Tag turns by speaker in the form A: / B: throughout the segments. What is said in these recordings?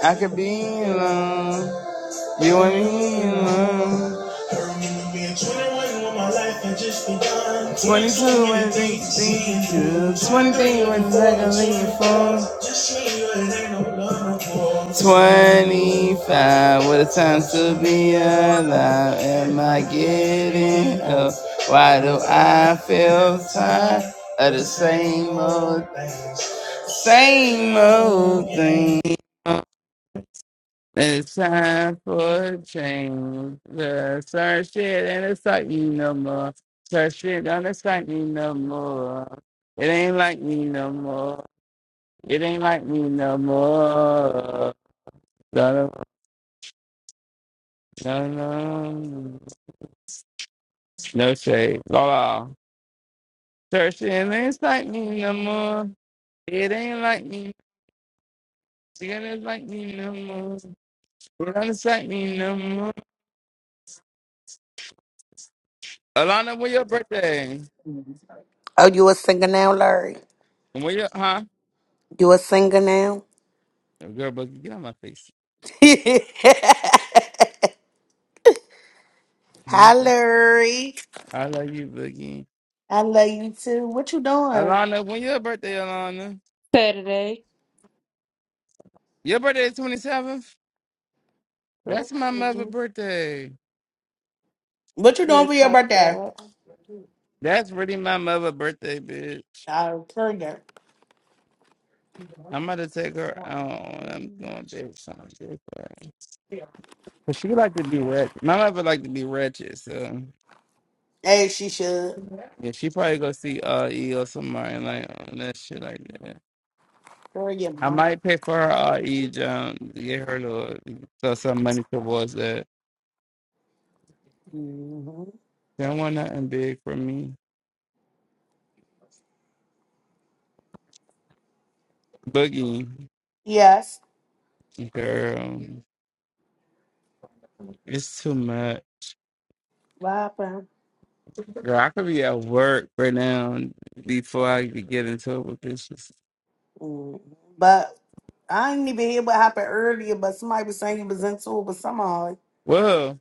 A: I could be alone, you and me alone. I remember being twenty-one when my life had just begun. 22 when things seem true, 23 when I can leave your phone. Just me, you for. 25, what a time to be alive. Am I getting up? Why do I feel tired of the same old, things? same old thing? It's time for a change. The search shit ain't it's like me no more. Search shit don't excite me no more. It ain't like me no more. It ain't like me no more. No, no, no, no, no shade. La la. Search shit ain't it's like me no more. It ain't like me. It ain't like me no more. It ain't like me no more. Alana, when your birthday?
B: Oh, you a singer now, Larry?
A: When your huh?
B: You a singer now?
A: Girl, but get on my face.
B: Hi,
A: Nothing.
B: Larry.
A: I love you, Boogie.
B: I love you too. What you doing?
A: Alana, when your birthday, Alana?
C: Saturday.
A: Your birthday is twenty seventh. That's my mother'
C: Mhm.
A: birthday.
B: What you
C: Yeah,
B: doing for your
C: fuck
B: birthday?
C: that.
A: That's really my mother' birthday, bitch.
B: Oh, Kurgan.
A: I'm about to take her out. I'm
C: Mhm.
A: going to do something. Cause she like to be ratchet. My mother like to be ratchet, so
B: Hey, she should.
A: yeah, she probably go see R.E. or somebody like on that shit like that.
B: Kurgan,
A: I
B: huh?
A: might pay for her uh E job, to get her little throw some money towards that.
B: hmm
A: Don't want nothing big for me. Boogie,
B: Yes.
A: girl, it's too much.
B: What happened?
A: Girl, I could be at work right now before I could get into it with bitches.
B: Mhm. But I didn't even hear what happened earlier, but somebody was saying it was into it, but somehow
A: Whoa,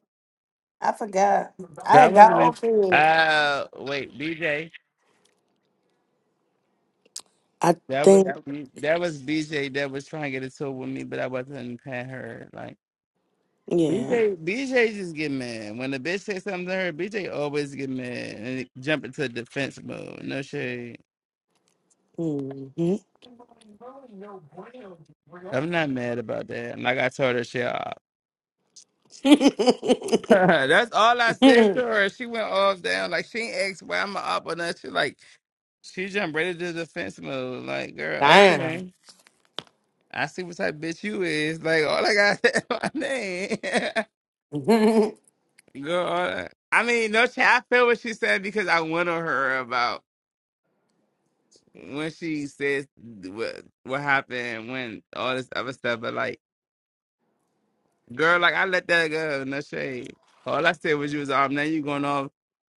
B: I forgot. I
A: that
B: had got
A: wasn't it.
B: off it.
A: Uh, wait, BJ.
B: I
A: That was
B: think,
A: that was BJ that was trying to get into it with me, but I wasn't paying her. Like
B: yeah.
A: BJ, BJ just get mad when a bitch says something to her. BJ always get mad and jump into defense mode. No shade.
B: hmm
A: I'm not mad about that. Like I told her, shit. That's all I said to her. She went off down. Like she ain't asked why I'm a up or nothing. She like she jumped right into defense mode. Like, girl,
B: Damn.
A: okay. I see what type of bitch you is. Like, all I got is my name. girl, all I, I mean, no, ch- I feel what she said because I went on her about when she says what what happened when all this other stuff. But like. Girl, like I let that go. No shade. All I said was you was off. Now you going off.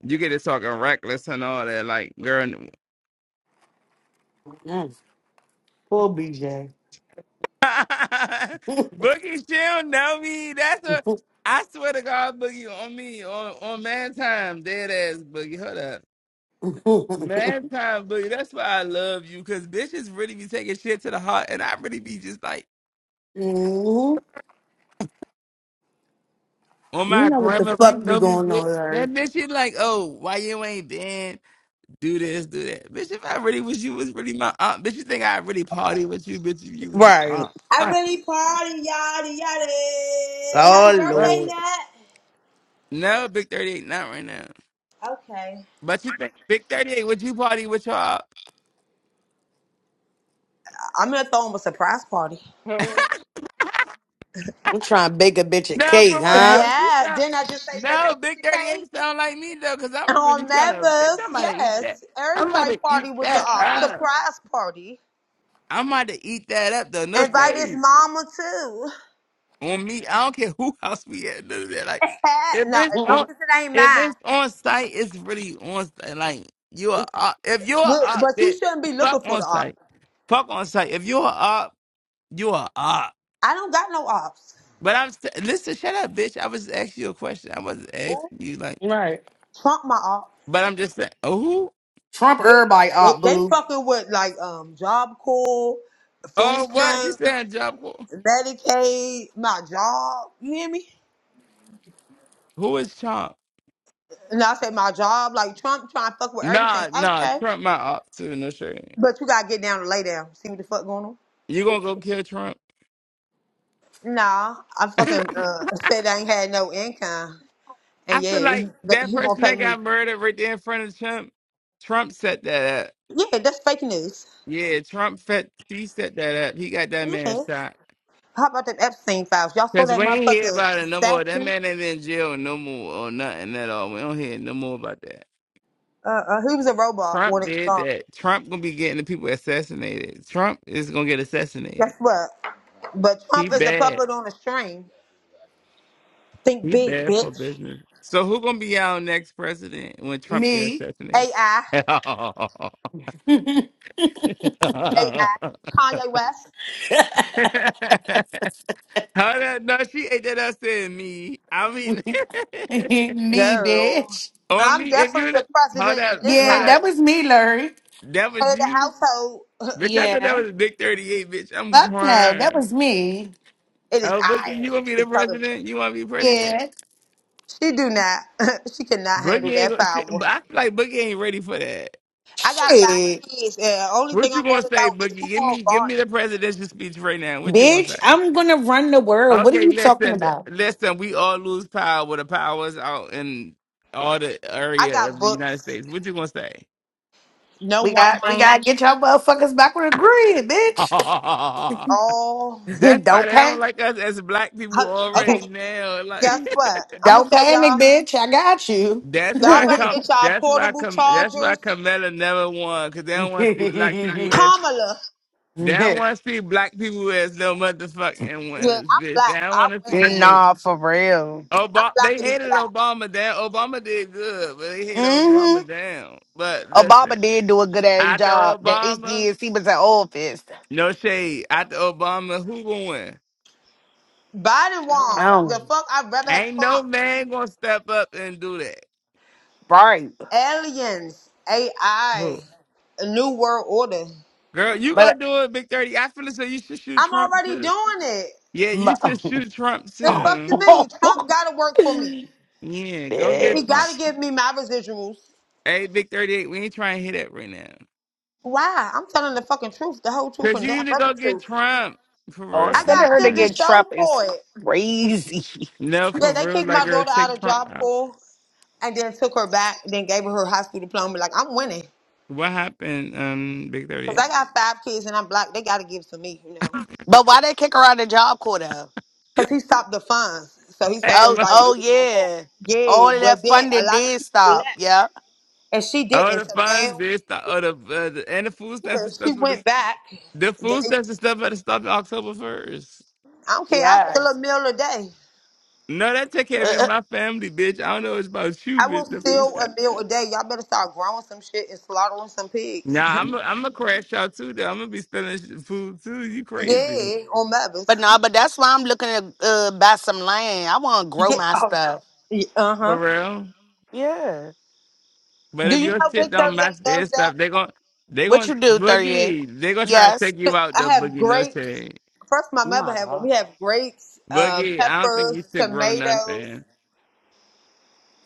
A: You get to talking reckless and all that. Like, girl, n-
B: Mm, Poor BJ.
A: Boogie, she don't know me. That's a.
B: Mhm.
A: I swear to God, Boogie, on me, on on man time, dead ass Boogie. Hold up, man time, Boogie. That's why I love you, cause bitches really be taking shit to the heart, and I really be just like, on
B: You
A: my
B: know what the
A: grandma, if you
B: fuck be
A: know me,
B: going on,
A: bitch. That
B: Larry.
A: bitch, she like, oh, why you ain't been? do this, do that. Bitch, if I really was you, was really my aunt. Bitch, you think I really party with you, bitch, if you was my
B: Right.
A: aunt.
D: I
A: Like,
D: really party, yada yada. Happy
B: Oh,
A: but
D: birthday,
B: Lord.
D: Nat.
A: no, Big 38, not right now.
D: Okay.
A: But you think Big 38, would you party with your aunt?
D: I- am gonna throw him a surprise party.
B: I'm trying to bake a bitch a
A: No, for
B: cake,
A: real.
B: huh?
A: She
D: Yeah.
A: sound
D: Didn't I just say bake
A: No,
D: a
A: Big
D: picture cake?
A: 38 sound like me though, because
D: And
A: I'm really
D: on
A: trying to bitch,
D: Memphis,
A: I'm about to eat that.
D: yes.
A: I'm about
D: Everybody
A: to eat
D: party with the
A: that
D: op.
A: up.
D: Surprise party.
A: I'm about to eat that up though. No
D: Invite his
A: shade.
D: mama too.
A: on me. I don't care who house we at. None of that. Like if
D: no,
A: it's
D: as long
A: on,
D: as it ain't
A: if
D: mine.
A: it's on site, it's really on site. Like you are, op- if you're a
D: Look,
A: op,
D: but you
A: bitch,
D: shouldn't be looking
A: fuck
D: for
A: on
D: the op.
A: site. Fuck on site. If you're a op, you are a op.
D: I don't got no ops.
A: But I'm st- listen. Shut up, bitch. I was asking you a question. I wasn't asking you like.
B: right.
D: Trump my op.
A: But I'm just saying. Oh, who?
B: Trump
D: Yeah.
B: everybody
D: They,
B: up,
D: they
B: boo.
D: fucking with like um Job Corps, food
A: Oh, what? She
D: stamps.
A: saying job.
D: Medicaid, my job. You hear me?
A: Who is Trump?
D: And I say my job, like Trump trying to fuck with everything.
A: Nah, nah.
D: Okay.
A: Trump my op too. No sure.
D: But you gotta get down and lay down. See what the fuck going on?
A: You gonna go kill Trump?
D: Nah, I fucking uh, said I ain't had no income. And
A: I feel
D: yeah,
A: like
D: that
A: that
D: he gonna
A: person
D: pay
A: that
D: me.
A: got murdered right there in front of Trump, Trump set that up.
D: Yeah, that's fake news.
A: Yeah, Trump set he set that up. He got that man
D: Yeah.
A: shot.
D: How about them Epstein files? Y'all saw
A: Cause
D: that
A: we ain't hear
D: motherfucker
A: about it no more. That
D: statue?
A: man ain't in jail no more or nothing at all. We don't hear no more about that.
D: Uh, uh, he was a robot when
A: Trump
D: it
A: did
D: was on.
A: that. Trump gonna be getting the people assassinated. Trump is gonna get assassinated.
D: Guess what? But Trump
A: He
D: is a
A: bad.
D: puppet on a string. Think
A: He
D: big,
A: bad for
D: bitch.
A: business. So who gonna be our next president when Trump get
B: Me.
A: assassinated?
D: AI. AI, Kanye West.
B: me,
A: How that? No, she ain't that. I said me. I mean,
D: Girl,
B: bitch.
A: on
D: I'm
A: me. If
D: definitely
A: you
D: the
A: the- how
D: president in
A: that?
D: this
A: How
B: Yeah,
D: house.
B: that
A: that?
B: was me, Larry.
A: That
D: Head
A: was
D: of the
A: you,
D: household,
A: bitch. I thought that
B: Yeah.
A: was a Big Thirty Eight, bitch. I'm
B: Fuck no, that
A: crying.
B: was me.
D: it is
A: Oh, Bookie,
D: I.
A: you want to be
D: the
A: the
D: president.
A: president? You want to be president?
B: Yeah.
D: She do not. she cannot handle
A: Boogie ain't
D: that
A: gonna shit.
D: power.
A: But I feel like Boogie ain't ready for that.
D: I got
B: Shit.
D: five kids, and only thing
A: What you
D: I'm
A: gonna
D: worried
A: say,
D: about is
A: Boogie?
D: who
A: Give
D: gonna
A: me, give
D: guard.
A: me
D: it.
A: the presidential speech right now. What you gonna
B: Bitch,
A: say?
B: I'm gonna run the world. What are
A: Okay,
B: you talking
A: listen, th-
B: about?
A: listen. We all lose power with the power's out in all the
D: I
A: area
D: got
A: of the United
D: books.
A: States. What you gonna say?
D: No
B: We got
D: one
B: we
D: man.
B: gotta get y'all motherfuckers back on the grid, bitch.
A: That's
D: All
A: why
B: don't
A: they don't
B: panic,
A: like us as black people
D: Hel-
A: already
D: okay.
A: now. Like
D: Guess what? I'm gonna
B: don't
D: tell
B: panic,
D: y'all.
B: bitch. I got you.
A: that's why
D: Y'all better
A: come
D: get y'all
A: that's why
D: portable
A: come that's why
D: chargers.
A: Camilla never won because they don't want to see black people as
D: Kamala.
A: they don't want to see black people as no motherfucking
D: Yeah,
A: winners,
D: I'm
A: bitch. They
D: black.
A: don't
D: I
A: want to see you
D: win.
A: know
B: nah, for real.
D: I'm
A: Obama. They
D: blacker than
A: hated
D: black.
A: Obama down. Obama did good, but they hated
B: Mm-hmm.
A: Obama down. But listen,
B: Obama did do a good ass
A: after
B: job. The eight
A: Obama,
B: years he was in office.
A: no shade. After Obama, who gonna win?
D: Biden won. The
B: Oh,
D: fuck? I'd rather have
A: Ain't no
D: Trump.
A: man gonna step up and do that.
B: right.
D: Aliens,
A: Who?
D: AI, a new world order.
A: Girl, you
B: But
A: gonna do it, Big 30. I feel as though you should shoot
D: I'm
A: Trump
D: already
A: too.
D: doing it.
A: Yeah,
B: my,
A: you should shoot Trump
D: The fuck you
A: too.
D: mean? Trump gotta work for me.
A: Yeah, go
D: He
A: get Trump.
D: gotta
B: bitch,
D: give me my residuals.
A: Hey, Big 38, we ain't trying to hit that right now.
D: Why? I'm telling the fucking truth, the whole truth,
A: Cause
D: and
A: you
D: nothing
A: need to
D: but
A: go
D: the
A: get
D: truth.
A: Trump. For
B: oh,
A: real.
D: I
A: I'm
B: sending
D: got
A: not
B: her to
D: shit to
A: playing.
B: get Trump
D: show
B: is
D: for it.
B: crazy.
A: No,
D: Yeah,
A: for
D: they
A: real.
D: kicked my
A: Like girl,
D: daughter out
A: take
D: of
A: Trump
D: job
A: out.
D: corps and then took her back, then gave her her high school diploma. Like I'm winning.
A: What happened, um, Big
D: Cause
A: 38?
D: I got five kids and I'm black. They gotta give to me, you know.
B: But why they kick her out of Job Corps though?
D: Cause he stopped the funds, so he told
A: Hey,
B: Oh,
A: mo-
D: everybody it
B: oh
D: was for hope.
B: yeah,
D: Yeah,
B: all of that
D: but then a
B: funding
D: lot of
B: did
D: people
B: stop.
D: left,
B: Yeah,
D: and she
A: all
D: didn't.
A: the
D: So
A: funds,
D: now
A: bitch. The, all the, uh, the and the food
D: yeah,
A: stamps and
D: she
A: stuff for
D: went
A: this.
D: back.
A: The
D: Then
A: food
D: they-
A: stamps and stuff had to stop October first.
D: I don't care. I still a
B: yes.
D: meal a day.
A: No, that take care
B: Uh,
A: of
B: uh,
A: my family, bitch. I don't know what's about you,
D: I will
A: bitch. The food
D: steal
A: stamps.
D: a meal a day. Y'all better start growing some shit and slaughtering some pigs.
A: Nah, I'm i I'm gonna crash out too. Though. I'm gonna be spending sh- food too. You crazy
D: yeah, on
B: but
D: Mavis.
B: no, but that's why I'm looking to uh, buy some land. I want to grow
D: Yeah,
B: my
D: oh
B: stuff.
D: no. Uh huh.
A: for real?
B: Yeah.
A: But
D: Do
A: if
D: you
A: your
D: know
A: shit
D: Big
A: don't
D: Thirty Eight
A: match their
D: does that?
A: stuff, they gon' they
B: What you
A: gon'
B: do, thirty eight?
A: boogie. They gonna try to
B: Yes.
A: take you out
D: I
A: the
D: have
A: boogie no
D: grapes.
A: shade.
D: First, my
B: Oh
D: mother
B: my
D: had one.
B: god.
D: We have grapes, uh,
A: Boogie, I don't think you
D: peppers,
A: should grow
D: tomatoes.
A: nothing.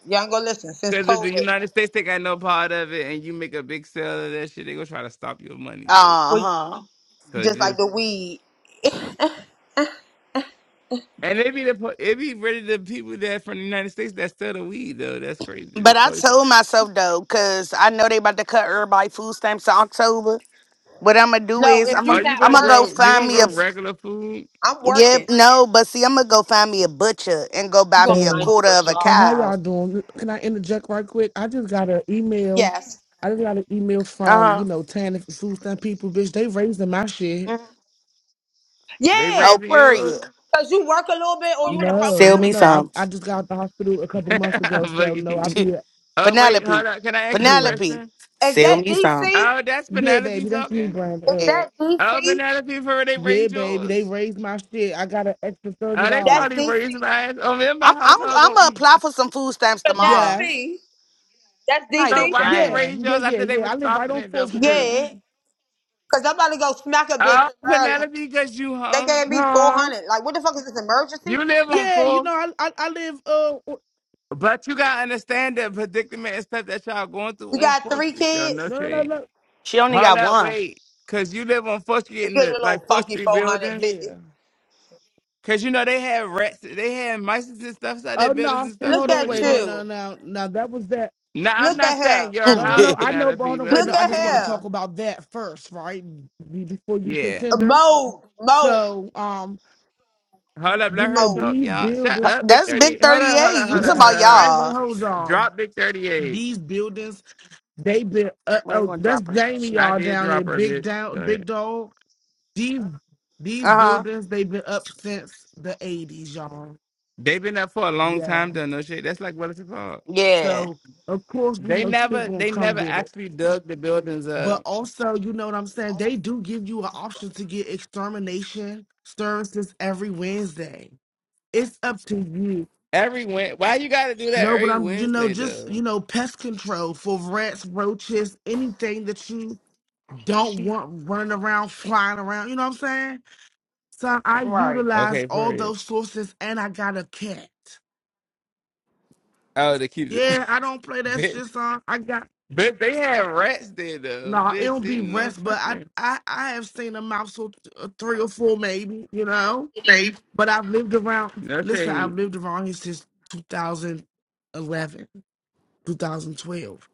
D: Y'all go listen. Since
A: Cause if the
D: COVID,
A: United States they got no part of it, and you make a big sale of that shit, they gonna try to stop your money there.
B: Uh
D: we
B: huh.
A: So
D: just like
A: just
D: the weed.
A: and it be the po- it be really the people that from the United States that sell the weed though. That's crazy.
B: But
A: The
B: I
A: police.
B: told myself though, cause I know they about to cut everybody food stamps in October. What I'm gonna do
D: No,
B: is
D: if
B: I'm
D: you're
A: Are
B: gonna
A: you
D: not
B: I'm
A: gonna
B: gonna go
D: working,
A: grow? You
B: find
A: gonna
B: me
A: grow
B: a
A: regular food?
D: I'm
B: Yep,
D: working.
B: no, but see, I'm gonna go find me a butcher and go
D: You
B: buy
D: gonna
B: me a
D: find
E: Hey,
B: quarter
D: you a
B: of a
D: job.
E: now how
B: cow.
E: y'all doing? Can I interject right quick? I just got an email.
D: Yes.
E: I just got an email from, you
B: Uh
E: know, Tanif and food stamp people, bitch. They raising my
B: huh.
E: shit.
A: They
D: Yeah.
B: Oh,
A: raising yours?
B: period.
D: Cause you work a little bit or you in the
E: No,
B: Sell
D: program.
E: no,
B: me
E: no. I
B: some.
E: I just got out the hospital a couple months ago, so no, I
A: Boogie.
E: be
A: oh wait,
B: Penelope,
A: hold up. Can I ask you a
E: yeah.
B: Penelope,
A: question?
D: Is
B: sell
D: that
B: me some.
D: DC?
A: Oh, that's
E: Yeah,
A: Penelope
E: baby, that's me,
A: talking.
E: Brand.
D: Is
E: Uh
B: Yeah,
D: that
A: Oh,
D: DC?
A: Penelope, for real, they
E: yeah,
A: raised
E: baby, they
A: yours.
E: raised my shit. I got an extra thirty
A: Oh, they
D: That's
E: dollars.
A: probably
D: DC.
A: raised mine. Oh, me and my
B: I'm I'm
A: household
B: I'm
A: gonna
B: gonna
A: eat.
B: apply for some food stamps tomorrow.
E: Yes.
D: Penelope. That's
B: Not
A: So
B: even
D: DC.
A: why they
B: playing.
E: Yeah,
A: raised
E: yeah,
A: yours
E: yeah,
A: after they
E: yeah.
A: was
E: I live right
A: stopping
E: on
A: it though,
E: Fourth Street.
D: Yeah.
A: Penelope?
D: Cause I'm about to go smack a bitch
A: Oh,
D: in Maryland.
A: Penelope, because you
D: They
A: home,
D: gave me four
E: Huh?
D: hundred. Like what the fuck is this emergency?
A: you live on
E: Yeah, you
A: Fourth,
E: know, I I, I live uh o-
A: but you gotta understand the predicament and stuff that y'all going
D: You
A: through on
D: got
A: Fourth
D: three
A: Street though.
D: kids?
A: No
E: no no no
A: shade.
E: no.
B: She only
A: Hold
B: got
A: up,
B: one.
A: wait, cause you live on Fourth Street
D: You
A: in
D: get a
A: the like
D: little
A: Fourth
D: funky
A: Street buildings.
D: 450.
E: Yeah.
A: Cause you know they had rats, they had mice and stuff inside their
E: Oh
A: buildings
E: no,
A: and
E: see,
A: stuff
D: Look
E: hold
A: too.
E: on,
A: So
D: at
A: you
E: wait, no,
A: want?
E: no,
D: you.
E: no, no, that was that.
A: Now I'm
D: Look
A: not
D: at
A: saying
D: him.
A: your
E: No, no,
A: house,
E: no, I know, but
A: Penelope,
E: hold on,
A: but
E: wait,
A: I'm
E: no,
D: Look
A: just
E: I
D: at
E: just
A: speaking
E: want to
A: it.
E: talk
D: him.
E: about that first, right? Be- Before you
A: Yeah.
D: A
E: contender.
D: Mold, mold,
E: So, um,
A: Hold up,
D: the
E: you
A: let
E: know,
A: her
D: mold.
A: talk,
E: these
A: y'all. Shut
E: buildings,
A: up, Big
B: That's big
A: 38. Hold
B: thirty
A: up, hold
B: eight.
A: up,
B: You
A: hold
B: talking
A: up, hold
B: about
A: up, hold
E: I
A: up.
E: ain't gonna
B: y'all?
E: hold on.
A: Drop Big 38.
E: These buildings, they been, uh,
B: We ain't
E: oh,
B: gonna
E: that's
B: drop her.
E: Jamie,
B: Shoot.
A: I
E: y'all
A: did
E: down there,
A: drop her,
E: big
A: bitch. Go
E: down,
A: ahead.
E: big dog. These, these
B: Uh huh.
E: buildings, they've been up since the eighties, y'all.
A: They've been up for a long
E: Yeah.
A: time, done no shit. That's like what it's called.
B: Yeah.
E: So, of course, you
A: They
E: know, shit
A: never,
E: gonna
A: they
E: come
A: never
E: with it.
A: actually dug the buildings up.
E: But also, you know what I'm saying? They do give you an option to get extermination services every Wednesday. It's up to you.
A: Every Wed, why you gotta do that
E: No, but
A: every
E: I'm, you know,
A: Wednesday
E: just, you
A: though?
E: know, pest control for rats, roaches, anything that you don't want running around, flying around. You know what I'm saying? So I
B: Right.
E: utilize
A: Okay,
E: all
A: period.
E: those sources and I got a cat.
A: Oh, to keep the
E: Yeah, I don't play that
A: bitch.
E: shit, son. I got,
A: But they had rats there though.
E: no, it'll
A: Bitch,
E: be
A: ain't no
E: rats, but I,
A: fucking
E: I, I have seen a mouse or th- or three or four maybe, you know?
B: Babe.
E: But I've lived around,
A: that's
E: listen, I've
A: a
E: lived around here since 2011, 2012.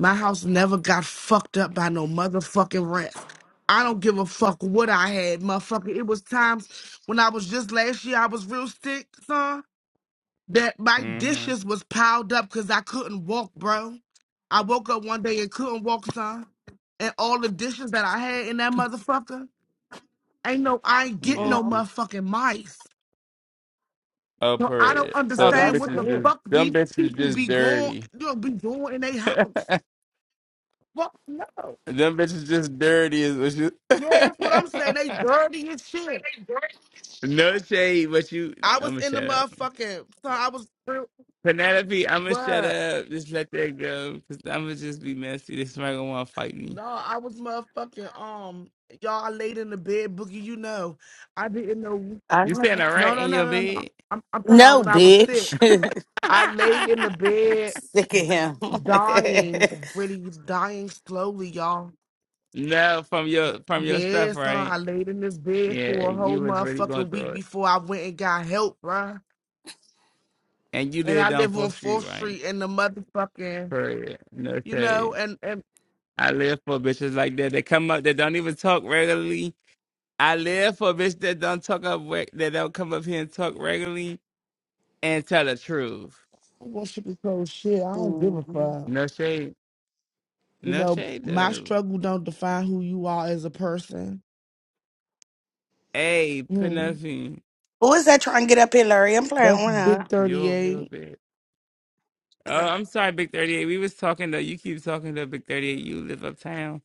E: My house never got fucked up by no motherfucking rats. I don't give a fuck what I had, motherfucker. It was times when I was just last year, I was real sick, son, that my
A: mm-hmm.
E: dishes was piled up because I couldn't walk, bro. I woke up one day and couldn't walk, son. And all the dishes that I had in that motherfucker, ain't no, I ain't get
A: Yeah.
E: no
B: Uh-huh.
A: bitch.
E: motherfucking mice.
A: Oh
E: So I don't
A: period. So
B: Oh,
A: them
E: understand
B: that's
E: what
A: bitches
E: the
A: just
E: fuck
B: good.
A: them
E: these
A: bitches
E: people
A: just
E: be going,
A: dirty.
E: you know, be doing in their
A: them
E: house. Fuck no.
A: bitches just dirty is what
E: Yeah, that's what I'm saying. They
A: you
E: dirty as shit.
A: No shade, but you
E: I was
A: I'ma
E: in the
A: shut up.
E: motherfucking. So I was real.
A: Penelope, I'ma shut
E: What?
A: up. Just let that go. Cause I'ma just be messy. This somebody gonna wanna fight me.
E: No, I was motherfucking. Um, y'all I laid in the bed, boogie. You know, I didn't know.
B: I
A: You
B: don't
A: saying
B: know.
A: a
E: No,
A: rat
E: no,
A: in
E: no,
A: your
E: no, no.
A: bed?
E: I'm, I'm talking about
B: No,
E: when I was sick.
B: bitch.
E: I laid in the bed,
B: Sick of him.
E: dying, really dying slowly, y'all
A: no, from your from your stuff,
E: Yes, son, I
A: right?
E: laid in this bed
A: Yeah,
E: for a whole
A: you was really going
E: motherfucking
A: through
E: week
A: it.
E: before I went and got help, bruh.
A: And you
E: And
A: live
E: I
A: down
E: live on
A: 4th Street,
E: Fourth
A: right?
E: Street in the motherfucking,
A: Period. No
E: you know,
A: shade.
E: and and
A: I live for bitches like that. They come up, they don't even talk regularly. I live for bitches that don't talk up, reg- that don't come up here and talk regularly and tell the truth.
E: I don't shit cold shit. I don't give a
B: Mhm.
E: fuck.
A: No shade.
E: You
A: No
E: know,
A: shade,
E: my
A: though.
E: struggle don't define who you are as a person.
A: Hey, put
E: Mm.
A: nothing.
B: Who is that trying to get up here, Larry? I'm
E: That's
B: playing with
E: Big
B: her.
E: Thirty
A: You're a real
E: Eight.
A: bitch. Oh, I'm sorry, Big 38. We was talking, though. You keep talking, though, Big 38. You live uptown.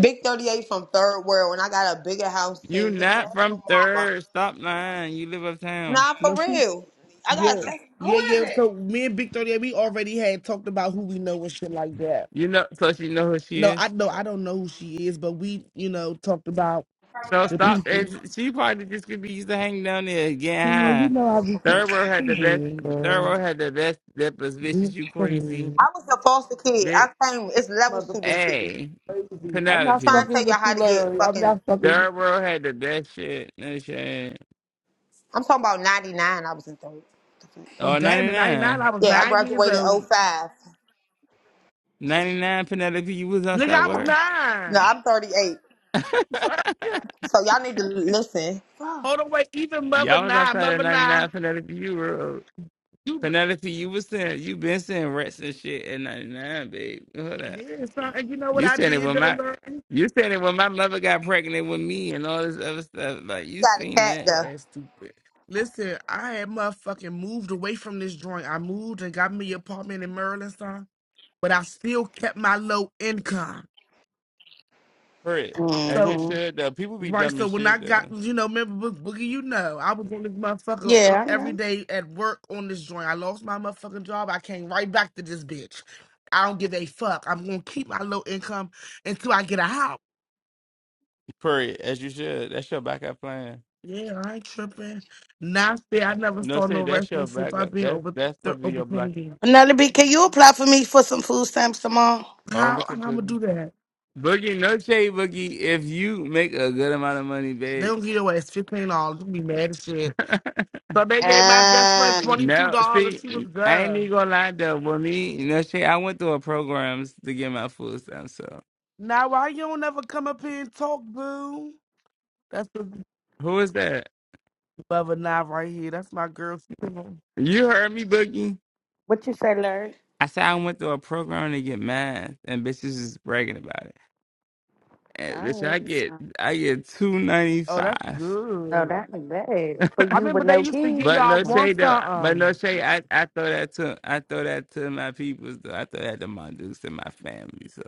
D: Big 38 from third world. When I got a bigger house
A: You
D: than you
A: not
D: and your
A: from
D: mama.
A: third. Stop lying. You live uptown.
D: Nah,
E: No,
D: for
E: she,
D: real. I got a
E: yeah,
D: text. Who
E: yeah, yeah.
D: is it?
E: So me and Big Thirty Eight, we already had talked about who we know and shit like that.
A: You know, so she know who she
E: No, I
A: is.
E: know I don't know who she is, but we, you know, talked about
A: So
E: the
A: stop.
E: people.
A: And she probably just could be used to hang down there and get
E: Come on, you
A: High.
E: know I be.
A: Third world had
E: Come
A: the best.
E: on,
A: Third
E: girl.
A: world had the best nipples, bitches.
E: Just
A: You
E: Come
A: crazy
E: on.
D: I was a foster kid. I
A: bitch.
D: came. It's levels to this
E: Motherfucker
D: shit.
E: is
A: Hey,
E: crazy. I'm not
D: trying
A: Penelope.
D: to
E: fucking
D: tell y'all
E: with
D: how
E: you,
D: to get
E: Larry. I'm
D: fucking.
E: not fucking with
A: Third world had the best shit. No shit.
D: I'm talking about 99. I was in third. The fuck?
E: Oh,
A: Oh,
E: damn it. 99, I was
D: Yeah, I
E: nine years
D: graduated
E: old.
D: '05.
A: 99 ninety-nine Penelope, you was
E: Nigga,
A: outside
E: I
A: with
E: was
A: her.
D: No,
E: nine.
D: I'm 38.
E: Fuck.
D: So y'all need to listen.
E: Hold on, wait. Even mother
A: Y'all was
E: nine,
A: outside at
E: mother nine.
A: 99 Penelope. You were
E: You
A: Penelope. You was saying you been saying rats and shit at 99, babe. Hold up.
E: did something. You know what
A: You
E: I
A: said it
E: did,
A: when
E: though,
A: my
E: Larry?
A: you said it when my mother got pregnant with me and all this other stuff. Like you
D: Got a
A: seen
D: cat
A: that.
E: Your
D: though.
E: ass stupid. Listen, I had motherfucking moved away from this joint. I moved and got me an apartment in Maryland, son. But I still kept my low income.
A: Period. As
E: So.
A: you
B: hmm
A: should though. People be
E: Right,
A: dumb
E: so
A: as
E: when I
A: shit
E: got,
A: though.
E: you know, remember Bo- Boogie, you know, I was on this motherfucker on,
B: Yeah, I
E: every
B: know.
E: day at work on this joint. I lost my motherfucking job. I came right back to this bitch. I don't give a fuck. I'm gonna keep my low income until I get a house.
A: Period. As you should. That's your backup plan.
E: Yeah, I ain't tripping. Now say I never
A: No
E: saw no
A: shade. that's your
E: restaurant since I've
A: backup.
E: been
A: That's
E: over
A: that's
E: th-
A: supposed to be
E: over
A: your
E: twenty
A: black.
E: years.
B: Another B, can you apply for me for some food stamps tomorrow?
A: Oh
E: How
A: look
E: how I'm
A: at
E: gonna
A: Boogie.
E: do that?
A: Boogie, no shade, Boogie. If you make a good amount of money,
E: They don't
A: babes.
E: give away fifteen dollars. You be mad as shit. So they gave my best friend
B: Um,
E: twenty two
A: no,
E: dollars.
A: see,
E: She was
A: I ain't
E: good.
A: even gonna lie though. With me, no shade, I went through a programs to get my food stamp. So
E: Now why you don't ever come up here and talk, boo? That's the
A: who is that?
E: Bubba knife right here. That's my girl. She live on-
A: You heard me, Boogie.
B: what you say, Larry?
A: I said I went through a program to get math, and bitches is bragging about it. And
B: I
A: bitch,
B: need
A: I get
B: some.
A: I get two ninety
E: Oh, that's
A: five.
B: Oh,
E: good.
B: that be bad for
E: I
B: you
E: remember
B: with
E: they
B: no
E: used to give
A: But
B: kids.
E: y'all
A: no
E: one
A: shade though. But no
E: something.
A: shade. I, I throw that to I throw that to my peoples though. I throw that to my dudes and my family. So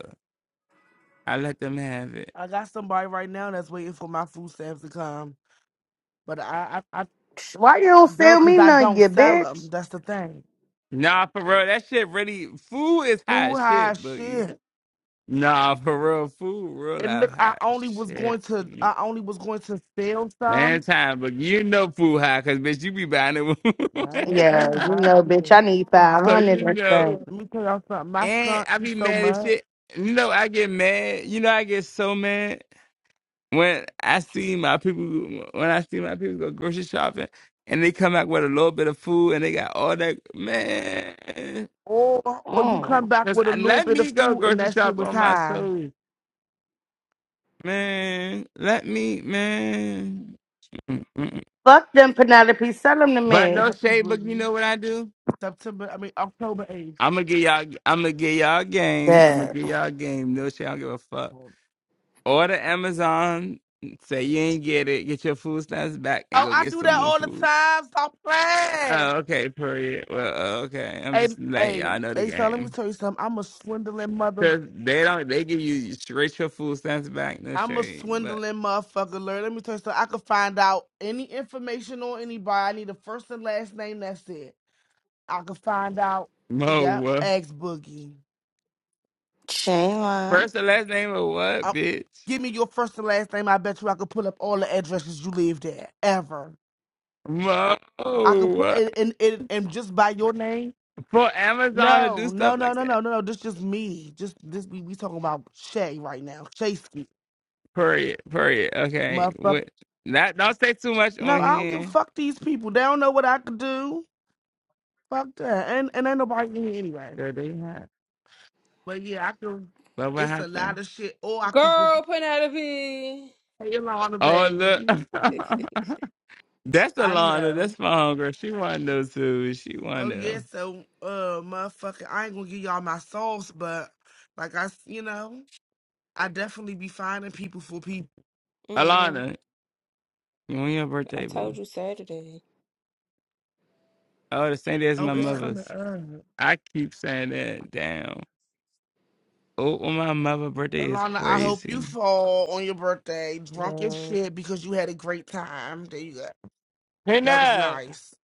A: I let them have it.
E: I got somebody right now that's waiting for my food stamps to come. But I, I, I
B: Why you don't
E: girl,
B: sell
E: because
B: me
E: I
B: none,
E: don't
B: you
E: sell
B: bitch?
E: them. That's the thing.
A: Nah, for real. That shit really food is hot
E: Food
A: as
E: high as
A: shit, boogie.
E: shit.
A: Nah, for real. Food real
E: And
A: life
E: look, I
A: hot as
E: only was
A: shit.
E: going to, I only was going to sell some.
A: Man, time, but you know food high, cause bitch, you be buying
E: Man, food
B: Yeah,
A: it.
B: you
E: high as
B: know, bitch.
E: shit.
B: I need five
A: so
B: hundred.
A: you
B: or
A: know.
B: that.
E: Let me tell y'all something. My
A: And
E: son,
A: I be
E: he's so
A: mad as
E: mad.
A: shit. You know, I get mad. You know, I get so mad when I see my people when I see my people go grocery shopping and they come back with a little bit of food and they got all that man.
E: Or, or you
B: Mm.
E: come back
A: Cause
E: with a
A: I,
E: little
A: let
E: bit of
A: me go
E: food and
A: grocery
E: that shit
A: shop
E: was
A: on my
E: high.
A: soul, man. Let me, man. Mm-mm.
B: Fuck them, Penelope. Sell them to
A: But
E: Not
B: me.
A: no
E: happy
A: shade, but you
E: boogie.
A: know what I do?
E: September, I mean October eighth.
A: I'm gonna get y'all. I'm gonna get y'all a game. I'm gonna
B: That
A: get y'all a game. No shade. I don't give a fuck.
E: Oh,
A: Order Amazon. Say you ain't get it. Get your food stamps back and go
E: I
A: get
E: do
A: some
E: that
A: more
E: all the
A: food.
E: time. Stop
A: Oh,
E: playing.
A: okay. Period. Well, uh, okay. I'm
E: Hey,
A: just letting
E: hey,
A: y'all know the
E: hey, son. Let me
A: game.
E: tell you something. I'm a swindling mother.
A: Cause they don't. They give you straight your food stamps back. No
E: I'm a
A: shade, but
E: swindling motherfucker, Lord. Let me tell you something. I could find out any information on anybody. I need a first and last name. That's it. I could find out.
A: Mo.
E: Yep.
A: what?
E: Ask Boogie.
B: Shayla,
A: First and last name of what,
E: Uh,
A: bitch?
E: give me your first and last name. I bet you I could pull up all the addresses you lived at ever.
A: Mo.
E: I could put
A: what?
E: and and, and and just by your name.
A: For Amazon to
E: No,
A: do
E: no,
A: stuff
E: no,
A: like
E: no, no,
A: that.
E: no, no. This just me. Just this we, we talking about Shay right now. Shaysky.
A: Period. Period. Okay.
E: Motherfucker.
A: What? Not. Don't say too much
E: No,
A: on
E: I don't give a
A: here.
E: fuck these people. They don't know what I could do. Fuck that. And and ain't nobody in here anyway.
A: Sure, they have.
E: But yeah, I can
A: But what
E: it's a lot
A: happened?
E: of shit. Or I could just
C: Girl, putting out of it.
E: play along the
A: Oh look.
E: baby.
A: That's
E: I
A: Alana.
E: know.
A: That's my homegirl. She wanna know too. She wanna
E: Oh yeah,
A: know.
E: so uh motherfucker, I ain't gonna give y'all my sauce, but like I s- you know, I definitely be finding people for people.
C: hmm
A: Alana, you want your
C: I
A: birthday, boo?
C: told you Saturday.
A: Oh, the same day as
E: Oh,
A: my
E: it's
C: Yes,
E: coming
A: mother's.
E: up.
A: I keep saying that. Damn. Oh, oh, my mother's birthday is
E: Alana, I hope you
A: crazy.
E: fall on your birthday drunk as
C: girl.
E: shit because you had a great time. There you go.
A: Hey,
E: That was
A: nah,
E: nice.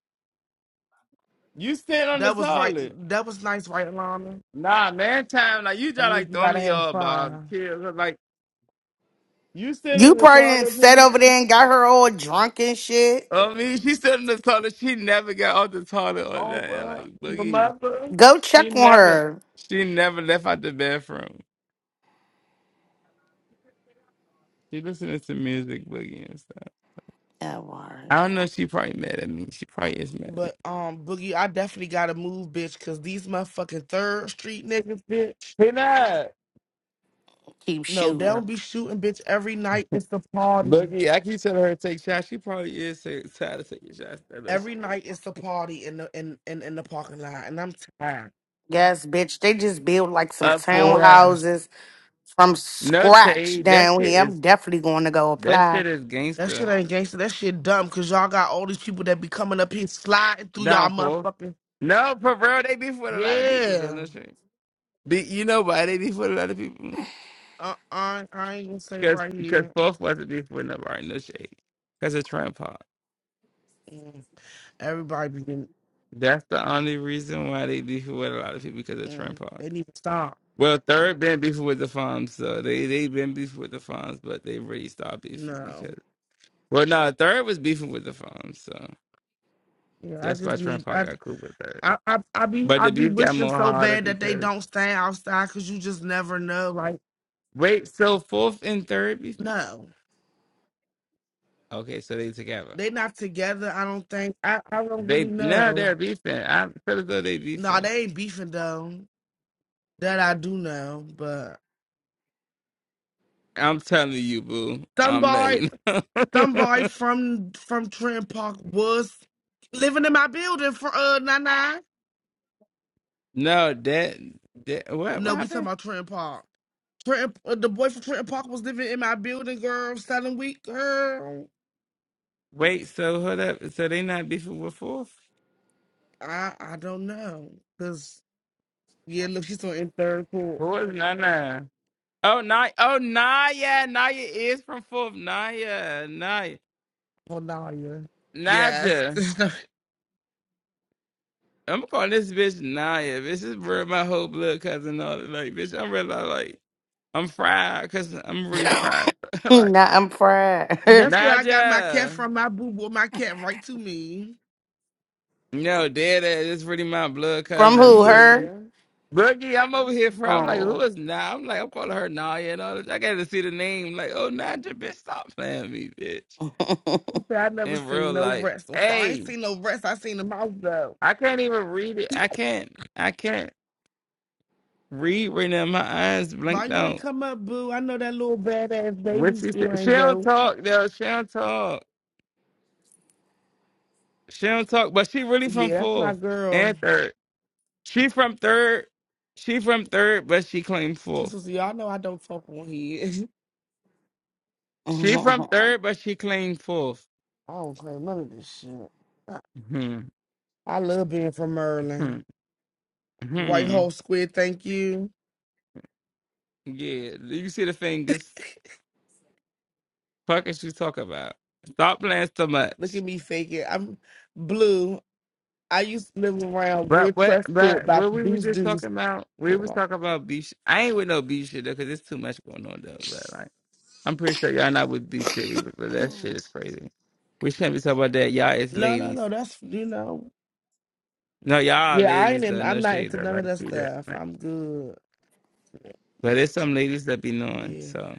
A: you stand on the
E: That was right.
A: toilet.
E: That was nice, right, Alana?
A: Nah, man, time. Like, you
E: That
A: just
E: means
A: like
E: you
A: throwing
E: gotta
A: me
E: have
A: off, Bob.
E: fun.
A: Chill. Like, you stand
B: You
A: on the
B: probably didn't
A: toilet,
B: sat
A: Penna?
B: over there and got her all drunk and shit.
A: I mean, she stood on the toilet. She never got off the toilet or
E: Oh,
A: nothing.
E: but
A: Like,
E: your
A: boogie.
E: mother.
B: Go
A: She
B: check on
A: never,
B: her.
A: she never left out the bathroom. She listening to music, Boogie and stuff.
B: That word.
A: I don't know. She probably mad at me. She probably is mad at me.
E: But um, Boogie, I definitely gotta move, bitch, cause these motherfucking Third Street niggas, bitch.
A: Hey, not
B: Keep
E: No, they
B: shooting.
E: don't be shooting, bitch. Every night it's the party.
A: Boogie, I keep telling her to take shots. She probably is ta- tired of taking shots. That no
E: Every
A: shade.
E: night it's the party in the in in, in the parking lot, and I'm tired.
B: Yes, bitch. They just build like some
A: Up for
E: Yes.
B: townhouses from
A: no
B: scratch
A: shade. That
B: down
A: shit
B: here. I'm
A: is
B: definitely going to go
A: that
B: apply.
A: shit is
E: That shit
A: gangster.
E: ain't gangster. That shit dumb because y'all got all these people that be coming up here sliding through y'all
A: Down for
E: motherfucking.
A: no for real. They be for a lot of people though.
E: Yeah.
A: No shade. Be, you know why they be for a lot of people?
E: Uh, I, I ain't gonna say
A: Cause
E: right
A: cause
E: here.
A: fourth wasn't be for nobody. No shade. Cause of Trump Hall.
E: Mm. Everybody be getting.
A: That's the only reason why they beef with a lot of people because of
E: Mm.
A: Trump Hall.
E: They need to stop.
A: Well, third been beefing with the farms, so they they been beefing with the farms, but they really stopped beefing
E: No.
A: because well, no, third was beefing with the farms, so
E: Yeah, I
A: that's
E: just
A: why
E: need.
A: Grandpa
E: I,
A: got cool with third.
E: I, I, I be
A: But
E: I
A: the
E: be
A: beef got
E: wishing
A: more
E: so
A: harder
E: bad that they
A: because
E: don't stay outside because you just never know. Like,
A: wait, so fourth and third beefing?
E: no.
A: Okay, so they together.
E: They not together, I don't think. I, I don't really
A: They now
E: know.
A: they're beefing. I feel as though they
E: No,
A: beefing.
E: they ain't beefing though. That I do know, but.
A: I'm telling you, boo. I'm
E: Somebody
A: letting you know.
E: Somebody from from Trent Park was living in my building for uh nine nine.
A: no, that that what what
E: No, we talking
A: happened?
E: about Trent Park. Trent, uh, the boy from Trent Park was living in my building, girl, selling week, girl.
A: Wait, so hold up. So they not beefing with fourth?
E: I I don't know, cause yeah, look, she's on in third for
A: Fourth, nah, nah. Oh, Naya. Oh, Naya. Naya is from Fulham. Naya. Naya.
E: for lawyer. Yes,
A: Naja. I'm calling this bitch Naya. Bitch, is where my whole blood cousin all that. like, bitch, I'm really like, I'm fried because I'm really
B: nah,
A: fried. like,
B: I'm fried.
E: that's where I got my cat
A: Naja.
E: from. My boo brought my cat right to me.
A: No, dead ass. It's really my blood
B: from
A: cousin,
B: who? Her?
A: Boogie.
E: Yeah,
A: Boogie, I'm over here for. I'm like, who
B: Oh.
A: is Naya? I'm like, I'm calling her Naya and all that. I got to see the name. Like, oh, Naja, bitch, stop playing me, bitch.
E: she said I never
A: In
E: seen
A: real
E: no
A: life.
E: rest. So far, I
A: hey.
E: ain't seen no rest. I seen the mouse though.
A: I can't even read it. I can't. I can't read right now. My eyes
E: Why
A: blinked
E: you ain't
A: out.
E: come up, boo? I know that little badass
A: What
E: baby
A: she
E: still
A: said? She
E: ain't
A: don't
E: woke.
A: talk though. She don't talk. She don't talk. But she really from
E: Yeah, that's my
A: fourth
E: girl.
A: and third. She from third. She from third, but she claimed
E: She
A: fourth.
E: says, y'all know I don't fuck on here.
A: She from third, but she claimed fourth.
E: I don't play none of this shit. I
A: Hmm.
E: I love being from Maryland.
A: Hmm.
E: White
A: Hmm.
E: hole squid, thank you.
A: Yeah. Do You see the fingers? Fuck is she talk about? Stop playing so much.
E: Look at me faking. I'm blue. I used to live around
A: But
E: Red
A: what
E: Prescott
A: but
E: by
A: what we was
E: these
A: just
E: dudes.
A: talking about, we was
E: No,
A: talking about beef. sh- I ain't with no B. shit though, because there's too much going on though, bro. Like I'm pretty sure y'all not with B. shit either, but that shit is crazy. We shouldn't be talking about that. Y'all is
E: no,
A: ladies.
E: no. That's you know.
A: No, y'all are
E: Yeah, I ain't.
A: ladies
E: In,
A: though,
E: I'm
A: no
E: not
A: shade
E: into
A: though.
E: none of
A: Like
E: that
A: see that,
E: stuff.
A: right?
E: I'm good.
A: But there's some ladies that be knowing.
E: Yeah.
A: So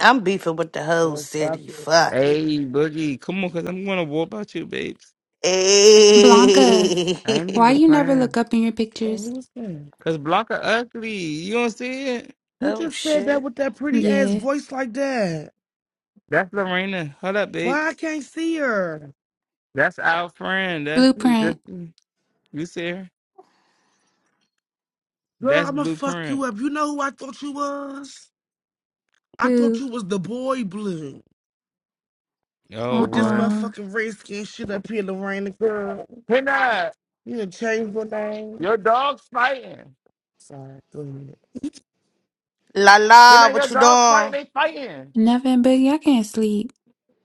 B: I'm beefing with the whole
E: Girl, fuck
B: city.
E: it.
B: Fuck it.
A: hey Boogie, come on, cause I'm gonna warp out you, babes.
F: Blanca,
A: I ain't
B: Hey.
F: why
A: even
F: you never
A: playing.
F: look up in your
E: Oh,
F: pictures?
E: who's that?
A: Cause Blanca ugly. You don't see it?
E: Who
B: oh
E: just said that
B: shit.
E: with that pretty ass
F: Yeah.
E: voice like that?
A: That's Lorena. Hold up,
E: Why I
A: babes.
E: can't see her?
A: That's our friend. That's
F: Blueprint.
A: that's You see her?
E: Girl,
A: That's
E: I'ma fuck you
A: blueprint.
E: up. You know who I thought you was? I thought
F: Who?
E: you was the boy blue.
A: Oh
E: With this
A: boy.
F: Uh-uh.
E: motherfucking red skin shit up here, Lorraine, girl.
A: Hey
E: You done changed your name.
A: your dog's fighting.
E: Sorry, go ahead.
B: La
A: Hey
B: la,
A: your
B: what you
A: dog's fighting. They
B: doing?
A: fighting.
F: Nothing, Boogie. I can't sleep.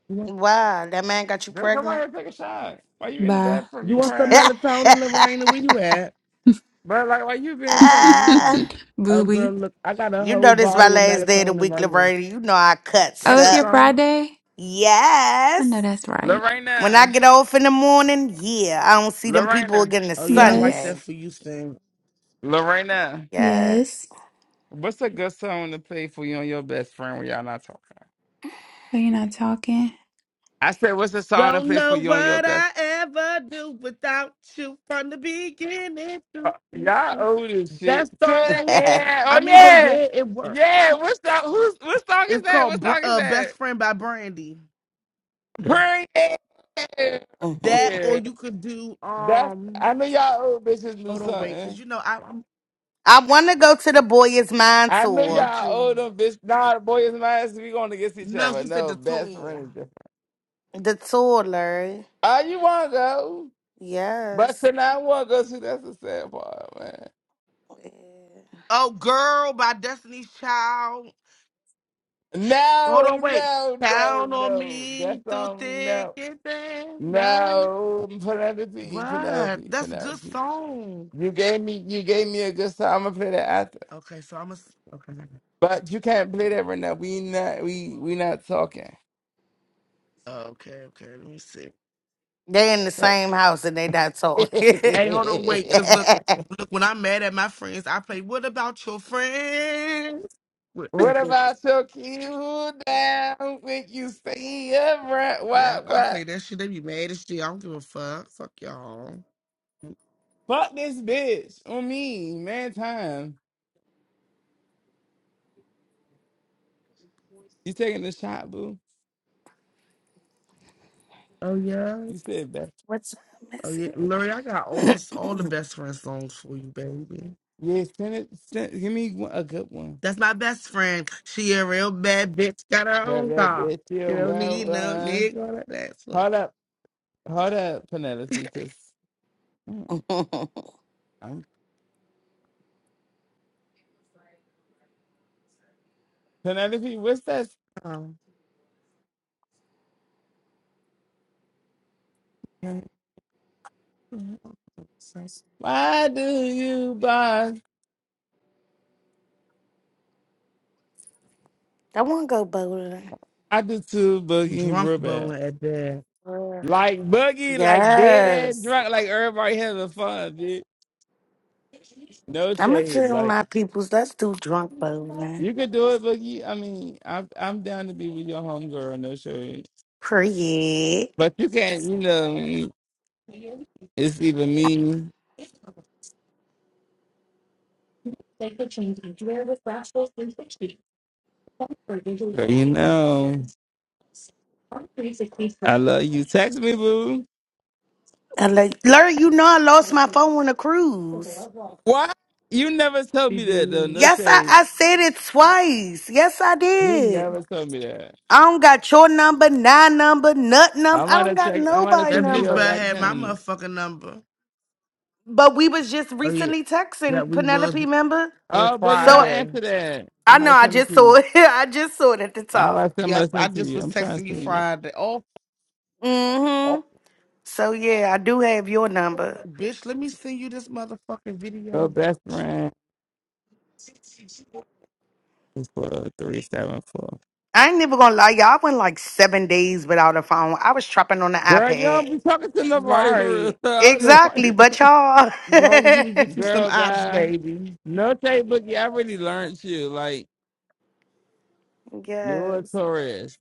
E: You want,
B: Wow, that man got you
A: Girl, come on here,
B: pregnant.
A: and take a shot. Why you in the
F: Bye.
A: bathroom?
E: you
A: You
E: want some
A: crying?
E: melatonin, Lorraine? Where you at?
A: But like, why you being so mean?
B: Ah,
E: Oh, girl,
F: Booby.
E: look, I got a
B: you
E: whole
B: know this my
E: bottle of
B: last day of the
E: melatonin
B: week,
E: right here.
B: Laverne. You know I cuts
F: Oh,
A: That's
F: it's
A: a
B: up.
F: your
A: song.
F: Friday? I
B: Yes.
F: know that's right.
B: When I
A: Lorena,
B: get off in the morning, yeah, I don't see them people
A: Lorena,
B: again to
E: Oh, yeah, I like
F: Yes.
B: Sunday.
E: that for you, Stan.
A: Lorena.
B: Yes.
F: Yes.
A: What's a good song to play for you and your best friend when y'all not talking?
F: So you're not talking?
A: I said, what's a song to
E: Don't
A: play for
E: know
A: you and your
E: what
A: best
E: I ever do without you from the beginning
A: Uh,
E: to the
A: Y'all
E: end.
A: old this
E: That
A: shit to the
E: song,
B: I
A: end. Oh
E: I mean, but
A: yeah,
E: yeah, it worked.
A: yeah. What song? Who's what song is
E: It's
A: that?
E: called
A: What
E: Br-
A: song is
E: uh, "Best
A: that?
E: Friend" by Brandy.
A: Pray.
E: That, or
A: Yeah,
E: you could do
A: that's.
E: um.
A: I know y'all old bitches knew
E: Hold on, wait, cause
A: something.
E: you know I, I'm
B: want to go to the Boy Is Mine
A: I know
E: me
B: tour.
A: y'all
E: too.
A: old them bitch. Nah, the boys and I, we going against each
E: No,
A: other.
E: she said
A: No,
E: the
A: best friend
E: tour.
A: is different.
B: The tour, Larry.
A: Oh, you want to go, but
B: Yes.
A: you not want to go to. That's the sad part, man.
E: Oh, girl by Destiny's Child. Hold on,
A: No,
E: wait.
A: no, no,
E: Count on
A: no.
E: me
A: That's
E: through
A: all.
E: thick
A: No.
E: and thin. No,
A: No, Penelope,
E: what?
A: Penelope,
E: That's good
A: Penelope.
E: song.
A: You gave me, you gave me a good song. I'm gonna play that after,
E: Okay, so I'm a. s- Okay.
A: but you can't play that right now. We not, we we not talking.
E: Okay, okay. Let me see.
B: They in the
A: So-
B: same house and they not talking.
E: Hey, hold on, wait, cause look, look. When I'm mad at my friends, I play. What about your friends? What-
A: what about your you down when you stay upright?
E: Yeah,
A: What
E: I play
A: what?
E: that shit. They be mad as shit. I don't give a fuck. Fuck y'all.
A: Fuck this bitch on me, man. Time you taking the shot, boo.
E: Oh yeah,
A: You said that.
B: What time
E: oh
B: is
E: yeah.
B: it?
E: Lori, I got all the all the best friend songs for you, baby.
A: Yeah, send it. Send, give me one, a good one.
E: That's my best friend. She a real bad bitch. Got her
A: But
E: own
A: that
E: car.
A: bitch, you
E: You
B: I
E: don't
A: run,
E: need no
A: run.
E: nigga. That's what.
A: Hold up. Hold up, Penelope, because I'm Penelope. What's that?
E: Um,
A: Why do you buy?
B: want to go bowling.
A: I do too, Boogie
E: drunk
A: real bad.
E: bowling at that.
B: Uh,
A: Like Boogie, like dead ass
B: Yes.
A: drunk, like everybody having fun, bitch. No
B: I'm going to
A: shade,
B: tell
A: like
B: my peoples, let's do drunk bowling.
A: you could do it, Boogie. I mean, I'm I'm down to be with your homegirl, no shade.
B: Period.
A: But you can't, you know. It's even me, you know. love you. Text me, boo.
B: And like, Larry, you know I lost my phone on a cruise.
A: Why? You never told
E: She
A: me that though.
E: did.
A: No
B: Yes, I,
A: shade.
B: I said it twice. Yes, I
A: You
B: did.
A: never told me that.
B: I don't got your number, nine number, nut
A: I
B: number. I
A: might
B: don't
A: have
B: got
A: checked. I might have
B: nobody
E: That
A: sent you
E: bitch
A: a
E: better
B: number.
A: back
E: had my
A: ten.
E: motherfucking number.
B: But we was just
E: Oh yeah.
B: recently
E: Yeah,
B: texting
E: we was
B: Penelope, member.
E: on
A: Oh, boogie, don't
B: So
E: Friday.
A: answer that. I
B: I
A: might
B: know
A: have
B: I
A: sent it
B: just
A: to
B: saw
A: you.
B: it. I just saw it at the
A: I
B: top.
A: might have might
E: Yep,
A: have
E: I
A: sent it to
E: just
A: you.
E: was
A: I'm trying to
E: texting you
A: see it.
E: Friday. Oh, oh
B: Mm-hmm. So yeah, I do have your number.
E: bitch, let me send you this motherfucking
A: Your
E: video.
A: best friend is for three seven four.
B: I ain't never gonna lie, y'all I went like seven days without a phone. I was trapping on the
A: Girl, you
B: iPad.
A: don't be talking to nobody for real.
E: Right.
A: So I don't know why.
B: Exactly, but y'all
E: As long as you can get you some
A: Girl,
E: ops,
A: bye.
E: baby.
A: No shade, boogie. I really learned you. Like you're a
B: Yes.
A: tourist.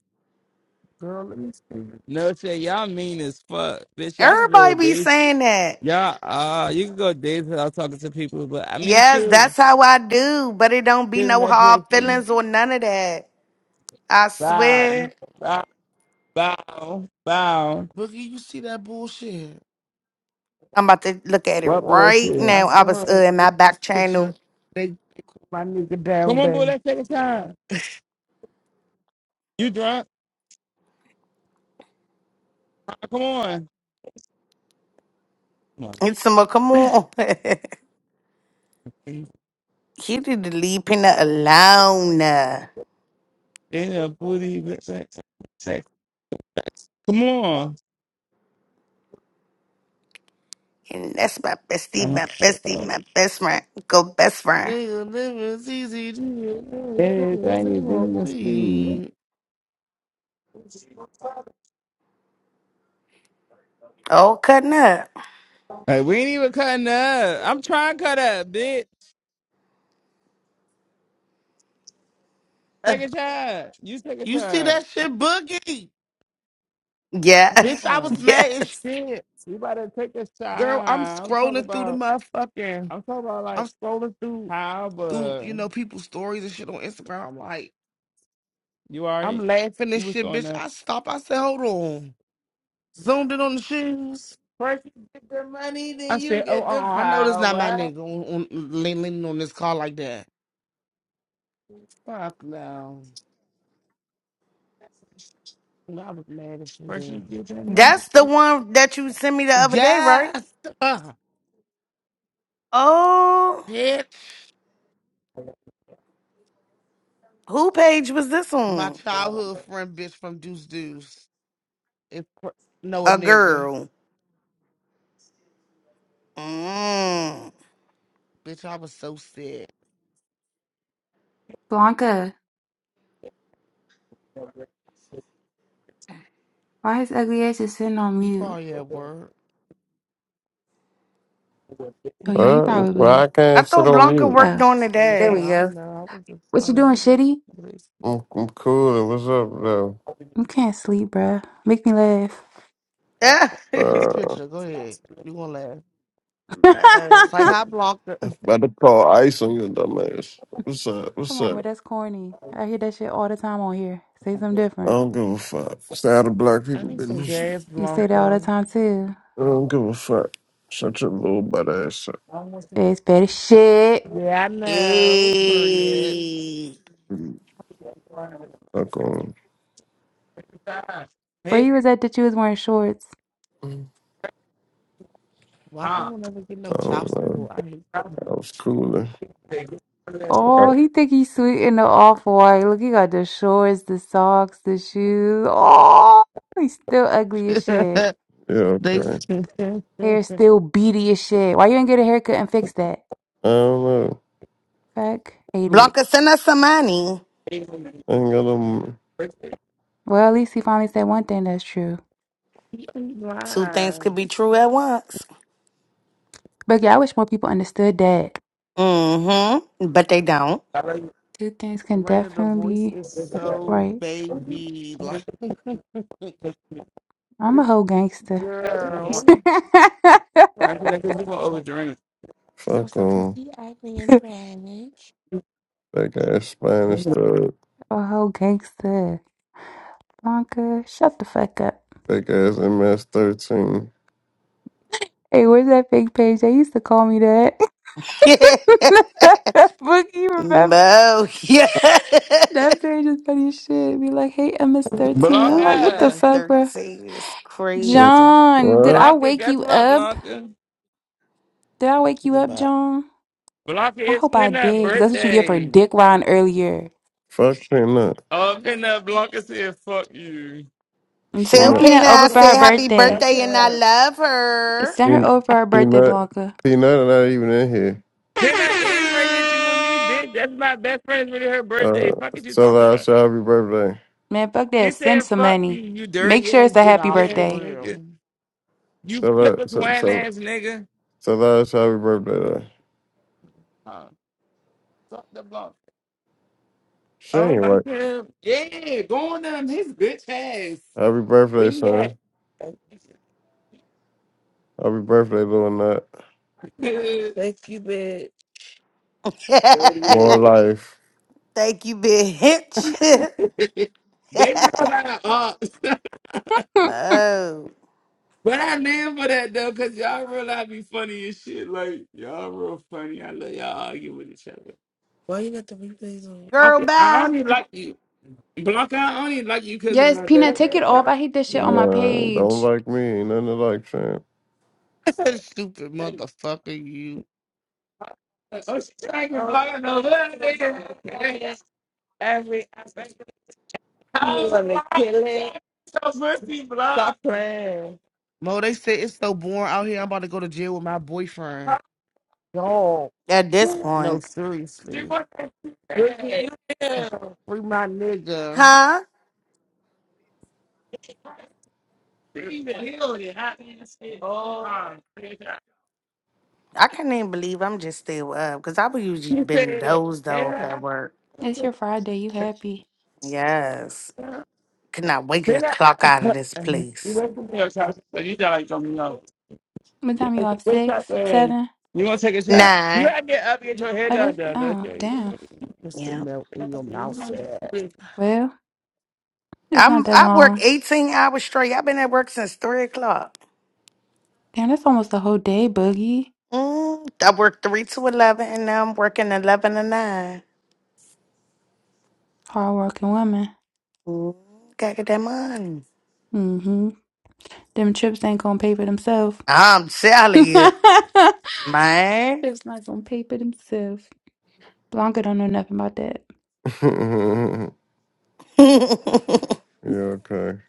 E: Girl, let me see.
A: No shade. Y'all mean as fuck, bitch. Y'all can go
B: Everybody
A: a
B: be
A: day.
B: saying that.
A: Yeah, uh, you can go days without talking to people, but I mean,
B: Yes,
A: too,
B: that's how I do, but it don't be
A: getting
B: no
A: that
B: hard
A: pussy.
B: feelings or none of that. I
A: Bow,
B: swear.
A: bow, bow, bow.
E: Boogie, you see that bullshit.
B: I'm about to look at it
A: What
B: right
A: bullshit?
E: I
B: now. I
E: sent
B: was uh,
E: her
B: in my
E: this
B: back
E: picture.
B: channel.
E: They they call my nigga down
A: Come on, boy,
E: bad.
A: let's take a time. You drunk? Ah, Come on. Come on.
B: It's some more, come on. you need to leave Pina alone.
A: In a booty, but sex, sex. Come on.
B: And that's my bestie,
A: Uh,
B: my bestie, my best friend. Go best friend.
E: Nigga, living is easy. to
A: Everything is
E: so
A: in the speed.
B: Oh, cutting up.
A: Like, we ain't even cutting up. I'm trying to cut up, bitch. Take a shot. You take a
E: You see
A: shot.
E: that shit, Boogie?
B: Yeah.
A: Come
E: Bitch, I was
A: on.
E: mad as
B: yes.
E: shit.
A: You better take this
E: Girl, I'm
A: time. I'm talking
E: scrolling through the
A: about.
E: motherfucking.
A: I'm talking about
E: I'm
A: like
E: scrolling through
A: how,
E: through
A: but
E: you know people's stories and shit on Instagram. I'm like,
A: you alright?
E: I'm laughing and
A: You was
E: shit,
A: throwing
E: bitch.
A: up.
E: I stopped. I said, hold on. Zoomed in on the shoes.
A: First you get the money, then
E: I
A: you
E: said, oh, uh,
A: get
E: uh
A: the
E: I know this not my
A: power.
E: nigga on, on lean- leaning on this car like that. Fuck no. I was mad as
A: First you
E: shit.
A: get the money.
B: That's the one that you sent me the other day, right?
E: Yes, uh,
B: Oh,
E: bitch.
B: who page was this
E: My
B: on?
E: childhood friend, bitch from Deuce Deuce. If no a
B: A
E: nigga,
B: girl. Mm.
E: bitch, I was so sad.
F: Blanca, why is ugly ass just sitting on
E: He
F: mute?
E: probably at work.
F: Oh, yeah, he
G: Well, well, I
F: probably.
B: I
G: can't sit
B: thought
G: on
B: Blanca
G: mute.
B: worked
F: Oh,
B: on the
E: Oh, you
F: there
E: see,
B: day.
F: we
E: I
F: go.
E: don't know. I was just
F: What
E: trying
F: you
E: to
F: doing,
E: help him.
F: shitty?
E: with this.
G: I'm, I'm cool. What's up,
F: You can't sleep, bruh. Make me
E: Look at this
G: though?
E: picture. Go ahead. You gonna laugh?
B: No.
E: It's
F: laugh.
E: like hi, Blanca.
G: Uh, about to call ice on your dumb ass. What's up? What's
F: Come on,
G: up?
F: bro. That's corny. I hear that shit all the time on here. Say something
G: I
F: different.
G: don't give a fuck. Stay out of black
E: I
G: people
E: need some
G: business.
E: gas,
F: You say that all the
E: Blanca.
F: time too.
G: I don't give a fuck. Shut your little butt ass up.
A: I want you
F: It's better shit.
E: Yeah, I know. Period.
B: hey.
A: to get the money with
G: Fuck on.
A: the time.
F: Where
A: Hey,
F: you was at that you was wearing shorts?
G: I
E: Why I
A: huh?
E: don't ever get no child
G: don't know.
E: support? I hate
G: I was cooler.
A: They give you that
G: I-
F: Oh, he think he's sweet in the off white. Look, he got the shorts, the socks, the shoes. Oh, he's still ugly as shit.
E: that.
G: Yeah,
E: they
G: okay.
E: s-
F: Hair still beady as shit. Why you didn't get a haircut and fix that?
G: I don't know.
F: Fuck, hate it.
B: Blanca, send us some money.
G: I ain't got no
F: Well, at least he finally said one thing that's true.
E: he ain't
B: Two things could
E: lying.
B: be true at once.
F: But yeah, I wish more people understood that
B: Mm-hmm. But they don't.
F: two things can
E: Raina, the
F: definitely
E: voice
F: be
E: is so
F: right.
E: baby like.
F: I'm a
E: It's
F: whole gangster.
A: stuff in the morning.
E: girl.
A: Right? Niggas, you gonna overdrink.
E: She said,
G: fuck
E: "What's up,
G: on.
E: Chrissy? Ugly and brandish."
G: Fake ass Spanish thug.
F: A whole gangster. Blanca, shut the fuck up.
G: Fake ass MS 13.
F: Hey, where's that fake page? They used to call me that. Bookie, remember?
B: Mo, yeah.
F: That page is funny as shit. Be like, hey, MS13. I'm
B: Mo,
F: like, what the
A: Blanca,
F: fuck, bro?
B: MS-13 is
G: What?
B: crazy.
F: John, did
G: What?
F: I
A: Blanca,
F: wake
A: guess
F: you
A: what,
F: up?
A: Blanca?
F: Did I wake you
E: Chicken
F: up,
E: butt.
F: John?
A: Blanca,
F: I
A: it's
F: hope I
A: Kenna's
F: did, 'cause that's what you get for
A: birthday.
F: dick riding earlier.
G: Fuck peanut.
A: Oh, Kenna, Blanca said, "Fuck you."
F: And
B: Tell
F: send
G: Peanut,
A: do
F: Peanut
B: Pina I
A: block
F: over for
A: her,
F: her
B: said
A: Pena.
B: happy
F: birthday.
B: birthday and I
A: Okay.
B: love her.
F: Send her
G: peanut,
F: over for her birthday,
G: peanut,
F: Blanca.
G: peanut, are not even in here.
A: Pena is right here. She with me, bitch. That's my best friend. It's really her
G: Uh,
A: birthday. Fuck is you
G: so
A: talking
G: last
A: about?
G: happy birthday.
F: Man, fuck that.
A: She
F: Send
A: said,
F: some
A: fuck you,
F: money.
A: you
F: Make
A: dirty
F: sure
A: ass,
F: it's a
A: dick
F: happy
E: Nah,
A: ass
E: for
F: birthday.
A: nigga.
E: real.
A: You
G: So
A: flipper
G: that, so
A: swine
G: so
A: ass nigga.
G: so last happy birthday. Though.
A: Huh. Fuck the block.
G: She
A: I don't
G: ain't
A: like
G: right.
A: him. Yeah, go on them. His bitch ass.
G: Happy
A: Where
G: birthday,
A: you at?
G: son. Happy birthday, little nut.
A: Thank you, bitch.
G: More
A: Dirty
G: life.
B: Thank you, bitch.
A: ass. they run out of ops.
B: Mo.
A: But I live for that though, cause y'all real I be funny as shit. Like y'all real funny. I love y'all argue with each other. Why you got the replays on? I,
B: Girl,
A: I
B: bye.
A: only like you, Blanca. I only like you cause of
F: yes,
A: my
F: Peanut,
A: best
F: take
A: friend.
F: it off. I hate this shit on my
A: Girl,
G: Nah, don't
F: page.
G: like me. Ain't nothing to like, champ.
E: Stupid motherfucker, you.
A: Oh, she's like Blanca. No, what? Nigga. Hey, every aspect of the house. wanna kill it. So pussy, Blanca. Stop playing.
E: Mo, they say it's so boring out here. I'm about to go to jail with my boyfriend. Yo,
B: At this
E: no,
B: point,
A: You
E: seriously.
A: want Ricky, you that?
E: Free my nigga.
B: huh?
A: there? Even healed it. Hot ass shit. Oh, Nah.
B: I can't even believe I'm just still up because I would usually
A: He
B: been
A: said,
B: dozed off
A: yeah,
B: at work.
F: It's your Friday. You happy.
B: Yes.
A: sit
B: Could not wait to
A: up.
B: clock out of this
E: And
A: You
B: place.
A: wait for me, Oshaka. So you got like something else.
F: What
A: He
F: time you
A: said,
F: off?
A: Wait up,
F: Six?
A: man.
F: Seven?
A: You want to take a shot? You
B: Nine.
A: got to get up and get your hair
F: Oh,
A: done,
F: that's.
A: done.
F: Oh,
A: Okay.
F: damn.
E: Mr.
B: Yeah.
E: Melt in your mouth fat.
F: Well, it's not
B: I'm
F: that
B: I work
F: long.
B: 18 hours straight. I've been at work since three o'clock.
F: Damn, that's almost a whole day, Boogie.
B: Mm, I work three to eleven, and now I'm working eleven to nine.
F: Hardworking woman.
B: Mm, gotta get that money.
F: Mm hmm. Them trips ain't gonna pay for themselves.
B: I'm telling
F: trips
B: you, man.
F: not gonna pay for themselves. Blanca don't know nothing about that.
G: yeah, okay.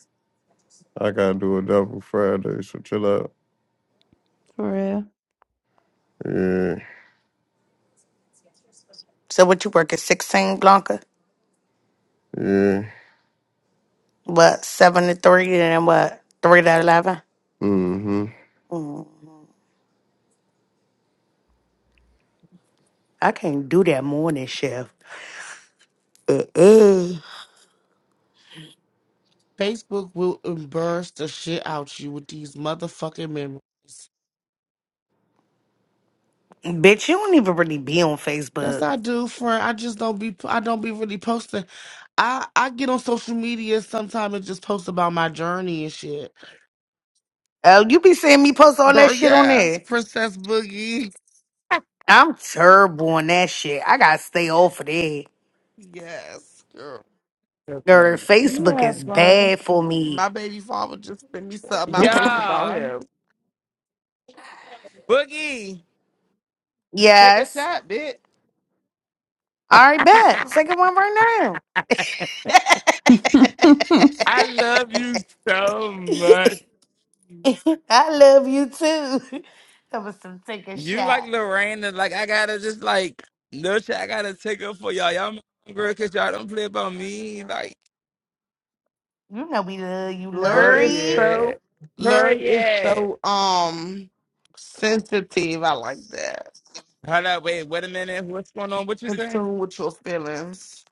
G: I gotta do a double Friday, so chill out.
F: For real.
G: Yeah,
B: So what you working sixteen Blanca?
G: yeah.
B: What seven to three, and then what three to eleven?
G: Mm-hmm.
B: Mm, I can't do that morning shift. Uh uh.
E: Facebook will embarrass the shit out you with these motherfucking memories.
B: Bitch, you don't even really be on
E: Yes,
B: Facebook.
E: I do, friend. I just don't be. I don't be really posting. I I get on social media sometimes and just post about my journey and shit.
B: Oh, you be seeing me post all that
E: Girl,
B: shit on
E: yes,
B: there.
E: Princess Boogie.
B: I'm terrible on that shit. I gotta stay off of that.
E: Yes, girl.
A: You
B: Girl, Facebook is
A: have fun.
B: bad for me.
E: My baby father just sent me something. I post about
A: Yeah.
E: him.
A: Boogie, take a
B: Yes.
A: shot, bitch.
B: All right, bet. Second one right now.
A: I love you so much.
B: I love you too. That was some take a
A: You like
B: shot.
A: Lorraine, like I gotta just like no shit, I gotta take up for y'all. Y'all my girl, cause y'all don't play about me. Like
B: You know we love you,
E: Larry is
B: Lurie.
E: so.
A: Period.
E: Larry is
A: Period.
E: so um sensitive. I like that.
A: Hold up. Wait. Wait a minute. What's going on? What you
E: In
A: saying?
E: tune with your feelings.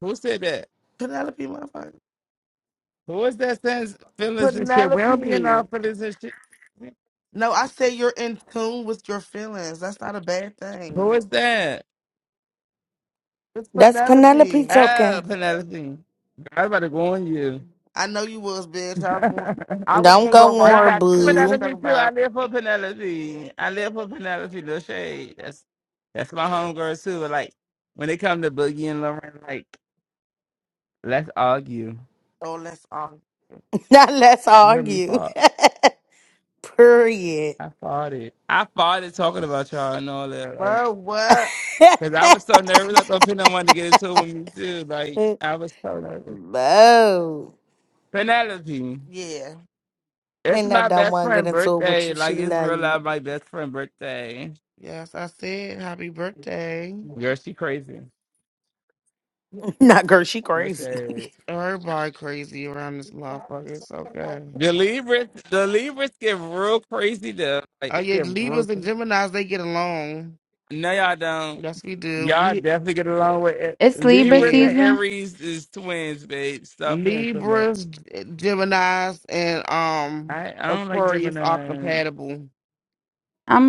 A: Who said that?
E: Penelope, my friend.
A: Who is that saying feelings and shit? We don't be in our
E: Penelope.
A: feelings and shit.
E: No, I say you're in tune with your feelings. That's not a bad
A: Who
E: thing.
A: is that?
E: It's
B: That's Penelope
E: Penelope.
A: Oh,
B: talking.
A: Penelope. I'm about to go on you.
E: I know you was, bitch. I
A: no,
E: was gonna, I was
B: Don't
E: gonna go
B: go on
E: right
B: her,
A: I
E: back
A: like
E: to what you
B: boo.
E: talking
A: Penelope too. I
E: about.
A: live for Penelope. I live for Penelope. No shade. That's that's my homegirl too. Like when it comes to Boogie and Lauren, like let's argue.
E: Oh, let's um,
B: Now let's
A: You heard me,
B: argue.
A: Pop.
B: Period.
A: I fought it. I fought it talking about y'all and all that. Like,
E: well, what?
A: Cause I was so nervous. I thought Penelope wanted to get into it with me too. Like I was so nervous.
B: Boo.
A: Penelope,
E: Yeah,
A: it's
B: Then that
A: my
B: dumb
A: best
B: one get
A: friend
B: into it with
A: birthday.
B: you. She
A: Like it's
B: love
A: real life
B: you.
A: my best friend birthday.
E: yes, I said happy birthday.
A: Girl, she crazy.
B: Not girl, she
A: No
B: crazy.
A: shade.
E: Everybody crazy around this motherfucker. It's okay.
A: The Libras, the Libras get real crazy though. Like
E: Oh
A: they
E: yeah,
A: get real.
E: Libras and
A: crazy.
E: Gemini's they get along.
A: No, y'all don't.
E: Yes, we do.
A: Y'all
E: We
A: definitely get along with it.
F: it's Libra
A: Libras
E: yeah,
A: and
F: season.
A: Aries is twins, babe. Stop playing so much.
E: Libras, G- Gemini's, and um
A: I I don't like
E: Aquarius are
A: Gemini.
E: compatible.
F: I'm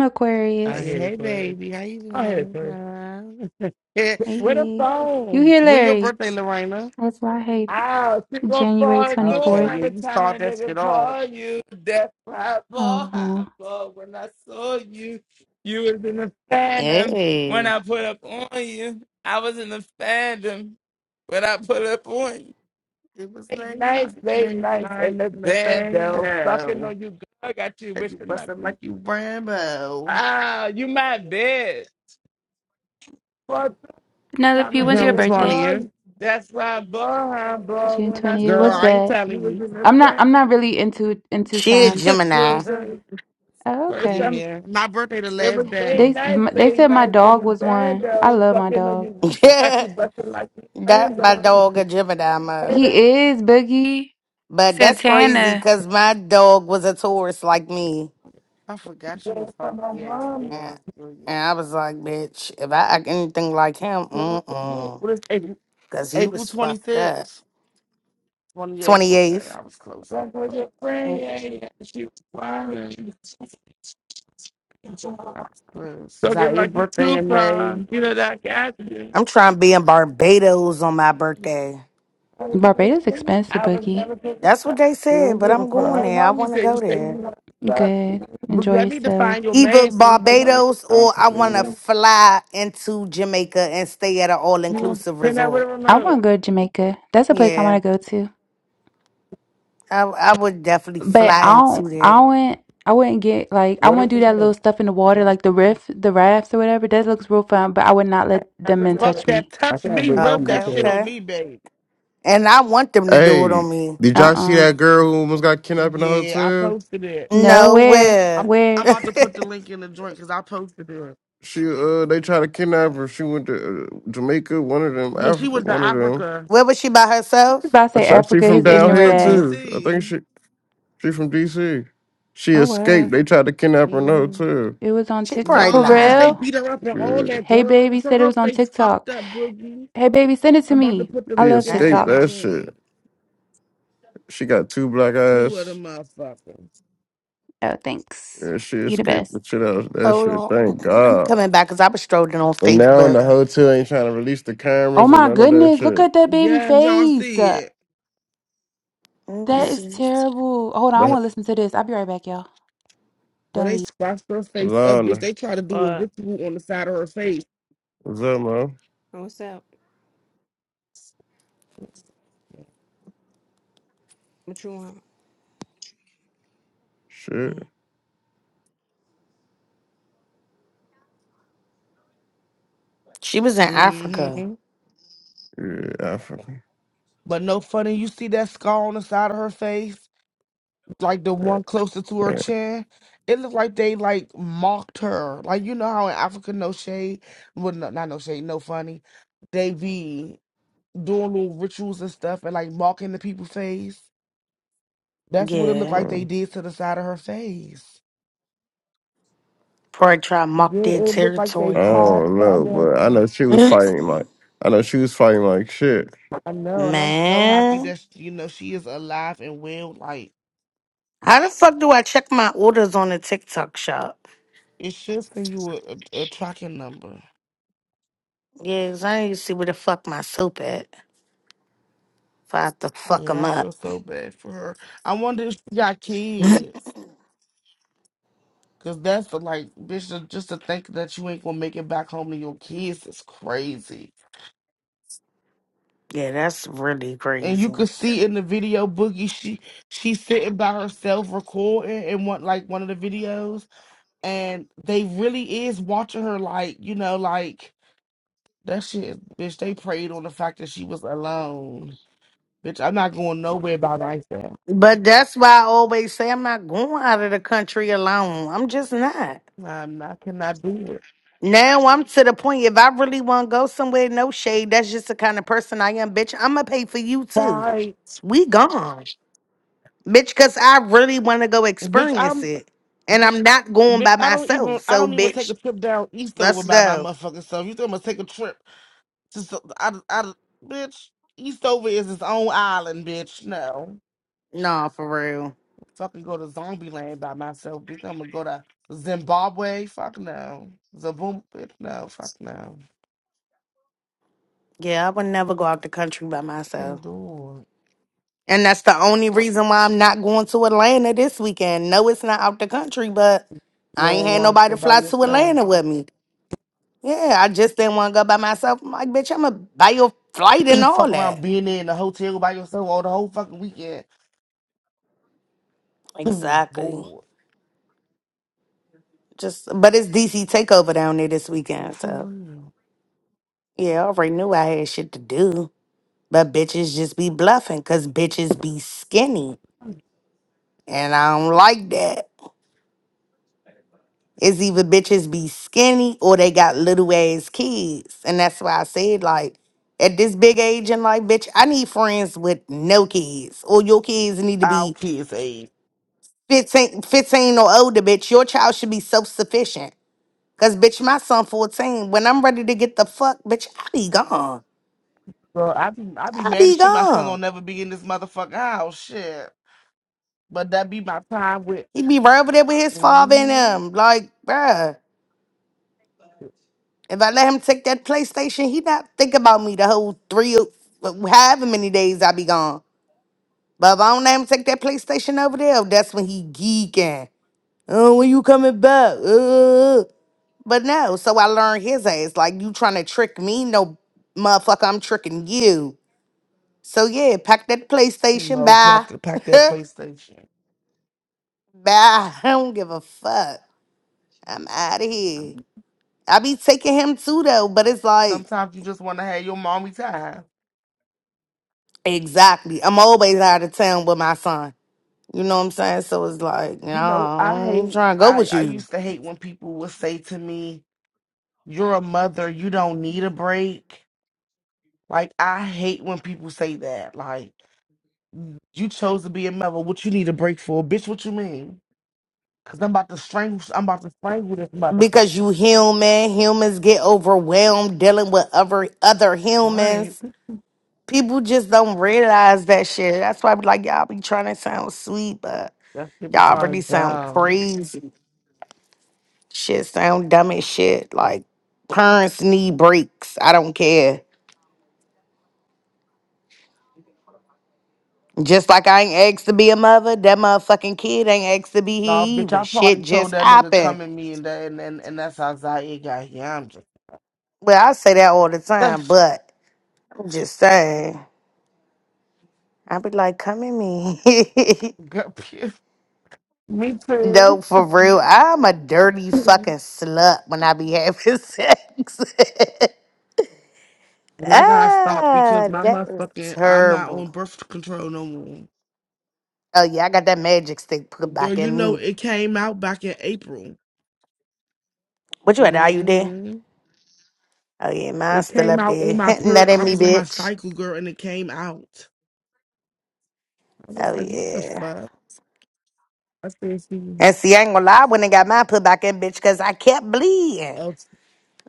E: Oh,
A: I
E: yeah.
F: Aquarius.
A: hate it,
E: Hey,
A: Aquarius.
E: baby. How you
A: I hate it, Aquarius.
E: doing?
F: Hey,
A: Where the
F: hey. You
A: phone?
F: here,
E: when your
F: Larry?
E: birthday, Lorena?
F: That's why I hate
A: Ow, she gonna
F: January
A: fall through
E: Okay,
F: 24th.
E: yeah,
A: every
E: you
A: time
E: start
A: a
E: that
A: nigga
E: shit off.
A: call you. That's why I fall
F: Uh-huh.
A: high for when I saw you. You was in the phantom when
B: Hey,
A: I put up on you. I was in the phantom when I put up on you.
E: It was
A: Late
E: late
A: nights,
E: night,
A: late
E: late
A: nights in
E: night,
A: the
E: in the
A: bed,
E: band
A: though. Fucking
E: down.
A: on you, girl. Got you
E: Had you
A: wishing
E: busted like
A: nothing.
E: you Rambo.
A: Ah, you my bitch. time
F: Penelope,
A: I
F: when's your
E: June
A: nigga
F: birthday?
A: the
E: 20th.
A: you, That's why I bought her, bought
F: June
A: when I
F: 20th.
E: Girl,
F: What's
A: saw
E: I
A: you
E: ain't
F: that?
A: you was
E: telling
A: in the
F: I'm not
A: back.
F: I'm not really into into
B: she a
F: signs.
E: you.
A: You
B: Gemini.
A: was saying
F: Oh,
A: first
F: okay.
A: time.
E: yeah, my birthday the
A: It was
E: last
A: very
E: day.
F: They
A: nice,
F: m- they
A: very
F: said my
A: nice in
F: dog
A: the
F: was
A: band
F: one. I
A: though.
F: love my
A: Fucking like
F: dog.
A: you got
B: Yeah,
A: you bucking like you
B: that my
A: Rambo.
B: dog a Gemini
A: Hey,
B: mo.
A: that
F: He is Boogie
B: But that's crazy
F: Santana.
B: because my dog was a Taurus like me,
E: I forgot you were
A: girl from my
E: funky ass
A: mom.
E: for
B: and,
E: us.
B: and I was like, bitch, if I act anything like him, mm mm,
E: What is April,
B: because he
E: April
B: was fucked up.
E: 26th? 28th.
B: Twenty
E: Okay,
B: eighth.
E: I was close.
A: Like was your friend,
B: I'm
A: yeah, yeah. She was crying. She was fucking
E: Zaire
A: like you
E: birthday in
A: Tupac,
E: May.
A: you know that got you.
B: trying to be in Barbados on my birthday.
A: I
F: Barbados expensive,
A: was
F: Boogie.
A: never put
B: That's what they
E: We
B: said,
E: don't
B: but
E: give
A: with
E: a
B: I'm
A: with
B: going
A: my
E: fuck.
B: there. I
A: homie.
B: want to
A: Say you
B: go
A: say you
B: there.
A: want to stop.
F: Good.
E: But
F: Enjoy
E: I need to
F: yourself.
E: find your
B: either
E: man so we can
A: You
B: Barbados or I want to fly into Jamaica and stay at an all
A: want
B: inclusive
A: hit that with
B: resort.
A: a
F: I
A: remote?
F: want to go to Jamaica. That's a place I
B: Yeah,
F: want to go to.
B: I I would definitely
F: But
B: fly
F: I don't,
B: into
F: I
B: there.
F: wouldn't, I wouldn't get like I
A: With
F: wouldn't
A: a
F: do that little
A: remote.
F: stuff in the water, like the riff, the rafts or whatever. That looks real fun, but I would not let
A: As
F: them
A: a
F: men
E: fuck
F: touch
A: remote.
E: that,
F: me.
A: I
E: touch
A: can't
E: me,
A: wait to
E: rub
B: Okay,
A: get
E: that shit
A: there.
E: on
B: okay.
E: me, babe.
B: And I want them to do it on
G: Hey,
B: me.
G: did y'all see
F: Uh-uh.
G: that girl who almost got kidnapped in the
E: Yeah, I
G: hotel?
E: posted it.
F: No,
B: No,
F: where,
B: where?
E: I'm I'm
F: where?
E: about to put the link in the joint because I posted it.
G: She uh, they tried to kidnap her. She went to uh, Jamaica. One of them,
E: Yeah, she
G: Africa.
E: went to
G: One of them.
E: Africa.
B: where was she by
F: he was
B: herself?
F: about to
G: I
F: say
G: tried, she
F: Africa,
G: from
F: his
E: Yeah,
G: down
E: she
F: ignorant
G: here
E: from
F: ass.
G: too. I think
E: DC.
G: she she from DC. She
F: Oh
G: escaped.
F: wow,
G: They tried to kidnap her. No,
E: hmm
G: too.
F: it was on
B: She
F: TikTok
B: probably
F: for
E: Nah, bitch, they
B: lying.
F: real.
E: beat her up and all
G: Yeah,
E: that
F: Hey
E: girl.
F: baby
E: So
F: said it
E: her
F: was on
E: face
F: TikTok.
E: fucked up, boogie.
F: Hey baby, send it to
E: I'm about to
F: me.
E: put the
F: I
G: she
E: link
F: love
E: in the
G: escaped
E: in the
B: Damn.
G: that
F: TikTok.
G: shit.
E: joint.
G: She got two black
E: Two of
G: eyes.
E: them motherfuckers.
F: Oh thanks,
G: Yeah, she
F: you the
G: escaped
F: best.
G: the shit out of that shit.
B: Hold
G: Thank
B: on. I'm
G: God.
B: coming back because I was strolling on
G: And now in
B: Facebook.
G: the hotel ain't trying to release the
F: Oh
G: cameras or
F: my
G: none of that
F: goodness, look
G: shit.
F: at that baby
E: Yeah, y'all
F: face.
E: see
F: That
E: it.
B: Let me
G: Yeah,
F: is
B: see.
F: terrible. Hold on, I
G: but
F: want to listen to this. I'll be right back, y'all.
E: So
F: Don't
E: they
F: leave.
E: scratched her face up, bitch.
G: Alana,
E: They try to do a
C: What?
E: ritual on the side of her face.
G: what's up, man?
C: What's up? What you want?
G: Shit.
C: Mm.
B: She was in Africa.
E: hmm
G: Yeah, Africa.
E: But no funny, you see that scar on the side of her face, like the one closer to her
G: Man.
E: chin. It looked like they like mocked her. Like you know how in Africa, no shade, well, no, not no shade, no funny. They be doing little rituals and stuff and like mocking the people's face. That's what it looked
B: Yeah.
E: like
G: um,
E: they did to the side of her face.
B: Probably try to
E: Yeah,
B: mock their
E: it looked like they
G: I
B: territory on
E: carved
B: her.
G: don't know,
E: something on
G: but I
E: her.
G: know she was fighting like I know she was fighting like shit.
E: I know, and I'm so happy
B: Man,
E: that sh- you know she is alive and well. Like
B: how the fuck do I check my orders on the TikTok shop?
E: it should send you a, a, a tracking number.
B: Yeah, 'cause I need to see where the fuck my soap at. If I have to fuck
E: Yeah,
B: them
E: I
B: up.
E: feel so bad for her. I wonder if she got kids, cause that's the like, bitch. to- Just to think that you ain't gonna make it back home to your kids is crazy.
B: yeah, that's really
E: And you
B: crazy.
E: could see in the video, Boogie, she she's sitting by herself recording in one like one of the videos, and they really is watching her, like you know, like. That shit, bitch, they preyed on the fact that she was alone. Bitch, I'm not going nowhere by myself.
B: But that's why I always say I'm not going out of the country alone. I'm just not.
E: I'm not cannot do it.
B: Now I'm to the point, if I really want to go somewhere, no shade, that's just the kind of person I am, bitch. I'm going to pay for you too.
E: Bye.
B: We gone, bitch, because I really want to go
E: Bitch,
B: experience
E: I'm
B: it. And I'm not going by
E: bitch, I don't
B: myself.
E: even I
B: So,
E: don't even take a
B: bitch,
E: trip down Eastover
B: Let's
E: by my
B: go.
E: motherfucking self. You think I'm gonna take a trip to so- I I bitch, Eastover is its own island, bitch. No.
B: No, for real.
E: Fucking go to Zombie Land by myself, bitch. I'm gonna go to Zimbabwe. Fuck no. Zaboom bitch, no, fuck no.
B: Yeah, I would never go out the country by myself.
E: Can't do it.
B: And that's the only reason why I'm not going to Atlanta this weekend. No, it's not out the country, but
E: You
B: I ain't
E: don't
B: had
E: want to
B: nobody
E: go by
B: fly to
E: yourself.
B: Atlanta with me. Yeah, I just didn't want to go by myself. I'm like, bitch, I'm going to buy your flight and all
E: Fuck around
B: that.
E: being in the hotel by yourself all the whole fucking weekend.
B: Exactly.
E: Boy,
B: Just, but it's DC takeover down there this weekend,
E: For
B: so
E: real.
B: yeah, I already knew I had shit to do. But bitches just be bluffing, cause bitches be skinny, and I don't like that. It's either bitches be skinny or they got little ass kids. And that's why I said, like, at this big age in life, bitch, I need friends with no kids. Or your kids need to
E: Our
B: be
E: kids age.
B: 15, 15 or older, bitch. Your child should be self sufficient. Cause bitch, my son 14. When I'm ready to get the fuck, bitch, I be gone.
E: So I be I be
B: I
E: mad
B: be
E: as shit my son
B: gone.
E: don't never be in this motherfucker house. Shit. But that be my time with
B: He be right over there with his father and
E: mm-hmm.
B: them. Like, bruh, if I let him take that PlayStation, he not think about me the whole three, or- however many days I be gone. But if I don't let him take that PlayStation over there, that's when he geeking. Oh, when you coming back? Uh. But no, so I learned his ass. Like you trying to trick me, no motherfucker, I'm tricking you. So yeah, pack that PlayStation.
E: No,
B: Bye.
E: pack, pack that PlayStation.
B: Bye. I don't give a fuck. I'm out of here. I be taking him too though, but it's like
E: Sometimes you just wanna have your mommy time.
B: exactly. I'm always out of town with my son. You know what I'm saying? So it's like, no,
E: You know,
B: I
E: I
B: ain't
E: hate
B: trying to go
E: I,
B: with
E: I
B: you.
E: used to hate when people would say to me, You're a mother, you don't need a break. Like I hate when people say that. Like You chose to be a mother. What you need a break for, bitch? What you mean? Cause I'm about to strangle. I'm about to strangle this motherfucker.
B: because you human humans get overwhelmed dealing with other other
E: Right?
B: humans people just don't realize that shit that's why I be like y'all be trying to sound sweet but
E: That shit be
B: y'all
E: trying
B: really
E: to
B: sound
E: dumb.
B: crazy shit sound dumb as shit like parents need breaks i don't care just like i ain't asked to be a mother that motherfucking kid ain't asked to be
E: Nah,
B: here
E: bitch.
B: either
E: I
B: shit
E: probably told
B: just
E: that nigga
B: happened
E: come at me, and that, and and, and that's how Zaire got here. I'm
B: well i say that all the time
E: just.
B: but i'm just saying i be like come at me
E: Girl, phew. me
B: No,
E: too.
B: for real. I'm a dirty
E: And
B: fucking slut when I be having sex.
E: I gotta stop because
B: ah,
E: my
B: that is
E: motherfucking I'm not
B: terrible.
E: on birth control no more.
B: Oh yeah, I got that magic stick put
E: Girl,
B: back
E: you
B: in
E: know
B: me.
E: it came out back in April.
B: What you at? Are you there?
E: hmm
B: Oh yeah, mine's
E: It
B: still
E: came
B: up
E: out
B: there.
E: on my
B: Hinting
E: per.
B: that at
E: I
B: me,
E: was on my
B: bitch.
E: cycle, girl, and it came out. I was
B: Oh
E: like, "What the
B: yeah.
E: fuck?" I said, "She
B: And see, I ain't gonna lie, when they got mine put back in, bitch, cause I kept bleeding.
E: else,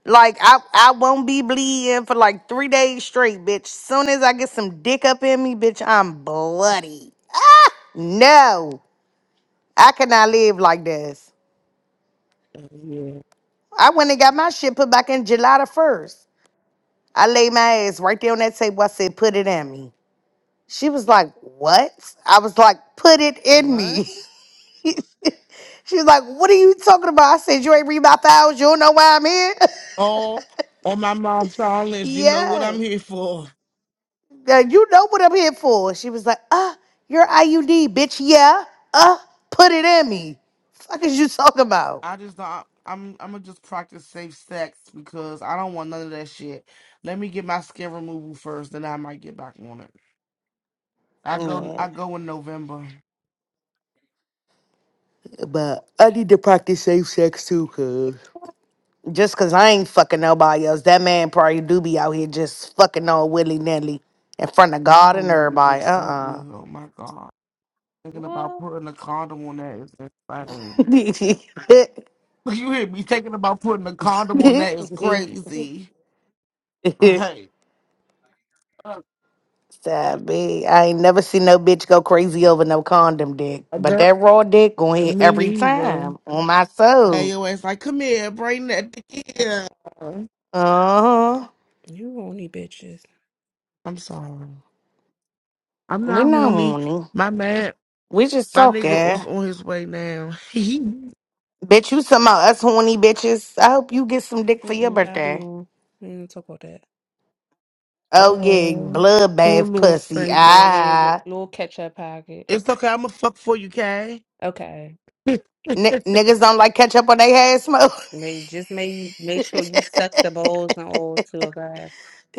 B: Like I, I won't be bleeding for like three days straight, bitch. Soon as I get some dick up in me, bitch, I'm bloody. No. I could not live like this.
E: yeah."
B: I went and got my shit put back in July the 1st. I laid my ass right there on that table. I said, put it in me. She was like, what? I was like, put it in
C: What?
B: me. She was like, what are you talking about? I said, you ain't read my files. You don't know why I'm here.
E: Oh, on my mom's silence. You know what I'm
B: yes.
E: here for.
B: Now, you know what I'm here for. She was like, uh, your IUD, bitch. Yeah. Uh, put it in me. Fuck is you talking about?
E: I just don't. I'm. I'm gonna just practice safe sex because I don't want none of that shit. Let me get my skin removal first, then I might get back on it. I go.
B: Yeah.
E: I go in November.
B: But I need to practice safe sex too, cuz. just cause I ain't fucking nobody else, that man probably do be out here just fucking on willy nilly in front of
E: My
B: God
E: little
B: and
E: nigga dick
B: everybody. Uh
E: so
B: uh
E: good. Oh my god. Thinking about
C: What?
E: putting a condom on that is insane. You hear me thinking about putting a condom on that is crazy. Like, uh,
B: Sad bitch. I ain't never seen no bitch go crazy over no condom dick,
E: a
B: but
E: girl,
B: that raw dick going hit
E: me
B: every
E: neither.
B: time on my
E: Hey,
B: soul.
E: yo, it's like, come here, bring that dick here.
B: Uh huh.
C: You horny bitches.
E: I'm sorry. I'm
B: We
E: not
B: not
E: horny.
B: horny.
E: My man,
B: We just
E: my nigga is
B: talking.
E: on his way now.
B: Bitch, you some of us horny bitches. I hope you get some dick for your
C: Mm-mm, I'll be
B: birthday.
C: on. We ain't gonna talk about that.
B: Oh yeah,
E: oh, poor
B: bloodbath
E: little
B: pussy.
E: stink. i
C: Yeah, li-
B: Ah,
C: little catch pocket.
E: It's okay. I'm going to fuck for you, Kay.
C: Okay.
B: N- niggas don't like ketchup on they head smoke.
C: May just make make sure you suck the bowls and all too. Okay.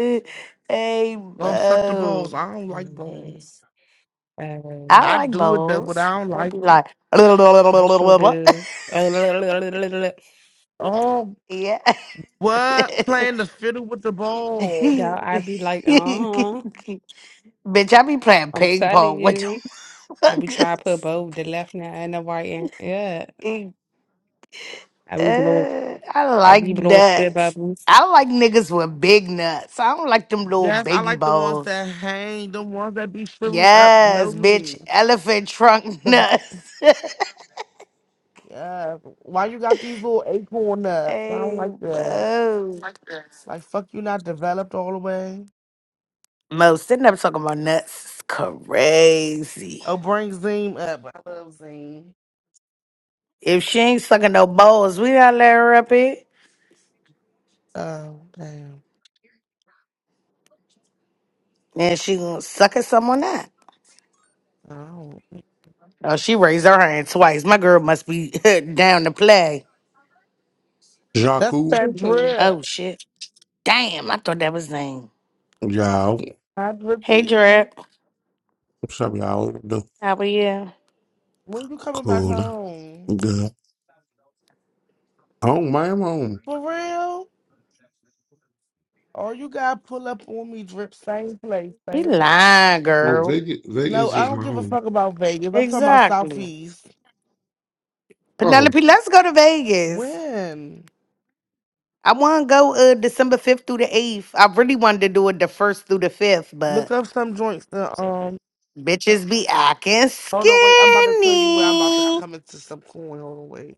B: hey,
E: oh, suck the
B: bo.
E: balls. I don't like
C: Mm-hmm.
E: balls.
B: I
C: And
E: I
B: like
E: do it though, but
B: bowls.
E: I don't
B: I'll
E: like
B: be
E: it.
B: like,
C: I sure do.
E: Oh.
B: yeah.
E: What? Playing the fiddle with the balls.
C: Y'all, I be like, uh-huh.
B: Bitch, I be playing
C: I'm
B: ping pong
C: telling
B: with the
C: you. I be trying to put
B: fuckers.
C: both the left hand and the right hand. Yeah.
B: Uh,
C: I be blowing
B: I
C: I
B: like
C: be blowing spit
B: nuts.
C: bubbles.
B: I like niggas with big nuts. I don't like them little
E: Yes, I
B: baby
E: like the ones
B: balls.
E: that hang, the ones that be shriveled up, blow
B: Yes,
E: me.
B: bitch. Elephant trunk
E: 'Cause,
B: nuts.
E: uh, why you got these little acorn nuts? I don't
B: Hey,
E: like that.
B: Mo.
E: Like, fuck you not developed all the way.
B: Mo, sitting up talking about nuts is crazy.
E: Oh, bring Zim up. I love Zim.
B: If she ain't sucking no balls, we gotta let her up here.
E: Oh, damn.
B: And she gonna suck at someone that.
E: Oh.
B: Oh, she raised her hand twice. My girl must be down to play.
E: That's
H: Jaku,
E: that
C: Mhm.
B: Oh
E: drip.
B: shit. Damn, I thought that was name.
H: y'all.
E: Hi,
B: Hey
E: Drippy.
B: Drip.
H: What's up, y'all? The
B: How are you?
E: When you coming back
H: cool,
E: home?
H: good. Home, my home.
E: For real? Or you gotta pull up on me, drip, same place,
B: He
E: same place.
B: lying,
H: Well,
B: girl.
H: Vegas,
E: No,
H: Vegas
E: I
H: is
E: don't
H: my
E: give a
H: home.
E: fuck about Vegas. I'm talking about
B: Exactly.
E: Southeast.
H: Oh,
B: Penelope, let's go to Vegas.
E: When?
B: I want to go uh December 5th through the 8th. I really wanted to do it the 1st through the 5th,
E: Look
B: but
E: up some joints that um
B: bitches be acting
E: hold on wait, I'm about to tell you where I'm about to
B: skinny.
E: come into some coin. Hold on wait.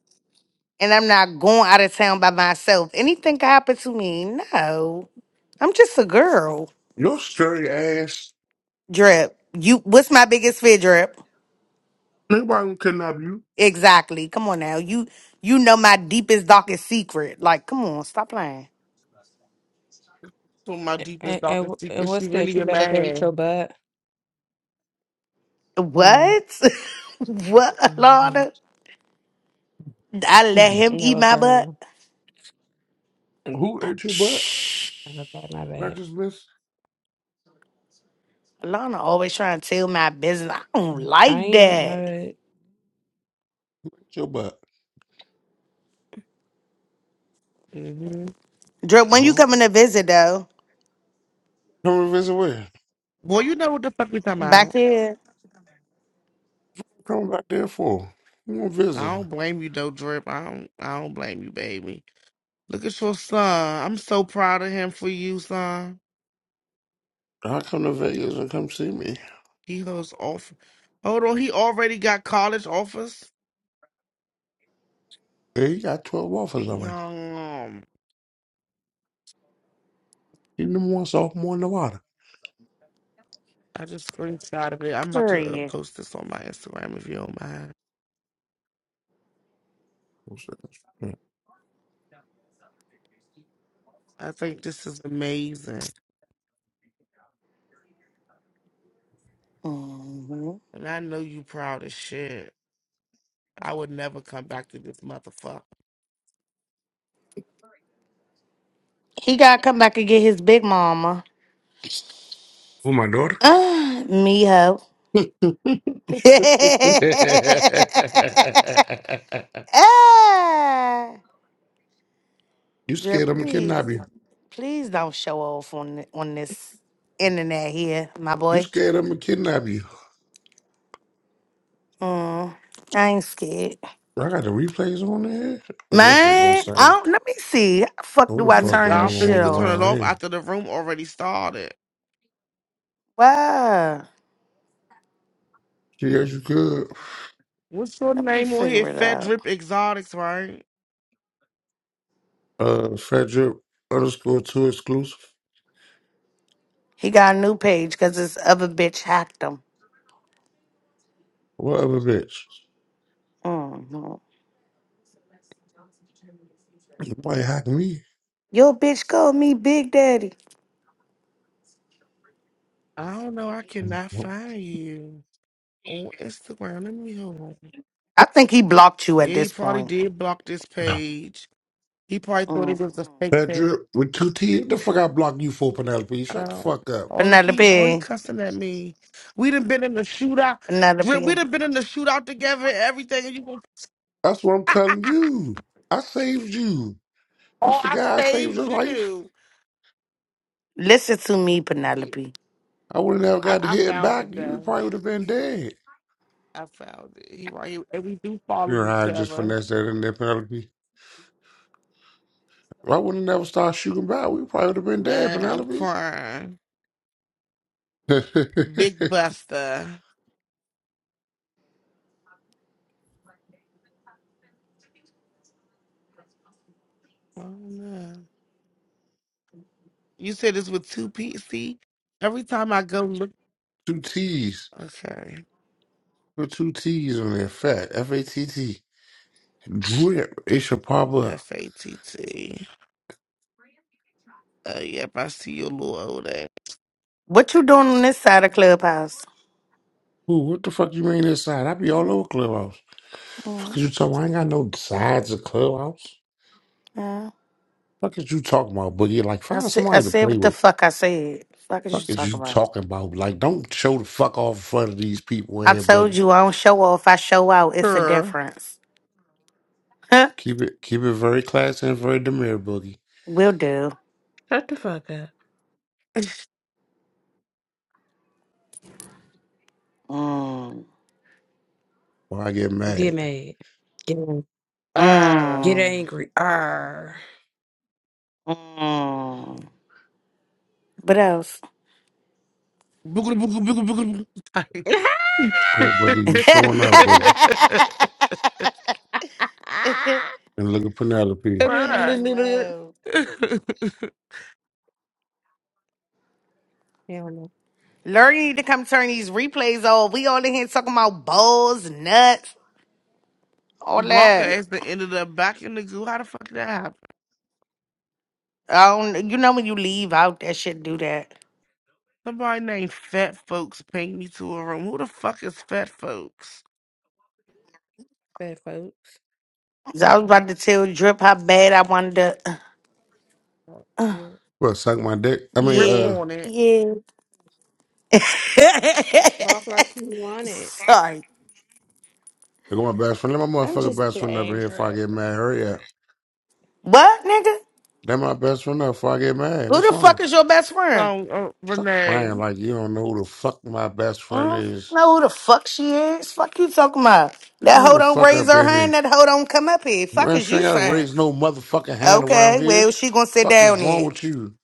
B: And I'm not going out of town by myself. Anything can happen to me. No. I'm just a girl.
H: your scary ass.
B: Drip. You what's my biggest fear, Drip?
H: Nobody can kidnap you.
B: Exactly. Come on now. You you know my deepest, darkest secret. Like, come on, stop lying.
E: To my deepest,
C: And, and
E: darkest
C: wh- and
E: secret. She
C: what's that?
E: really
C: You
E: a
C: let her go with your
E: man.
C: butt? Mm-hmm.
B: What? what,
C: Mm-hmm.
B: Lana? I let him eat
C: No,
B: my butt?
C: girl.
H: Who ate your butt?
B: Shh.
C: Okay, my
H: Not
C: bad.
H: just miss
B: Lana always trying to tell my business. I don't
C: I
B: like
C: ain't my
B: that.
C: bad.
H: ate your butt.
E: hmm
B: Drip, when you
H: Well,
B: coming to visit though?
H: come and visit where?
E: Boy, you know what the fuck we talking
B: Back
E: about.
B: here?
H: Come back there for. You want to visit?
E: I don't blame you though, Drip. I don't I don't blame you, baby. Look at your son. I'm so proud of him for you, son.
H: I come to Vegas and come see me.
E: He holds off hold on, he already got college offers.
H: Hey, he got 12 offers already.
E: Young.
H: He number one sophomore in Nevada.
E: I just screenshot of it. I'm about to uh,
B: Period.
E: post this on my Instagram if you don't mind.
H: What's that?
E: I think this is amazing.
B: hmm
E: And I know you proud as shit. I would never come back to this motherfucker.
B: He gotta come back and get his big mama.
H: For my
B: Uh, me hoe.
H: daughter? you
B: Ah.
H: scared
B: Drip,
H: I'm gonna
B: please.
H: kidnap you.
B: Please don't show off on th- on this internet here, my
H: You
B: boy.
H: scared I'm gonna kidnap you.
B: Mm, I ain't scared.
H: I got the replays on there. Oh, this is
B: Man, I
H: insane.
B: don't, let me see. How the fuck
H: What
B: do
H: the
B: I
E: You,
H: fuck
B: turn
H: going
E: I
B: this
E: don't think you
B: shit
H: on
E: could
B: off?
E: turn it
H: around
E: off
H: here?
E: after the room already started.
B: Wow.
H: She Yes, you could.
E: What's your
B: Let me
E: name on here?
B: figure it out.
E: Fedrip Exotics, right?
H: Uh, Fat drip underscore two exclusive.
B: He got a new page because this other bitch hacked him.
H: Whatever, bitch.
B: hmm
H: You might hack me.
B: Yo, bitch, called me Big Daddy.
E: I don't know. I cannot find you on Instagram. Let me hold on.
B: I think he blocked you at
E: Yeah, he
B: this
E: probably
B: point.
E: did block this page. He probably thought
B: hmm
E: it was a fake
H: Fat
E: page.
H: drip with two T. The fuck I block you for, Penelope? Shut the
E: Um,
H: fuck up.
E: oh look, he oh he
B: Penelope,
E: cussing at me. We done been in the shootout. Drip, we
B: Penelope,
E: done been in the shootout together and everything. And you going
H: That's what I'm telling you. I saved you. You
E: oh I
H: forgot I saved your
E: saved
H: life.
E: you.
B: listen to me,
E: Yeah,
B: Penelope.
H: I would have never
E: I,
H: got to
E: I
H: hit him
E: found
H: back.
E: it
H: You we
E: though.
H: probably would have been dead.
E: I found it. He right here, and we do
H: You
E: follow
H: know how
E: each
H: I just
E: other.
H: finessed that in there, Penelope. If I would have never started shooting back, we probably would have been dead,
E: Man, I'm
H: Penelope.
E: crying. Big Buster. Oh no. You said this with two P. See, every time I go look,
H: two T's.
E: okay.
H: Put two T's on there. Fat. F A T T. Drip. It should pop up.
E: F A T T. Uh, yep, I see your little old ass.
B: What you doing on this side of Clubhouse?
H: Ooh, what the fuck you mean inside? I be all over Clubhouse. Fuck is
B: Yes.
H: you talking about? I ain't got no sides of Clubhouse.
B: Yeah.
H: Fuck is you talking about, Boogie? Like,
B: I,
H: find
B: said, I
H: somebody to
B: said
H: play
B: what the
H: with.
B: fuck I said. Fuck is you
H: Fuck is
B: talking
H: you
B: about?
H: talking about? Like, don't show the fuck off in front of these people
B: I
H: here,
B: told
H: Boogie.
B: you I don't show off. I show out. It's a
E: Sure.
B: difference. Huh?
H: Keep it keep it very classy and very demure, Boogie.
B: Will do.
C: Shut the fuck up.
B: Mm.
H: Or I get
C: Get
H: mad.
C: mad. Get, get
E: Ah,
B: Mm.
C: angry. Arr.
B: Mm. What else?
E: boogaloo, boogaloo, boogaloo, boogaloo.
H: Quit Boogie, you showing out, Boogie.
B: hey
H: And look at Penelope.
C: Hell
E: What?
B: Mo.
C: no.
B: Lurdy need to come turn these replays on. We all in here talking about bowls, nuts, all
E: Blanca
C: Ye
B: that.
E: ass that ended up back in the goo. How the fuck did that happen?
B: I don't you know when you leave out that shit do that.
E: Somebody named Fat Folks pinged me to a room. Who the fuck is Fat Folks?
C: Fat folks.
B: 'Cause I was about to tell Drip how bad I wanted to
E: Oh, Yeah.
H: Well, suck my dick. I mean,
E: Drip
B: Yeah.
H: uh,
E: on it.
B: Yeah.
C: Bob like you want it.
B: Sorry.
H: look at my best friend. Let my
B: I'm
H: motherfucking
B: just
H: best friend up in
B: playing.
H: here before I
B: Drip.
H: get mad. Hurry up.
B: What, nigga?
H: Let my best friend up before I get mad.
B: Who
H: What's
B: the fuck
H: wrong?
B: is your best friend?
E: So uh,
H: Stop lying
E: Renee,
H: like you don't know who the fuck my best friend
B: I
H: is.
B: know who the fuck she is. Fuck you talking about.
H: Get
B: That
H: her
B: hoe
H: the
B: don't
H: fuck
B: raise
H: up
B: her
H: in
B: hand.
H: here.
B: That hoe don't come up here. Fuck
H: Man,
B: is
H: she
B: you
H: ain't gotta
B: saying?
H: raise no motherfucking hand around
B: Okay,
H: here.
B: well she gonna sit
H: Fuck is
B: down
H: wrong
B: here.
H: with you?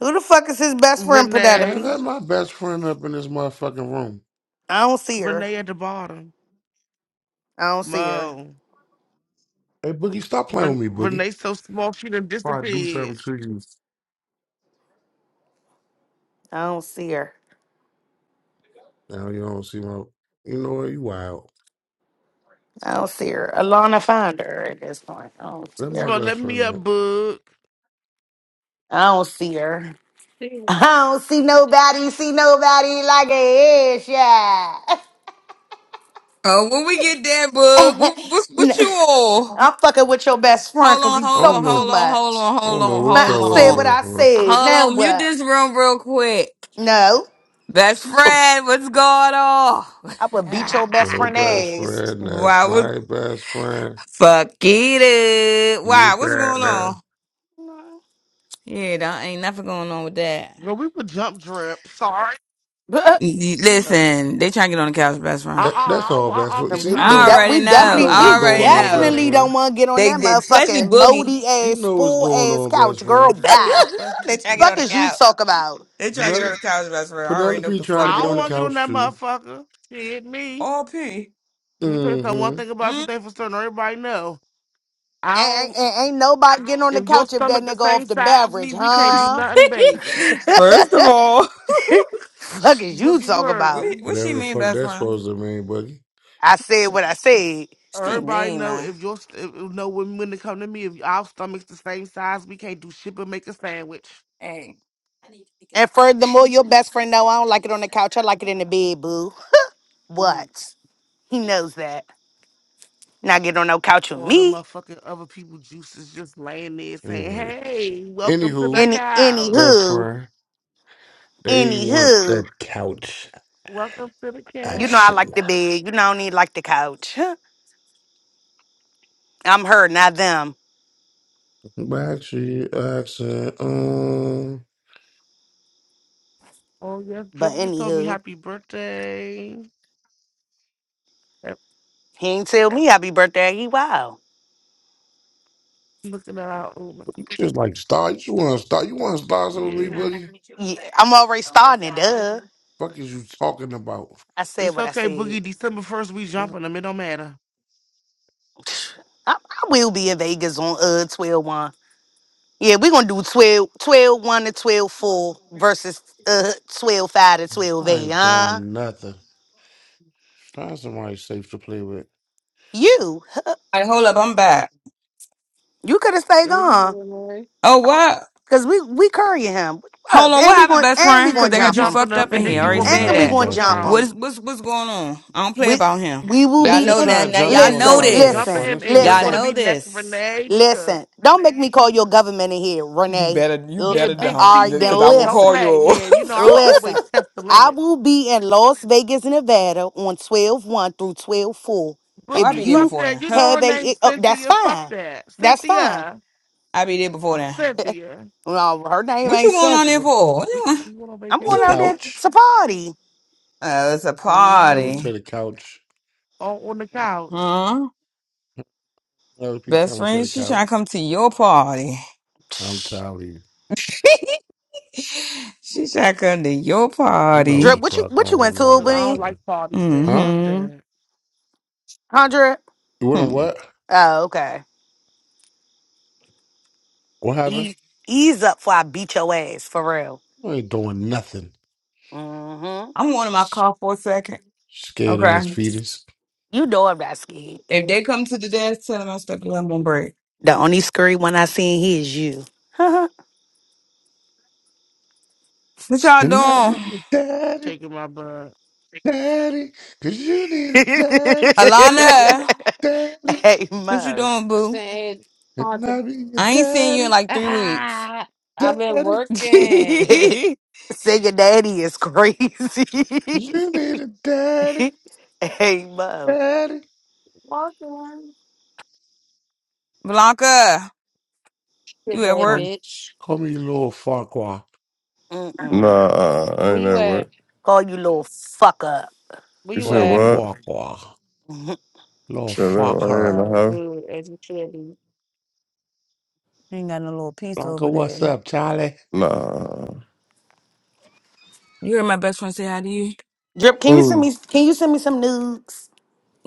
B: Who the fuck is his best friend,
H: Man,
B: Penelope?
E: Renee,
H: let my best friend up in this motherfucking room.
B: I don't see her.
E: Renee at the bottom.
B: I don't see her.
E: Mo,
H: Hey, Boogie, stop playing with
E: Ren-
H: me, Boogie.
E: Renee so small she done
H: If I do
E: disappeared.
H: something to you,
B: I don't see her.
H: now you don't see my. You know what? You wild.
B: I don't see her. Alana found her at this point. I don't see
H: Let
E: This
H: my
B: her.
E: about let
H: best
E: me
H: friend.
E: up,
H: Know.
E: bug.
B: I don't see her.
C: Jeez.
B: I don't see nobody. See nobody like a ish. Yeah.
I: Oh, when we get that bug, what, what, what you all?
B: I'm fucking with your best friend
I: Hold
B: because
I: on,
B: he
H: I
I: hold
H: don't
I: on,
B: talked too
H: know.
I: hold on,
B: much.
I: hold on,
H: I
I: hold
H: don't know
I: on,
B: But
H: what's
B: I
H: up
I: hold
H: with
B: said
I: on.
B: what
H: her best
B: I
H: friend.
B: said. Now
I: Hold on, mute
B: what?
I: this room real quick.
B: No,
I: Best friend, what's going on?
B: I would beat your best
H: Your
B: friend
H: best
B: ass.
H: friend, that's
I: Why was
H: my best friend.
I: fuck it? up. Why?
H: You
I: What's going on?
H: better.
I: Yeah, there ain't nothing going on with that.
E: Girl, we would jump drip. Sorry.
I: Y-
B: And
I: y-
E: You know we
I: Listen, they trying to get on the couch, best friend.
E: uh
H: That, that's
E: uh
H: all,
E: uh
H: best
E: uh
H: friend.
E: bitch,
H: See,
B: we
H: you
E: I
B: we,
I: I
E: don't
H: know,
B: de-
I: already
B: we
E: want
H: you
E: I
I: know.
E: do
H: know
B: definitely
H: what's
I: I
B: we
E: not want to
H: going
I: already
E: be
H: on,
I: know.
H: best
E: swimming
B: definitely
E: and
B: don't
H: friend.
B: want to get on
I: They
B: that
I: did, especially
B: motherfucking
I: Boogie.
B: moldy
H: You
B: ass
H: know what's
B: spool
H: going
B: ass
H: on, best
B: couch, girl.
H: friend.
E: she said
B: Bye.
E: especially
I: they trying to get on
B: Fuck
E: pussy.
I: the
B: is you
I: couch.
B: talk about?
I: They try to get on the
H: Penelope,
I: couch, best friend. I already know what
H: Penelope
I: the
H: trying
I: fuck
H: to
E: I
H: get
E: don't
H: on
I: going
H: the
E: wanna get
I: on.
E: on
H: couch
E: that
H: too.
E: motherfucker. She me.
I: RP.
E: Let me tell you something. One
H: Mm-hmm.
E: thing about
I: Mm.
E: something for certain everybody know. I
B: Ain't,
E: don't
B: ain't, ain't nobody getting on the
E: if your
B: couch if that
E: stomach the
B: nigga off
E: same
B: the
E: size as
B: beverage,
E: me, we can't do
B: huh?
E: nothing, baby.
I: First of all,
B: Fuck is you
E: Boogie, you
B: talk
E: heard
B: about?
I: what,
E: me.
I: what she
H: Whatever the
I: mean,
H: fuck
I: best
H: that's
I: friend?
H: supposed to mean, buggy.
B: I said
I: She,
B: what I said.
I: she
E: Everybody
I: mean,
E: know
I: man.
E: if your st- if- know when when it come to me, if our stomach's the same size, we can't do shit but make a sandwich.
I: Hey.
B: And furthermore, your best
I: All
B: friend know I don't like it on the couch. I like it in the bed, boo. What? He knows that. Not get on no couch with
E: all the
B: me.
E: motherfucking other people juices just laying there saying,
H: Anyway,
E: Hey, welcome to the
H: anywho,
B: Any
E: couch.
H: best
B: anywho,
H: friend. They want
B: anywho.
H: the couch
E: Welcome to the
B: You know
E: couch.
B: I
H: action.
B: like the bed. You know I don't need like the couch. Huh. I'm her, not them.
H: But actually, action. Um,
E: Oh yes,
B: But
E: Drip, you told me
B: anywho,
E: happy birthday. Yep,
B: he ain't tell me happy birthday. He wow.
E: Looking at our Uber.
H: you just like star. You just want to start. You want to start something with me,
E: Yeah.
H: buddy?
B: Yeah, I'm already starting it. Duh.
H: Fuck is you talking about?
B: I said
E: It's
B: what I
E: okay,
B: said.
E: Boogie. December first we
H: What?
E: jumping them. It don't matter.
B: I, I will be in Vegas on uh twelve one. Yeah, we're gonna do 12121 to 124 versus uh 12 5 to 12
H: I
B: 8.
H: ain't
B: Huh?
H: doing nothing. Find somebody safe to play with.
B: You,
I: right, hold up. I'm back.
B: you could have stayed
C: Where you
B: gone.
C: going, Lori?
I: Oh, what?
B: Cause we we currying him.
I: Hold
B: What?
I: on, what
B: And we
I: happened,
B: going
I: best
B: and we
I: friend? Because
B: going to
I: they
E: We
I: got
B: jump
I: you
B: him.
E: jumping
I: fucked
H: They
E: them
I: up in
E: and
I: here.
E: then
I: I
H: ain't
E: you
I: already
E: gonna
H: doing
E: be
I: said
B: And we
E: next.
H: nothing,
I: that.
B: going to
E: What's
H: best
B: jump
H: friend.
B: him.
E: wrong?
I: What's what's what's going on? I don't play
B: We
I: about him.
B: we will
H: They
I: Y'all
B: be in-
H: just
I: know that
H: trying to
I: now.
H: jump me
I: Y'all
H: on the
I: know
B: listen,
E: Girl, we
H: couch, best
E: jumping
B: listen,
I: this.
H: friend.
E: him
H: That's
E: and you're
H: who.
I: Y'all
E: gonna
B: listen,
I: know
E: be next,
I: this.
E: Renee, because
B: listen. Don't make me call your government in here,
I: You
B: Renee.
I: better you
B: L-
E: yeah,
I: better
E: big
I: don't,
B: all right, then
I: because I
E: CC,
I: will
E: don't
B: listen,
I: call
E: play.
I: you.
E: Yeah, you know I'ma always
B: listen.
E: test the
B: I
E: limit.
B: will be in Las Vegas, Nevada on twelve one through 12 4.
I: Oh, I
B: If
I: be
E: Boogie,
I: there
B: you
E: fuck
I: before
E: that.
I: then.
E: You
I: Huh?
E: know
B: have
E: her
B: a, it-
E: name's
B: oh, that's
E: Cynthia. Fuck
B: fine.
E: that.
B: That's fine.
E: Cynthia.
I: I be there before then.
E: Cynthia.
B: well, her name
I: What you
B: ain't
I: going on there
B: Cynthia.
I: for? What you,
E: We,
I: want-
E: we went on
B: I'm
I: what
H: The
B: going
I: you
B: out
E: vacation.
I: want?
B: there
H: couch.
B: to party.
I: Oh, it's a
H: She coming
E: Mm-hmm.
H: to
I: party.
H: the couch.
E: On, on the couch.
I: Huh?
H: LP
I: Best
H: coming to
I: friend,
H: the
I: she trying
H: couch.
I: to come to your party.
H: I'm telling you.
I: she trying to come to your
H: You know what
B: Drip,
H: the
I: party.
B: what you
H: fuck
B: what you went
H: going
B: to
H: on,
E: Look,
B: with
E: I
H: best
E: don't
B: me,
H: friend.
E: like parties then.
H: Huh?
E: Fuck
I: Mm-hmm.
E: that.
B: huh, Drip?
H: You want
I: Hmm.
H: what?
B: Oh, okay.
H: What happened?
B: E- ease up before I beat your ass for real.
H: I ain't doing nothing.
B: hmm
I: I'm on my call for a second.
H: Scared
I: Okay.
H: ass fetus.
B: You know I'm not scared.
I: If they come to the desk, tell them I'm stuck in limbo on break.
B: The only scary one I seen here is you.
I: What y'all
H: And I be
I: doing?
H: your daddy,
E: Taking my blood.
H: daddy, cause you need a daddy,
C: Mm,
I: Alana,
H: daddy.
B: hey
I: what you
B: Mo.
I: doing, boo?
C: said hard
H: And
C: to
H: I be your
I: I ain't seen you in
H: daddy,
I: like three weeks.
C: ah, I've been
H: daddy,
C: working.
B: Say your daddy is crazy.
H: you need a daddy,
B: hey Mo.
H: daddy.
C: Working.
I: Blanca,
C: Good
I: you at
C: day,
I: work?
H: Come,
C: bitch.
H: call me little Farquhar,
B: Mm-mm.
G: Nah, uh, I
C: Where
G: ain't
C: you
G: at
C: at?
G: work.
B: Call you little fuck up.
C: Where
G: You
C: you
G: said
H: little
C: at?
G: what?
H: Farquhar,
B: Mhm.
H: little
G: Chilling right here in
H: Farquhar.
G: the
C: Oh,
G: house.
C: good, as you should be.
I: Ain't got no little piece
H: Blanca,
I: over there.
H: what's up, Charlie?
G: Nah.
I: You heard my best friend say hi to you.
B: Drip, can you send
G: Who?
B: me can you send me some nudes?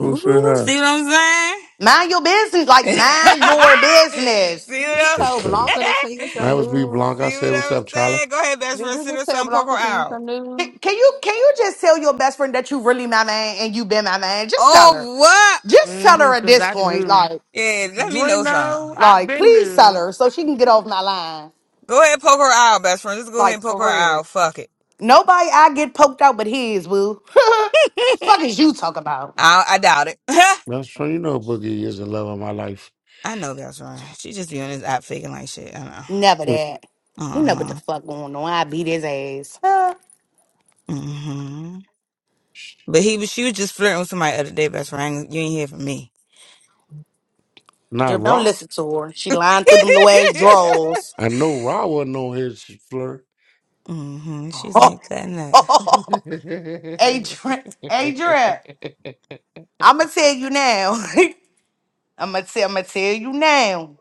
G: Who said
I: Ooh, see
G: hi?
I: what I'm saying?
B: Mind your business. Like mind your business.
I: see
C: You
H: This
I: what
C: just
I: I'm
H: shit
C: told
I: saying?
C: Blanca
H: crazy.
C: to send you
H: That
C: some
H: was me,
C: news.
H: Blanca. I
I: See
H: said,
I: what
H: what's
I: I'm
H: up, Charlie?
I: saying? Go ahead, best
C: Did
I: friend.
C: you
I: Send her
C: just tell
I: some poker
C: Blanca to send you
I: out.
C: some news?
B: Can can you can you just tell your best friend that you really my man and you been my man? Just tell her.
I: Oh, what?
B: Just tell
E: Mm-hmm.
B: her at
E: Because
B: this
E: I
B: point.
E: knew.
B: Like
I: Yeah, let me
E: You ain't
I: know some.
E: know. I've
B: like
E: been
B: please tell
E: knew.
B: her so she can get off my line.
I: Go ahead, poke her out, best friend. Just go ahead and
B: Like
I: poke her
B: for real.
I: out. Fuck it.
B: Nobody I get poked out but his boo. fuck is you talk about?
I: I, I doubt it.
H: That's when you know Boogie is the love of my life.
I: I know, best friend. She just be on this app faking like shit. I know.
B: Never
H: Mm.
B: that. You
I: Uh
B: know what the
I: huh.
B: fuck going on. I beat his ass. Huh?
I: Mm-hmm. But he was, she was just flirting with somebody the other day, best friend. I ain't- You ain't hear from me.
H: Not
B: Drip, don't
H: Raw.
B: listen to her. She lying through them little ass drawers.
H: I know Raw wasn't on his flirt.
I: mm-hmm. She's in here cutting up.
B: Adrian, Adrian, I'ma tell you now. I'ma tell, I'ma tell you now.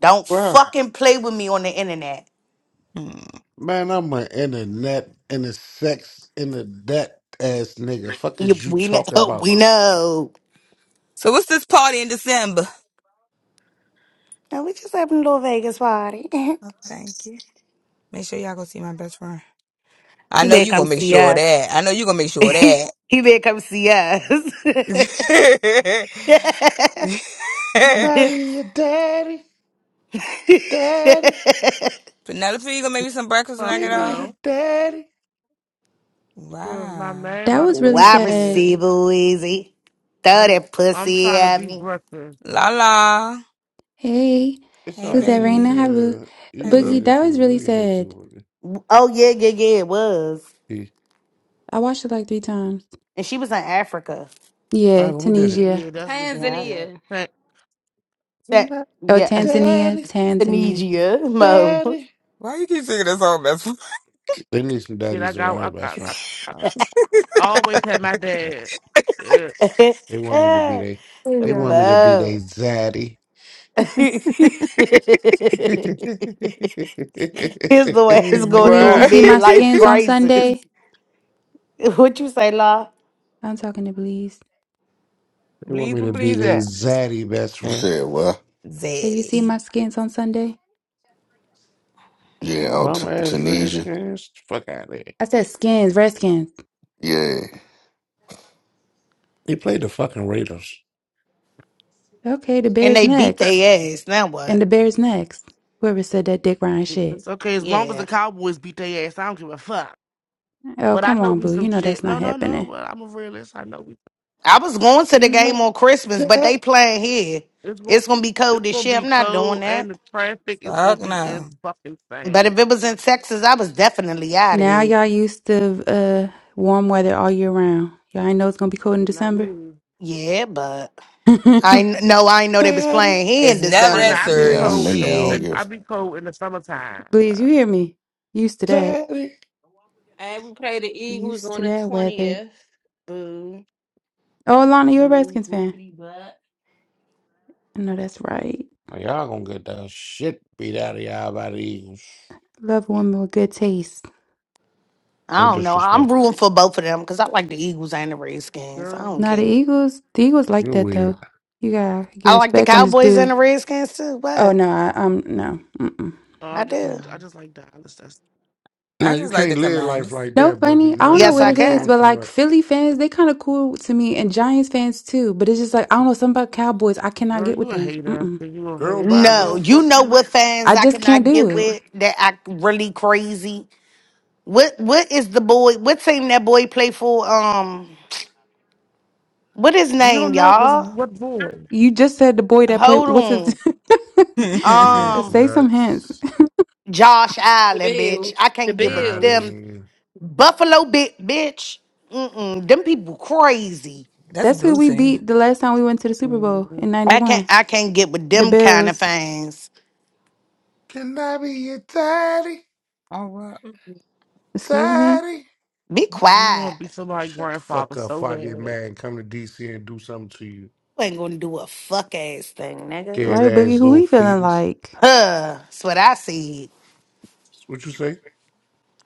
B: Don't
H: Raw,
B: fucking play with me on the internet.
I: Mm.
H: man, I'm an internet, inter sex, inter that ass nigga. Fuck
B: You-
H: is you
B: we know,
H: talking about?
B: we know.
I: So what's this party in December?
B: No, we just having a little Vegas party.
I: Oh, thank you. Make sure y'all go see my best friend. I
B: he
I: know
B: better
I: you
B: come
I: gonna make
B: see
I: sure of
B: us.
I: that. I know you gonna make sure of
B: he
I: that.
B: better come see us.
H: Marry your daddy, daddy,
I: Penelope, you gonna make me some breakfast when
E: Fuck
I: I get
H: daddy, and
I: off?
H: a
E: no.
H: daddy.
E: Because my
I: Wow.
E: man
F: That
E: about to
F: was
E: come
F: really
B: Why
E: over
F: sad.
E: here.
B: receiver, easy. Throw
E: I'm
B: that
E: I'm
B: pussy
E: trying to
B: at
E: be
B: me.
E: breakfast.
I: La la.
F: Hey,
H: It's
I: Hey
H: all
F: who's
H: right,
F: that?
H: P. You
F: Raina
I: baby.
F: Haru.
H: can, uh, you
I: Hey
H: can
I: boo.
H: get
F: Boogie,
H: it
F: that
H: too.
F: was
H: You
F: really
H: can get it too.
F: sad.
H: with it.
B: Oh yeah, yeah, yeah, it was.
H: P.
F: I watched it like three times.
B: And she was in Africa.
F: Yeah,
H: Rival, who did it?
F: Tunisia.
E: Yeah, that's what she
B: Yeah.
E: was at.
C: Tanzania.
E: Hey,
B: Sa-
H: Not
F: Oh,
B: yeah,
F: Tanzania,
H: Daddy,
F: Tanzania.
B: Sanigia, Mo.
H: daddy.
I: Why you keep singing that song, that's
H: They need some
E: Shit, I
H: daddies around here,
E: got
H: but
E: I,
H: that's
E: I,
H: right.
E: I, I
I: Oh,
E: always had my dad. Yeah.
H: They want me to be
B: Ah,
H: they.
I: Oh
H: They want
I: God.
H: me to be they
B: Mo.
H: zaddy.
B: His
H: they
B: little
I: Hey,
B: ass going through
F: Belize,
B: a
F: you
I: what?
F: see my
B: midlife
F: skins on
B: crisis.
F: Sunday?
B: What you say, La?
F: I'm talking to Belize.
H: want
I: Please,
H: me to be
I: please,
H: they
I: that
H: zaddy best
J: You
H: friend.
J: said what?
F: Say, you see my
I: Zaddy.
F: skins on Sunday?
J: Yeah,
H: Them
J: oh, T-
H: bum ass
J: Tunisia.
H: Redskins, fuck out of here.
F: I said skins, redskins.
J: Yeah,
H: He played the fucking Raiders.
F: Okay, the
B: And
F: bear's
B: they beat
F: next.
B: their ass. Now
F: And
B: what?
F: the bear's next. Whoever said that Dick Ryan shit.
E: It's okay as long as the
B: Yeah.
E: Cowboys beat their ass. I don't give a fuck.
F: Oh,
E: But I
F: come
E: know
F: on,
E: we
F: boo. You
E: some
F: know that's
E: shit.
F: not
E: No, no, no.
F: happening.
E: But I'm a realist. I know we.
B: I was going to the
H: You
B: game
H: know,
B: on Christmas, but
H: dad,
B: they playing here.
E: It's gonna.
B: It's gonna be
E: It's
B: cold as
E: gonna
B: shit.
E: be
B: I'm not doing
E: cold, and
B: that.
E: the traffic is gonna
I: Fuck
E: be in
I: no.
E: fucking
B: But
E: insane.
B: if it was in Texas, I was definitely out of
F: Now
B: here.
F: y'all used to uh warm weather all year round. Y'all ain't know it's gonna be cold in
E: You know what I
F: December.
E: mean?
B: Yeah, but I kn- no, I ain't know they was
H: daddy,
B: playing here
I: It's
B: in
E: But
I: never
E: right
I: that
B: December.
E: now, I be
J: yeah,
I: serious
J: I'm
E: cold
J: in
E: in the.
J: there. I don't
I: shit.
E: And
J: give a
E: I be cold in the summertime.
F: Please, you
E: Fuck,
F: hear me? Used to that.
H: daddy.
C: And we play the Eagles
F: Used
C: on
F: to
C: the
F: that weather.
C: 20th. Boo.
F: Oh, Alana, you're a
C: Boo.
F: Redskins fan.
C: Bookity butt.
F: I know that's right.
H: Well, y'all gonna get the shit beat out of y'all by the Eagles.
F: Love a woman with good taste.
H: No
B: I don't know. I'm
H: disrespect.
B: rooting for both of them because I like the Eagles and the Redskins. I
E: girl.
B: don't
F: Now the
B: care.
F: Eagles, the Eagles like
H: You're
F: that
H: weird.
F: though. You gotta get
B: I like the
F: respect when it's
B: Cowboys and the
F: due.
B: Redskins too.
F: Oh
B: What
F: no, I, um, no, Mm-mm.
E: Oh, I
B: I
E: just
B: do?
E: like. I
I: Mm.
E: just like Dallas. That's
I: I
H: Man, you
I: just like the
H: can't live life
I: commanders.
H: like
F: no
H: that, Boogie.
F: funny. I
H: Now
F: don't know
H: you-
B: Yes,
F: what
B: I
F: it
H: you're
F: is,
H: doing
B: can.
F: but
H: too
F: like
H: much.
F: Philly fans, they kind of cool to me, and Giants fans too. But it's just like I don't know something about Cowboys. I cannot
E: girl.
F: get with
E: You a
F: them.
E: hater.
F: Mm-mm.
E: so You a
H: Girl, bye,
B: No,
H: girl,
E: redhead.
B: you
H: fuck
B: know
H: you.
B: what fans
F: I
B: I
F: just can't
B: cannot
F: do
B: get
F: it.
B: with that act really crazy. What what is the boy? What team that boy play for? Um, what his
E: We don't
B: name,
E: know because
B: y'all?
E: what boy?
F: You just said the boy that played. What's his?
B: Hold on.
I: That's
H: She's
B: Um,
F: Say some hints.
H: nuts.
B: Josh
C: The
B: Allen, bitch. I
C: Bills. The
B: can't get with
H: Got
C: Bills.
B: them
H: him.
B: Buffalo bit bitch. Mm-mm. Them people crazy.
I: a
F: That's who
I: blue
F: we
I: thing.
F: beat the last time we went to the Super Bowl in
E: He
B: I can't
F: '91.
B: I can't get with
F: The
B: them kind of
F: Bills.
B: things.
H: Can I be your daddy?
I: Oh,
C: Mm-mm.
F: Excuse me.
H: Daddy?
B: Be
E: want to
B: quiet.
E: be somebody's
H: Shut the
E: grandfather
H: fuck up
E: so
H: before I get
E: bad.
H: mad and come to DC and do something to you.
B: You ain't gonna do a fuck ass thing, nigga.
H: Scared
F: Right, Boogie?
H: ass
F: Who
H: little
F: we feeling
H: fetus.
F: like?
B: Huh. That's what I said.
H: That's What you say?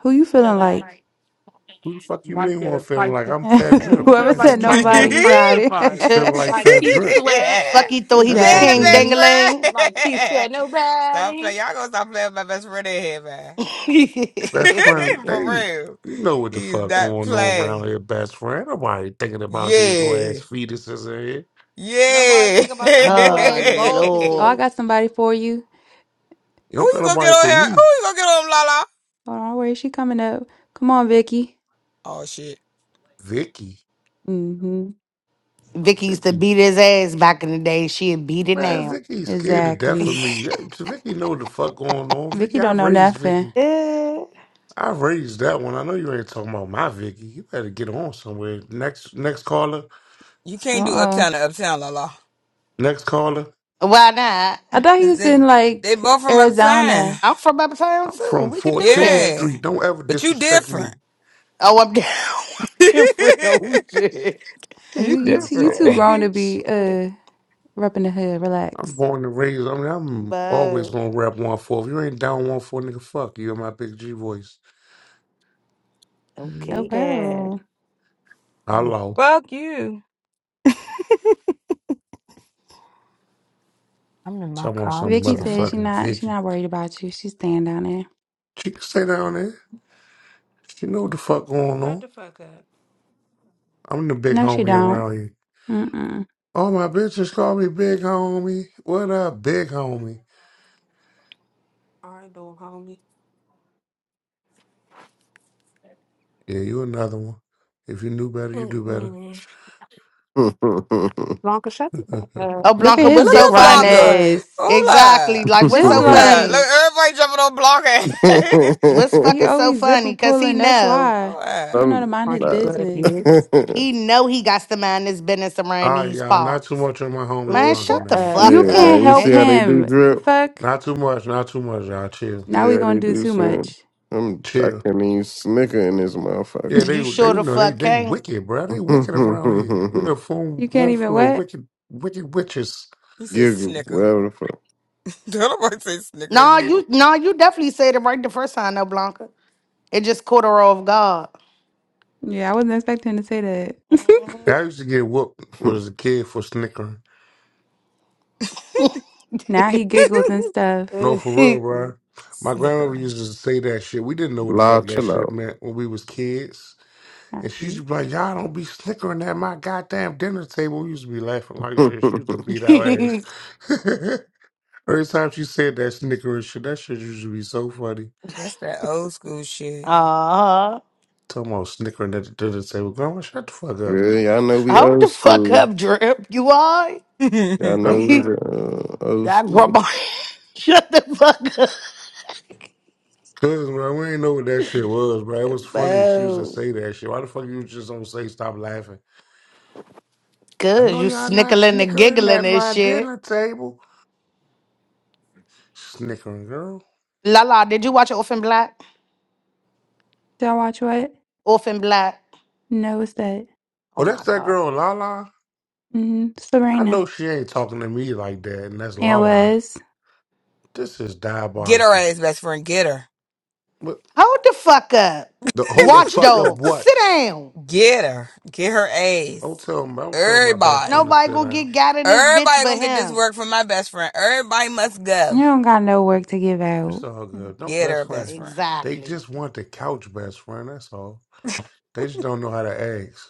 F: Who you feeling
C: Nobody.
F: like?
H: Who the fuck you
E: Mike
H: mean
E: get
H: when I'm
E: a
H: feeling
E: tight
H: like I'm fat drip?
E: You
B: Mm.
H: Fuck
F: Whoever
E: feel
H: is you
E: like
F: said
H: talking
E: Mike and
F: nobody,
E: the
H: about
F: you
I: what?
F: got
E: Tyson
F: it.
E: fight.
B: Tuh.
H: feeling
I: yeah,
H: like
C: Like
H: fat
C: Keith
H: drip?
C: Sweat.
B: Fuck you thought he
H: That's
B: was
H: supposed to
B: king
I: best
H: mean
F: exactly.
I: friend.
B: dangling.
C: Like Keith sweat.
I: stop
C: nobody.
I: playing. Y'all gonna stop playing with my best friend in here, man.
H: best friend.
I: For
H: They
I: real.
H: you know what the
I: He's
H: fuck
I: not
H: going on around
I: playing.
H: here, best friend. Nobody thinking about these little
I: Yeah.
H: ass fetuses in here.
C: Nobody
I: Yeah.
C: think about the little
B: oh
C: ass
F: Oh, I
B: Lord.
C: voltages.
F: got somebody for you.
H: You
I: Who
H: don't
I: you
H: got
I: gonna get
H: nobody
I: on
H: for
I: here?
H: me.
I: Who you gonna get on, Lala?
F: Hold on, where is she coming up? Come on, Vicky.
I: Oh, shit.
H: Vicky.
F: Mm-hmm.
H: What
B: Vicky used to
H: Vicky?
B: beat his ass back in the day. She'd beat it
H: Man,
B: now.
H: Vicky scared to death of
F: Exactly.
H: me. Vicky know what the fuck going on. Vicky,
F: Vicky
H: I
F: don't know
H: raised
F: nothing.
H: Vicky.
B: Eh,
H: I raised that one. I know you ain't talking about my Vicky. You better get on somewhere. Next, next caller.
I: You can't do
F: Uh-uh.
I: Uptown to Uptown, Lala.
H: Next caller.
B: Why not?
F: I thought he
I: 'Cause
F: was
I: They,
F: in
I: they
F: like
I: both from Uptown.
F: Arizona.
B: I'm from uptown
H: I'm
B: too.
H: from
B: We could do
H: 14th
B: this.
I: Yeah.
H: Street. Don't ever
I: But you
H: disrespect
I: different.
H: me.
B: Oh, I'm down. I'm
I: you
B: different. Oh shit.
F: Oh, You
H: What can
F: you
H: you
F: too you
I: different.
H: talk
F: too
B: Oh,
H: about?
F: grown to be
B: shit.
F: uh repping the hood.
H: I'm
F: Relax.
H: born and raised. I mean, I'm
B: But
H: always gonna rap one four. If you ain't down one four, nigga, fuck you. in my big G voice.
F: Oh
B: okay then.
F: well.
I: Well,
H: Hello.
I: fuck you. I'm in my
H: Talking about
I: car,
H: some
I: I'm
F: Vicky says
I: chilling.
F: she
H: motherfucking
F: not she
H: Vicky.
F: not worried about you. She's staying down there.
H: She can stay down there. She know what the fuck going
C: Shut
H: on.
C: the fuck up.
H: I'm the big
F: No, she
H: homie
F: don't.
H: around here.
F: Mm-mm.
H: All my bitches call me big homie. What up, big homie?
C: All right, little homie.
H: Yeah, you another one. If you knew better, you do better.
C: Mm-mm. Blanca, shut the fuck up.
B: Oh
F: Look at
B: Blanca,
F: his
I: And
B: what's
I: look
B: so
F: dick
I: at
F: riding
B: funny?
I: Blanca.
C: Right.
F: ass.
I: Hold up.
B: Exactly. Like what's
F: Just
B: so
I: Hold up. Look,
F: like
B: funny?
I: everybody jumping on Blanca.
B: What's
F: he
B: fucking so
F: always zipper
B: funny? Cause he
F: pulling. That's
B: know.
F: why
I: Hold
F: you
I: up.
F: don't know to
G: I'm
F: mind
C: Aren't
F: his
C: you
G: not.
C: good at
F: business.
C: bitch?
B: He know he got to mind his business
H: All
B: around
H: right,
B: these
H: y'all. Not too
B: parts.
H: much on my homie
C: Oh,
B: Man,
H: Blanca
B: shut
C: shut
B: the
H: now.
C: up.
B: fuck
F: You
G: yeah,
F: can't
B: up,
G: man. You
F: help
G: see how
B: nigga.
G: they do
F: him. The
G: drip?
F: fuck.
H: Not too much. Not too much, y'all. Chill,
F: Now
G: See
F: we
G: how they
F: gonna do
G: do
F: too
G: soon.
F: much.
G: I'm I
H: chill.
G: can't even snicker in this
H: Yeah,
G: motherfucker.
H: they,
B: You sure
H: they, you
B: the
H: know, they,
B: fuck
H: they
B: can't.
H: wicked, bro. They wicked around here. You in a room,
F: You can't
H: room
F: even
H: full of
F: what?
H: wicked, wicked witches.
I: He said
G: Giggle,
I: snicker.
G: whatever the
I: Don't nobody say snicker
B: Nah,
I: anymore.
B: you nah, you definitely said it right the first time though, Blanca. It just caught her off guard.
F: Yeah, I wasn't expecting to say that.
H: I used to get whooped when I
G: fuck.
H: was a kid for snickering.
F: Now he giggles and stuff.
H: No, for real,
B: Mhm.
H: bro. My grandmother
I: snicker.
H: used to say that shit. We didn't know what the
G: La
H: fuck that
G: chill out.
H: shit meant when we was kids.
F: All
H: And she used to
F: right.
H: be like, y'all don't be snickering at my goddamn dinner table. We used to be laughing like
G: yeah,
H: shit. She used to beat our ass. Every time she said that snickering shit, that shit used to be so funny.
I: That's that old school shit.
B: uh
H: Talking about snickering at the dinner table. Grandma, shut the fuck up.
G: y'all know we
B: hold the
G: old
B: fuck
G: school.
B: up, drip. You all
G: Y'all
I: Get
H: No,
G: know we
B: right?
H: good.
G: the uh, old
B: that
G: school.
B: grandma shut the fuck up.
H: Cause, bro, we ain't know what that shit was, bro. It was funny she used to
B: Oh,
H: say that shit. Why the fuck you just don't say stop laughing? I
B: good.
H: know
B: You
H: y'all not
B: snickling and
H: snickering
B: giggling
H: at
B: and
H: my
B: shit.
H: dinner table. Snickering, girl.
B: Lala, did you watch Orphan Black?
F: Y'all watch what?
B: Orphan Black.
F: No, it's that.
B: Oh
H: Oh, that's
B: my
H: that
B: god.
H: girl, Lala.
F: hmm
H: I know
F: Serena.
H: she ain't talking to me like that, and that's
F: It
H: Lala.
F: was.
H: This is
I: her
H: diabolical.
I: ass, best friend. Get her.
H: What
B: Hold the fuck up.
H: the hold the
B: Watch
H: fuck up
B: dog. Sit
H: what?
B: down.
I: Get her. Get her
H: Don't
I: ass.
H: tell me don't tell my best friend
I: Everybody.
H: to
B: Nobody
H: sit
B: gonna get
H: down.
B: got in this bitch
I: Everybody
B: but
I: gonna get this
B: him.
I: work from my best friend. Everybody must go.
F: You don't got no work to give
H: It's
F: out.
H: all good. Don't
I: Get
H: best
I: her,
H: friend.
I: best friend.
H: They
B: Exactly.
H: just want the couch best friend, that's all. They just don't know how to ask.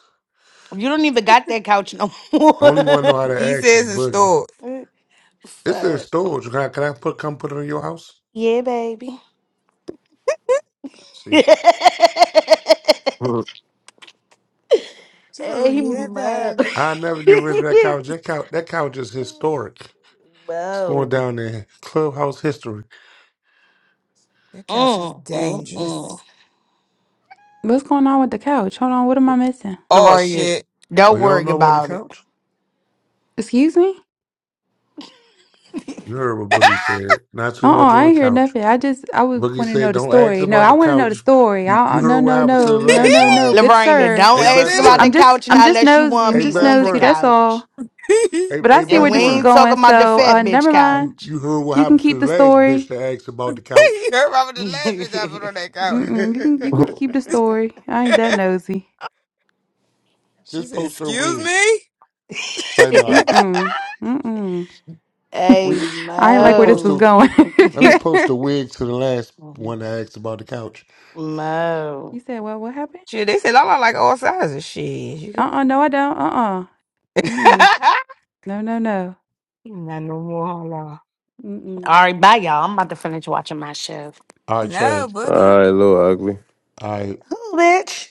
B: You don't even got that couch no more.
H: Only one know how
I: He
H: to ask is
I: says it's
H: Boogie.
I: stored.
H: It's in
B: Fuck.
H: storage. Can I, can I put come put it in your house?
B: Yeah, baby.
H: See?
G: All
I: She goes, yeah,
B: Amen.
I: baby.
H: I never get rid of that couch. That couch that couch is historic. It's going
B: Whoa.
H: down in clubhouse history.
I: That couch is
B: Mm, mm, mm.
I: dangerous.
F: What's going on with the couch? Hold on, what am I missing?
I: Oh
B: Lorraine,
I: shit.
H: Oh,
B: don't
H: you don't
B: worry
H: know about the
B: about it.
H: couch?
F: Excuse me?
H: You heard what Boogie said. Not too
F: Uh-uh,
H: much on
F: I
H: the
F: ain't hear
H: couch.
F: nothing. I just, I was
H: Boogie
F: want to
H: said,
F: know the
H: "Don't ask
F: story. No,
H: about
F: I
H: the
F: want to know the
H: couch.
F: story.
H: You
F: I,
H: you
F: I,
H: heard
F: no,
H: what
F: no,
H: happened to the
F: no, no,
H: last
F: no, no.
H: woman.
F: Good
B: Lorraine,
F: sir.
B: don't
H: Hey,
I: Excuse
B: ask
H: best
I: me.
B: about the
F: I'm
H: friend.
F: just,
B: couch
F: I'm
B: now
F: just
B: unless you
F: nosy.
B: want to
F: I'm
H: Hey,
B: be
F: just
H: best
B: on the
F: nosy.
H: friend.
F: That's
B: couch.
F: all.
I: you
H: Hey,
F: But I
H: hey,
F: see
B: And
F: where
H: best
B: we
F: this is
B: ain't
H: friend.
B: talking
F: going.
B: about the
F: So,
B: fat
F: uh,
B: bitch
F: never mind.
H: You
B: couch.
H: you heard what
F: You can
H: happened
F: keep
H: to the
F: the
H: last
F: story.
H: bitch that asked about the couch?
I: heard about the last bitch I put on that couch.
F: Mm-mm. You can you can keep the story. I ain't that nosy.
I: she
H: Just
I: said,
H: post her
I: excuse
H: wig.
I: me.
H: Say nah.
F: Mm-mm. Mm-mm.
H: We
B: hey,
F: I ain't
H: let me
F: like where this
H: post
F: was
B: Mo.
H: a
F: going.
H: let me post a wig to the last one that asked about the couch.
F: you
B: Mo.
F: said, well, what happened?
I: Shit, they said Lala like all sizes. Shit, you
F: Uh-uh, no, I don't. Uh-uh.
I: could.
F: Mm-mm. No, no, no.
I: Not no more Lala.
F: Mm-mm.
B: All right, bye, y'all. I'm about to finish watching my show.
H: All right,
I: No,
H: Chad.
I: Boogie.
G: right, little ugly.
H: All right,
B: Cool, bitch.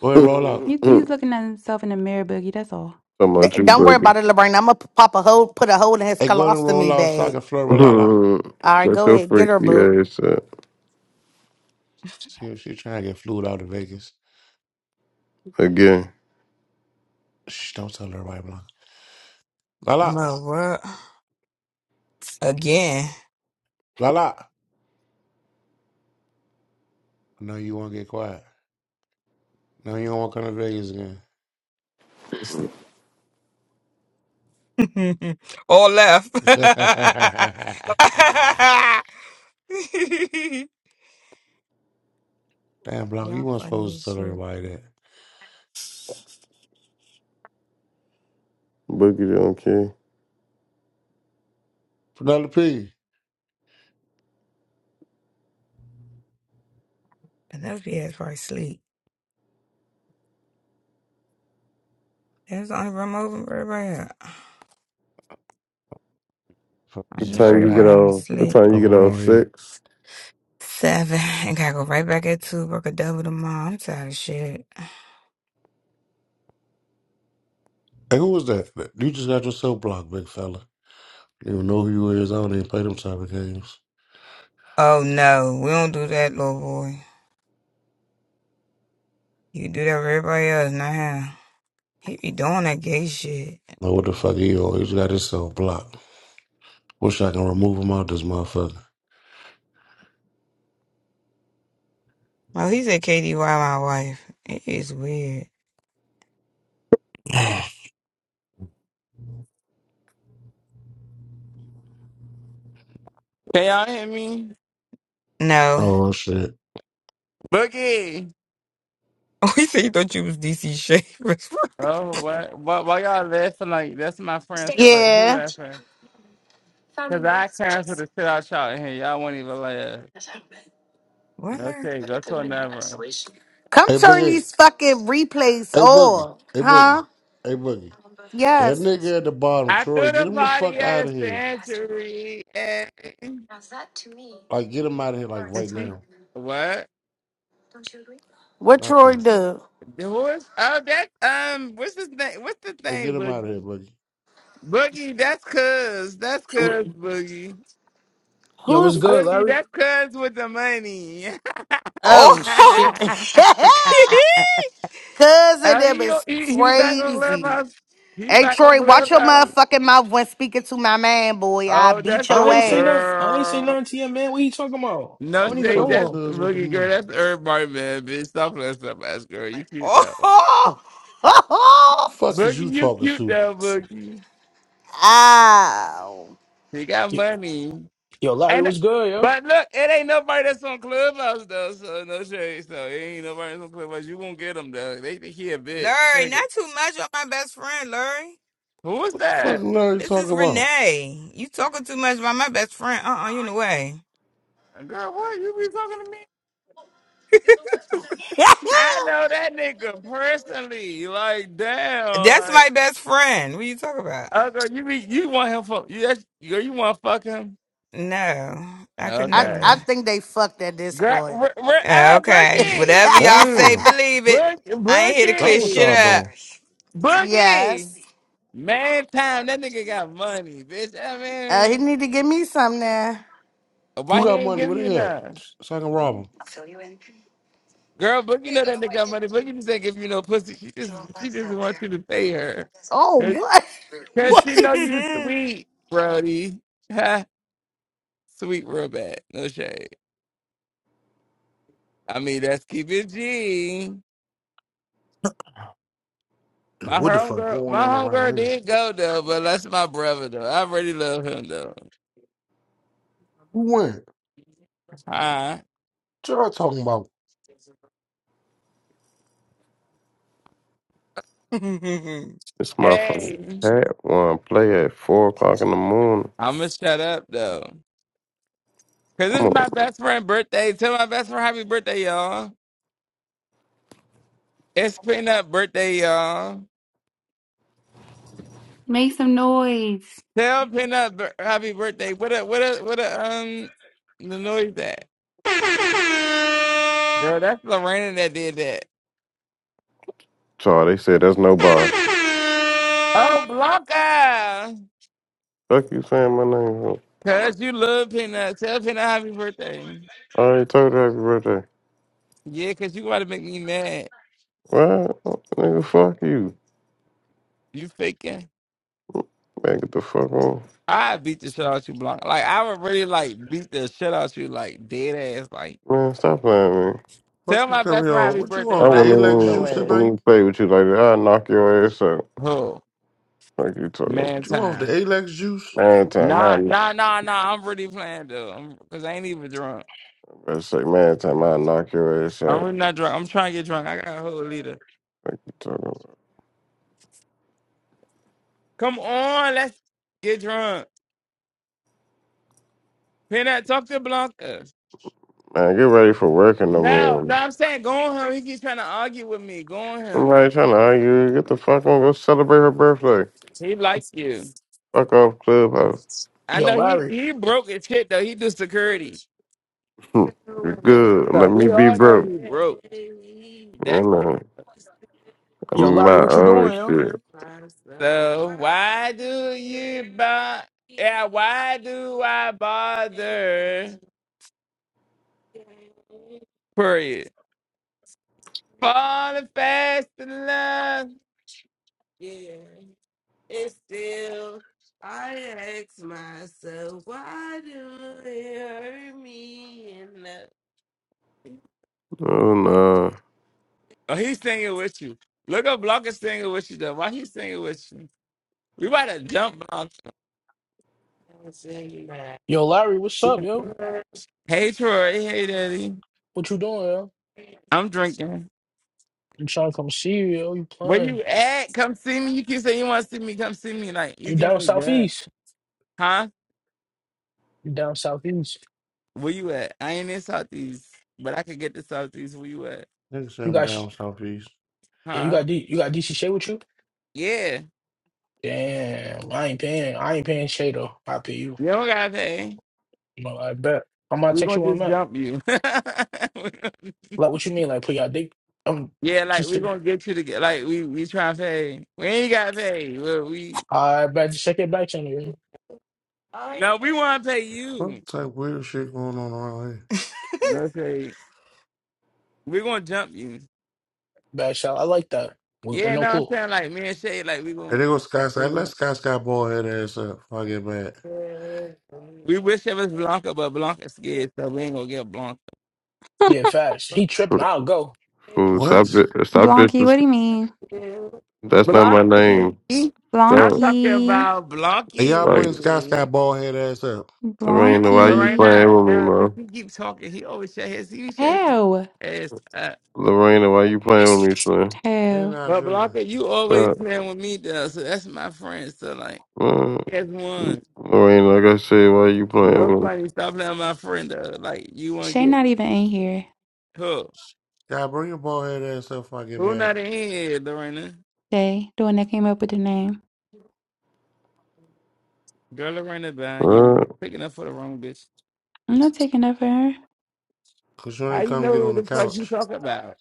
H: go ahead, roll out.
F: He, he's
G: Talking
F: looking at himself in the mirror, Boogie, that's all.
B: D-
G: about you,
B: Don't worry
G: Boogie.
B: about it, LeBron. I'm gonna pop a hole, put a hole in his
H: Hey, go ahead and roll
B: colostomy
H: out so I
B: bag.
H: can flirt with Lala.
B: All right,
G: Shut
B: go
G: your
B: ahead, get her,
G: freaky
B: boo.
G: ass up
H: See if she's trying to get flued out of Vegas.
G: again.
H: Shh, don't tell her, right, Blanca. Lala.
I: No, what? Again.
H: La la. No, you won't get quiet. No, you don't want to come to Vegas again.
I: all left.
H: Damn, Blanca, you
I: Y'all
H: weren't
I: funny
H: supposed to
I: as
H: tell
I: shit.
H: everybody that.
G: Boogie don't care.
H: Penelope P.
I: Penelope ass probably sleep. That's the only room open for everybody. I
G: What
H: This
I: know
H: is
G: time you get
I: everybody
H: not
I: ain't
G: off? What
I: sleep.
G: time you get off?
H: around here.
G: Six.
I: Seven. And gotta go right back at two. Work a double tomorrow. I'm tired of shit.
H: Hey, who was that? You just got yourself blocked, big fella. You don't know who you is. I don't even play them type of games.
I: Oh no, we don't do that, little boy. You do that with everybody else, not him. He be doing that gay shit.
H: Know what the fuck he is. He just got yourself blocked. Wish I can remove him out this motherfucker.
I: Well, he said KDY, my wife. It is weird.
A: Can y'all hear me?
I: No.
H: oh, shit.
A: Boogie!
I: Oh, he said he thought you was DC Shavers.
A: Oh, what? Why, why y'all laughing like that's my friend? So, like, who
B: Yeah,
A: laughing? Because I canceled the shit out y'all in here. Y'all won't even laugh.
I: what,
A: No
I: Larry?
A: shade. Go to another room.
B: come
H: Hey,
B: turn
H: Boogie.
B: these fucking replays
H: Hey, Boogie.
B: on,
H: Hey, Boogie.
B: huh?
H: Hey, Boogie. That
B: Yes.
H: nigga at the bottom,
A: I
H: Troy,
A: threw the
H: get him the
A: body
H: fuck
A: at
H: out
A: a
H: of here.
A: sanctuary. And,
H: Like, get him out of here, like,
A: and
H: right
A: she,
H: now.
A: what?
B: What
H: Not
B: Troy
H: you.
B: do?
A: Who is? Oh, that, um, what's his name? What's the
H: Hey, get
A: thing,
H: him out of here, buddy.
A: Boogie, that's cuz. That's
K: Yo,
A: cuz, Boogie.
K: yo,
B: Who
K: what's
B: the fuck?
K: good,
A: Boogie,
K: Larry?
A: that's cuz with the money.
B: Oh
I: Oh!
B: shit. Cousin
A: oh,
B: them
A: he,
B: is
A: he he back on
B: crazy.
A: Clubhouse. He
B: Hey
A: back on
B: Troy, watch your
A: Clubhouse.
B: motherfucking mouth when speaking to my man, boy. I
A: Oh,
B: beat
A: that's
K: I
B: your
A: your
K: ain't say nothing.
B: ass.
K: I ain't say
A: girl.
K: nothing to you, man. What you talking about? I
A: No
H: Who
K: don't
H: the
K: even
A: shade,
H: fuck is
K: know
A: that's
K: him.
H: cuz with the
A: Boogie girl.
H: money?
A: That's everybody, man, bitch. Stop playing stuff, ass girl. You cute though.
I: oh!
B: Oh.
H: Who the fuck is
A: Boogie,
H: you
A: you
H: talking
A: cute
H: to?
A: though, Boogie. He got
K: Yo,
A: money.
K: yo, Larry,
A: And
K: what's good, yo?
A: but look, it ain't nobody that's on Clubhouse though, so no shade. So it ain't nobody that's on Clubhouse. You won't get them though. They think he a bitch.
I: Larry,
A: Nigga.
I: not too much about my best friend, Larry.
A: Who is
H: What the fuck
A: that?
H: Larry
I: This
H: talking
I: is
H: about?
I: Renee. You talking too much about my best friend. Uh-uh, you in the way.
A: Girl, what you be talking to me?
B: Ow.
A: I know that nigga personally. Like damn,
I: That's my
A: like
I: best friend. What you talking about?
A: oh girl, you be you want him for you? That's, girl, you want to fuck him?
I: No, I could
B: I I
A: Okay.
I: never.
B: think they fucked at this
A: Girl,
B: point.
A: we're
I: Yeah,
A: ah,
I: okay,
A: Boogie,
I: whatever y'all say,
H: Damn.
I: believe it.
A: Boog-
I: I ain't here to
H: Stop
I: clear
H: what
I: shit
H: y'all
A: Boogie,
I: up.
H: doing.
A: Boogie.
B: yes.
A: Man, time that nigga got money, bitch. I
B: Uh, he
A: mean.
B: need to give me some now.
A: Why
H: Who
A: he
H: got
A: ain't
H: money?
A: give
H: Where
A: you
H: they at?
A: none?
H: So I can rob
A: Girl, Boogie know that nigga got money. Boogie just ain't give you no pussy. She just she just wants you to pay her.
B: Oh,
A: Cause,
B: what?
A: 'cause she
B: What?
A: know you sweet, Brody. Ha. Sweet real bad. No shade. I mean that's keep it G.
H: them.
A: My
H: What the fuck
A: homegirl
H: going
A: my
H: on around
A: homegirl
H: here?
A: did go though, but that's my brother though. I really love him though.
H: Who went?
A: Huh?
H: What y'all talking about?
G: This motherfucker
A: Hey.
G: cat one play at four o'clock in the morning.
A: I'ma shut up though. Cause
G: Come
A: it's
G: on,
A: my best friend birthday. Tell my best friend happy birthday, y'all. It's peanut birthday, y'all.
F: Make some noise.
A: Tell Peanut b- happy birthday. What a what a what a um the noise that girl. That's Lorena that did that.
G: Charlie. They said that's nobody.
A: Oh, blocker.
G: Fuck you saying my name.
A: Cause you love Peanut. Tell Peanut happy birthday.
G: I already told you happy birthday.
A: Yeah, cause you about to make me mad.
G: What? Nigga, fuck you.
A: You faking.
G: Man, get the fuck on.
A: I beat the shit out you, Blanc. Like I would really like beat the shit out you, like dead ass. Like
G: Man, stop playing with me.
A: tell
H: Fuck you
A: my
H: come
A: best
H: here.
A: friend
H: on.
A: happy
H: What you
A: birthday,
G: I
A: or
H: off the
G: wouldn't
A: I'ma beat
H: Alex
G: even,
A: your
H: juice
G: I
A: ass.
G: wouldn't even
H: tonight?
G: play with you like that. I'll knock your ass out.
A: Who?
G: Like you talking about.
A: Man,
H: What you off the
A: time.
H: Alex juice?
G: man time. I'll
A: Nah,
G: knock,
A: nah, nah, nah. I'm really playing though, I'm, cause I ain't even drunk.
G: I kn- better say man time. I'll knock your ass
A: I'm
G: out.
A: really not drunk. I'm trying to get drunk. I got a whole liter.
G: Like you talking about.
A: Come on, let's get drunk. Peanut, talk to Blanca.
G: Man, get ready for work in the
A: No, no,
G: morning.
A: I'm saying go on him. He keeps trying to argue with me. Go on him.
G: Somebody trying to argue. Get the fuck on. Go celebrate her birthday.
A: He like you.
G: Fuck off, clubhouse.
A: I
K: Yo,
A: know he
K: Larry.
A: he broke his shit though. He do security.
G: Hmm. You're good.
A: So
G: Let me
A: we
G: be
A: all know
G: broke.
A: he broke.
G: You
A: That's
G: know, I'm
K: Yo,
G: in
K: Larry,
G: my
K: what you
G: own
K: doing, yo?
G: shit.
A: do you, uh, why do I bother? Period. Falling fast in love.
G: Oh no.
A: Oh, he's singing with you. Look up Blanca singing with you, though. Why he singing with you? We about to jump Blanca.
K: Yo, Larry, what's up, yo?
A: Hey, Troy. Hey, Daddy.
K: What you doing, yo?
A: I'm drinking.
K: I'm trying to come see you, yo. You
A: Where
K: playing?
A: you at? Come see me. You keep saying you want to see me. Come see me. Like, you
K: You
A: getting
K: down
A: me good.
K: southeast?
A: Huh?
K: You down southeast?
A: Where you at? I ain't in Southeast, but I could get to Southeast. Where you at?
H: Nigga say
K: You
H: I'm
K: got, sh-
H: down southeast.
K: yeah, you
A: Huh?
K: got D, you got DC Shay with you?
A: Yeah.
K: Damn, I ain't paying. I ain't paying Shay though. I pay you.
A: You don't got to pay.
K: No, I bet. I'm gonna
A: We're
K: text
A: going
K: you
A: to
K: where I'm
A: just
K: at.
A: jump you.
K: Like, what you mean? Like, put your dick? I'm
A: yeah, like,
K: just.
A: we're going to get you to get, like, we, we try to pay. We ain't got to pay. We, we
K: I bet you check it back channel.
A: No, we want to pay
H: Fuck
A: you.
H: type weird shit going on around here.
A: No shade. We're going to jump you.
K: Bad shot. I like that. With, with
A: Yeah,
K: no
A: no, I'm
K: clue.
A: saying like me and Shay, like we going
H: And they go Sky
A: like, we,
H: Sky. Let
A: gonna,
H: Sky Sky ball head ass up. Fuck it, man.
A: we wish it was Blanca, but Blanca's scared, so we ain't gonna get Blanca.
K: Yeah, fast. He tripping. I'll go.
G: Fool,
H: What?
G: stop, di- stop
F: Blonky, what do
G: disrespecting.
F: you mean?
G: That's not my
A: Blanca,
G: name.
A: I'm
G: Stop.
A: talking
F: Blonky.
A: about
H: And y'all
A: Blanca.
G: Like
H: bring Sky Sky ball head ass up.
G: Lorena, why you
F: Blonky.
G: playing
A: Lorena,
G: with me,
A: now since
G: man?
A: he keep talking, he always shake his, he shake
F: Hell.
A: his ass up.
G: Lorena, why you playing with me, son?
H: And
F: Hell.
H: our
A: But
H: jersey.
A: Blanca, you always
G: Uh,
A: playing with me though, so that's my friend. So like,
G: uh,
A: that's one.
G: Lorena, like I said, why you playing
A: No
G: with me?
A: funny, stop playing with my friend though. Like you wanna
F: Shay
A: get
F: not even in here.
A: hooked.
H: Y'all bring your ball head ass up. Fuck it,
A: Who
H: man.
A: not in here, Lorena?
F: Shay, the one that came up with the name.
A: Girl, Lorena, Bond, you
G: Uh,
A: picking up for the wrong bitch.
F: I'm not taking that for her.
H: Cause you
A: How
H: ain't
A: you
H: come
A: know
H: get
A: who
H: on the
A: the fuck you
H: couch.
A: talk about?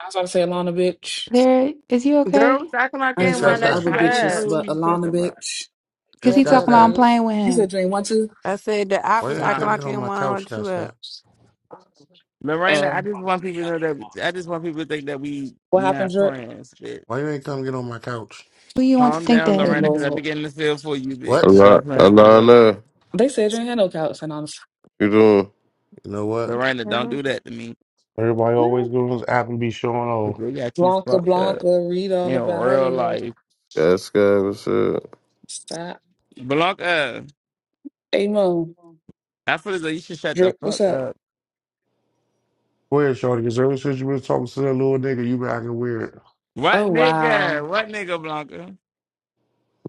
L: I was about to say Alana bitch.
F: Lyric, is you okay?
C: Girl was acting like
L: I
C: I
H: It's
L: didn't
C: didn't
A: Who
H: Sky
C: want
L: expect
A: you?
C: to
L: the
H: Sky.
C: let
L: other
C: you
A: How you
L: bitches,
C: up.
A: know who
L: but
A: you talk
L: Alana
A: about?
L: bitch.
F: Cause
H: It's
F: he
C: That
H: Sky
C: little
F: talking about
H: Sky.
F: I'm
C: bit.
F: playing with
L: You
F: him.
L: said you ain't want to.
C: I said that I
H: Why
C: was
H: you ain't
C: acting
A: Huh?
H: come get
C: like I
H: on
C: didn't
H: my couch,
C: want to
H: Sky
C: let you
H: Sky?
C: up.
A: Lorena,
L: Uh,
A: I just want people to know that. I just want people to think that we
L: what happened,
A: not
L: Drip?
A: friends. Bitch.
H: Why you ain't come get on my couch?
F: Who you want to
A: Calm
F: think
A: down,
L: Oh
F: that?
A: Lorena, because I be
L: Lord,
A: getting the feel for you, bitch.
H: What?
G: Ala-
A: Stop playing stuff
C: Mm,
A: up.
G: Alana,
L: they said you ain't had no couch, and I was
G: you doing?
H: You know what?
A: Lorena, don't
C: baby.
A: do that to me.
H: Everybody
L: like, "Eh,
H: always goes on this app and be showing
A: 'cause
H: off.
A: they got you
L: Blanca
A: fucked up
L: Blanca. Read all
A: in
L: about
A: real
L: it.
A: life.
G: Sky Sky, what's up?
L: Stop.
A: Blanca,
L: Hey Mo,
A: I feel as though you should shut the
L: Drip,
A: fuck
L: what's up?
A: up.
H: Weird, Shorty, because ever since you been talking to that little nigga, you been acting weird.
A: What
L: Oh wow.
A: nigga? What nigga, Blanca?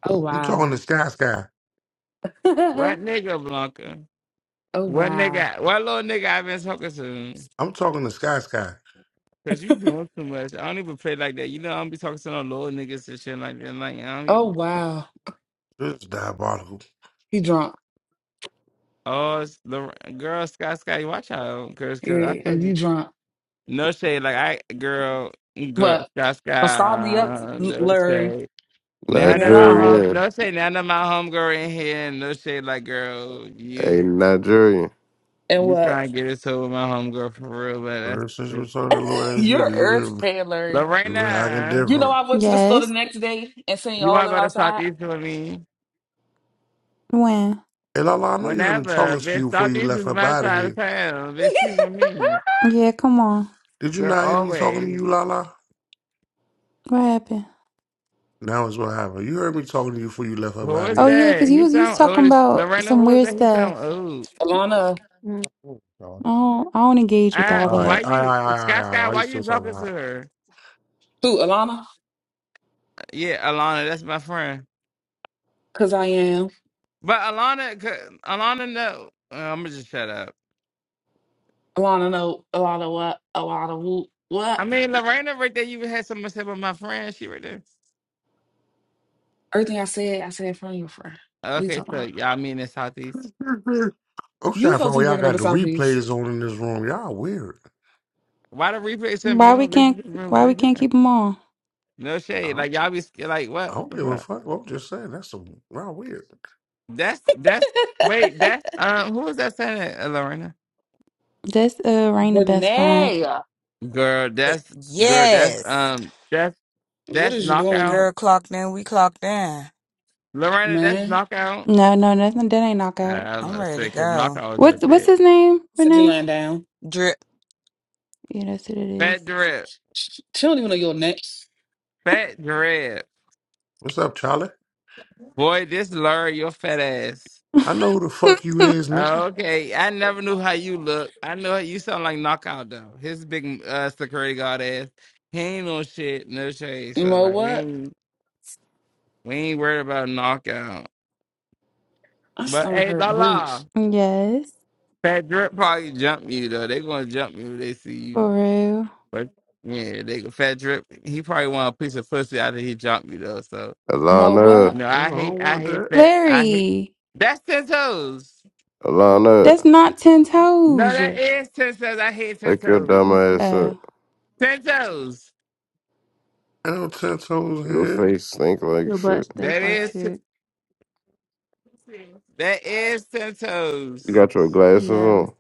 L: Oh
H: I'm talking
L: wow.
H: to Sky Sky.
L: oh
A: What nigga, Blanca? What
L: wow.
A: nigga? What little nigga I been talking to?
H: I'm talking to Sky Sky.
A: Cause you doing too much. I don't even play like that. You know I don't be talking to no little niggas and shit like that. Like I don't.
L: Oh
A: Even-
L: wow.
H: This is diabolical.
L: He drunk.
A: Oh, it's the girl, Sky Sky. watch out, girls, cause I
L: Yeah, and
A: told you,
L: you drunk.
A: no shade. Like I, girl, girl,
L: What?
A: Sky
L: Don't stall me up,
A: Sky. no
L: Larry.
A: shade.
L: Leave
A: Now
L: me
A: that my home,
L: alone.
G: Nigerian,
A: no shade. Now that my homegirl in here, no shade. Like girl,
G: hey
A: you,
G: Nigerian.
L: And
A: you
L: what?
A: trying to get it to with my homegirl for real, but
H: Ever since
A: that's
H: we saw that little ass
L: You're
H: nigga, you been
L: irritating, Larry.
H: you been acting
A: Lorena.
L: You know,
H: different.
L: I went to the store the
F: Yes.
L: next day and seen
A: You
L: all
A: want
L: of
A: to
L: them
A: go to
L: outside.
A: Southeast with me?
F: When?
H: Hey Lala, I know you heard me
A: Whenever.
H: talking to you
A: Bitch,
H: before you
A: Southeast is
H: left up
A: my
H: out of
A: side of
H: here.
A: town. Bitch, you with me.
F: Yeah, come on.
H: Did you
A: Girl,
H: not hear me talking to
A: always.
H: you, Lala?
F: What happened?
H: Now is what happened. You heard me talking to you before you left up
A: Who
H: out of
A: is
F: Oh
H: here.
F: yeah,
A: that?
F: cause you
A: He
F: was you was
A: sound old.
F: talking
A: as-
F: about
A: Lorena,
F: some
A: who is
F: weird
A: that? He sound
F: stuff.
A: old.
L: Alana,
C: Mm,
H: Oh, God.
F: I don't I don't engage with
A: I,
F: all
H: All right,
A: why
F: that.
H: all right, all
A: you,
H: right, all right.
A: Scott
H: all right.
A: Scott,
H: Why you
A: why
H: still
A: you
H: talking?
A: talking to
H: All
A: her?
L: who? Alana?
A: Yeah, Alana, that's my friend.
L: Because I am.
A: But Alana, c- Alana, no. I'm going to just shut up.
L: Alana, no. Alana, what? Alana, who?
A: I
L: What?
A: mean, Lorena right there, you had something to say about my friend. She right there.
L: Everything I said, I said in front of your friend. What you
A: Okay,
L: talking
A: so
L: about?
A: y'all mean in Southeast.
H: right. I'm
L: You
H: sorry for
L: supposed to
H: all
L: be
H: y'all
L: bringing her to
H: got the
L: Southeast.
H: replays on in this room. Y'all weird.
A: Why the replay shouldn't be
F: Why we
A: on? Bitch, you
F: can't
A: just remember
F: why we can't
A: this.
F: keep him on?
A: No
H: I
A: shade.
H: don't,
A: Like y'all be scared. Like
H: I
A: what? What
H: don't
A: the
H: give a
A: fuck?
H: fuck. I'm just saying that's some y'all weird.
A: That's that's wait. That's um. Who was that saying that, uh, Lorena?
F: That's uh Rain the best friend.
L: Renee,
A: Girl, that's girl. That's
I: yes.
A: um. That's
L: what
A: that's
L: is you doing,
A: knockout.
I: Girl, clocked in. We clocked in.
A: Lorena, that's
L: man?
A: knockout.
F: No, no, that's that ain't
A: I,
F: knockout.
A: I was
I: I'm
A: about to
I: ready
A: say because
I: to
A: knockout was up
F: What's what's
A: there.
F: his name,
L: I said you
F: Renee?
L: laying down.
I: go.
F: Yeah, that's what it
A: Fat drip.
L: She she don't even know your name.
A: Fat drip.
H: What's up, Charlie?
A: Boy, this lure your fat ass.
H: I know who the fuck you
F: is.
H: is, nigga.
A: Okay, I never knew how you look. I know you sound like knockout though. His big uh security guard ass. He ain't no shit, no shade. So
L: Mo,
A: like we
L: what?
A: ain't We ain't worried about a knockout.
L: I
A: But
L: stomach
A: hey,
L: hurt,
A: la la.
L: boots.
F: yes.
A: Fat Drip probably jump you though. They gonna jump you if they see you.
F: For real.
A: But yeah, they Fat Drip. He probably want a piece of pussy after he jump you though. So
L: Mo,
G: Alana,
A: you
L: what?
A: know,
H: I don't
A: I hate, I
H: want
A: hate
H: that.
A: Fat. I hate.
F: Larry.
A: That's ten toes.
C: mm, mm,
F: That's
G: Alana,
F: not ten
A: No,
F: toes.
A: that is ten toes. I hate ten
G: wake your
A: toes.
G: dumb
C: mm,
G: ass
F: Oh.
C: mm.
G: up.
A: Ten toes.
H: L ten toes
G: Your
H: here.
G: face stink like
C: Your butt
G: shit.
A: That
C: stinks like
A: is
C: shit.
A: that is ten
G: You
A: toes.
G: got your glasses
C: No.
G: on.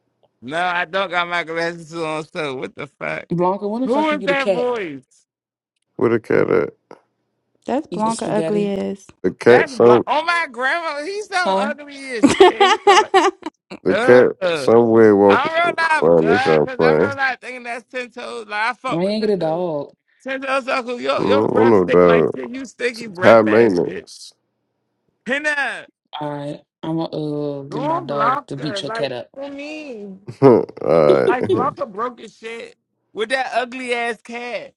A: No, I don't got my glasses on. So what the fuck?
L: Blanca, when the
A: Who
L: fuck you
A: is
L: get a
A: that
L: cat?
A: voice?
G: Where the cat at?
F: That's
A: Who
L: Eating
F: Blanca ugly
L: spaghetti,
F: ass.
G: The cat
A: That's block.
G: some.
A: Oh my grandma, he's so
L: huh?
A: ugly as shit. He's so like,
G: The cat
A: ugh.
G: somewhere walking
A: I'm real life
G: around this
A: God,
G: young
A: cause I'm
G: playing.
A: real life thinking that's ten toes. Like I
L: I
A: fuck with
L: ain't get
A: ten
L: a
A: toes.
L: dog.
A: Ten toes, uncle.
G: I
A: Your your
G: don't
A: breath
G: know
A: stinking like
G: about
A: shit. You stinky
G: high
A: breath ass bitch.
G: maintenance.
A: And uh,
L: All right, I'm gonna uh, get my
A: don't
L: dog
A: block
L: to beat
A: her.
L: your cat
A: Like
L: up.
A: for me,
G: uh,
A: like block her broke as shit with that ugly ass cat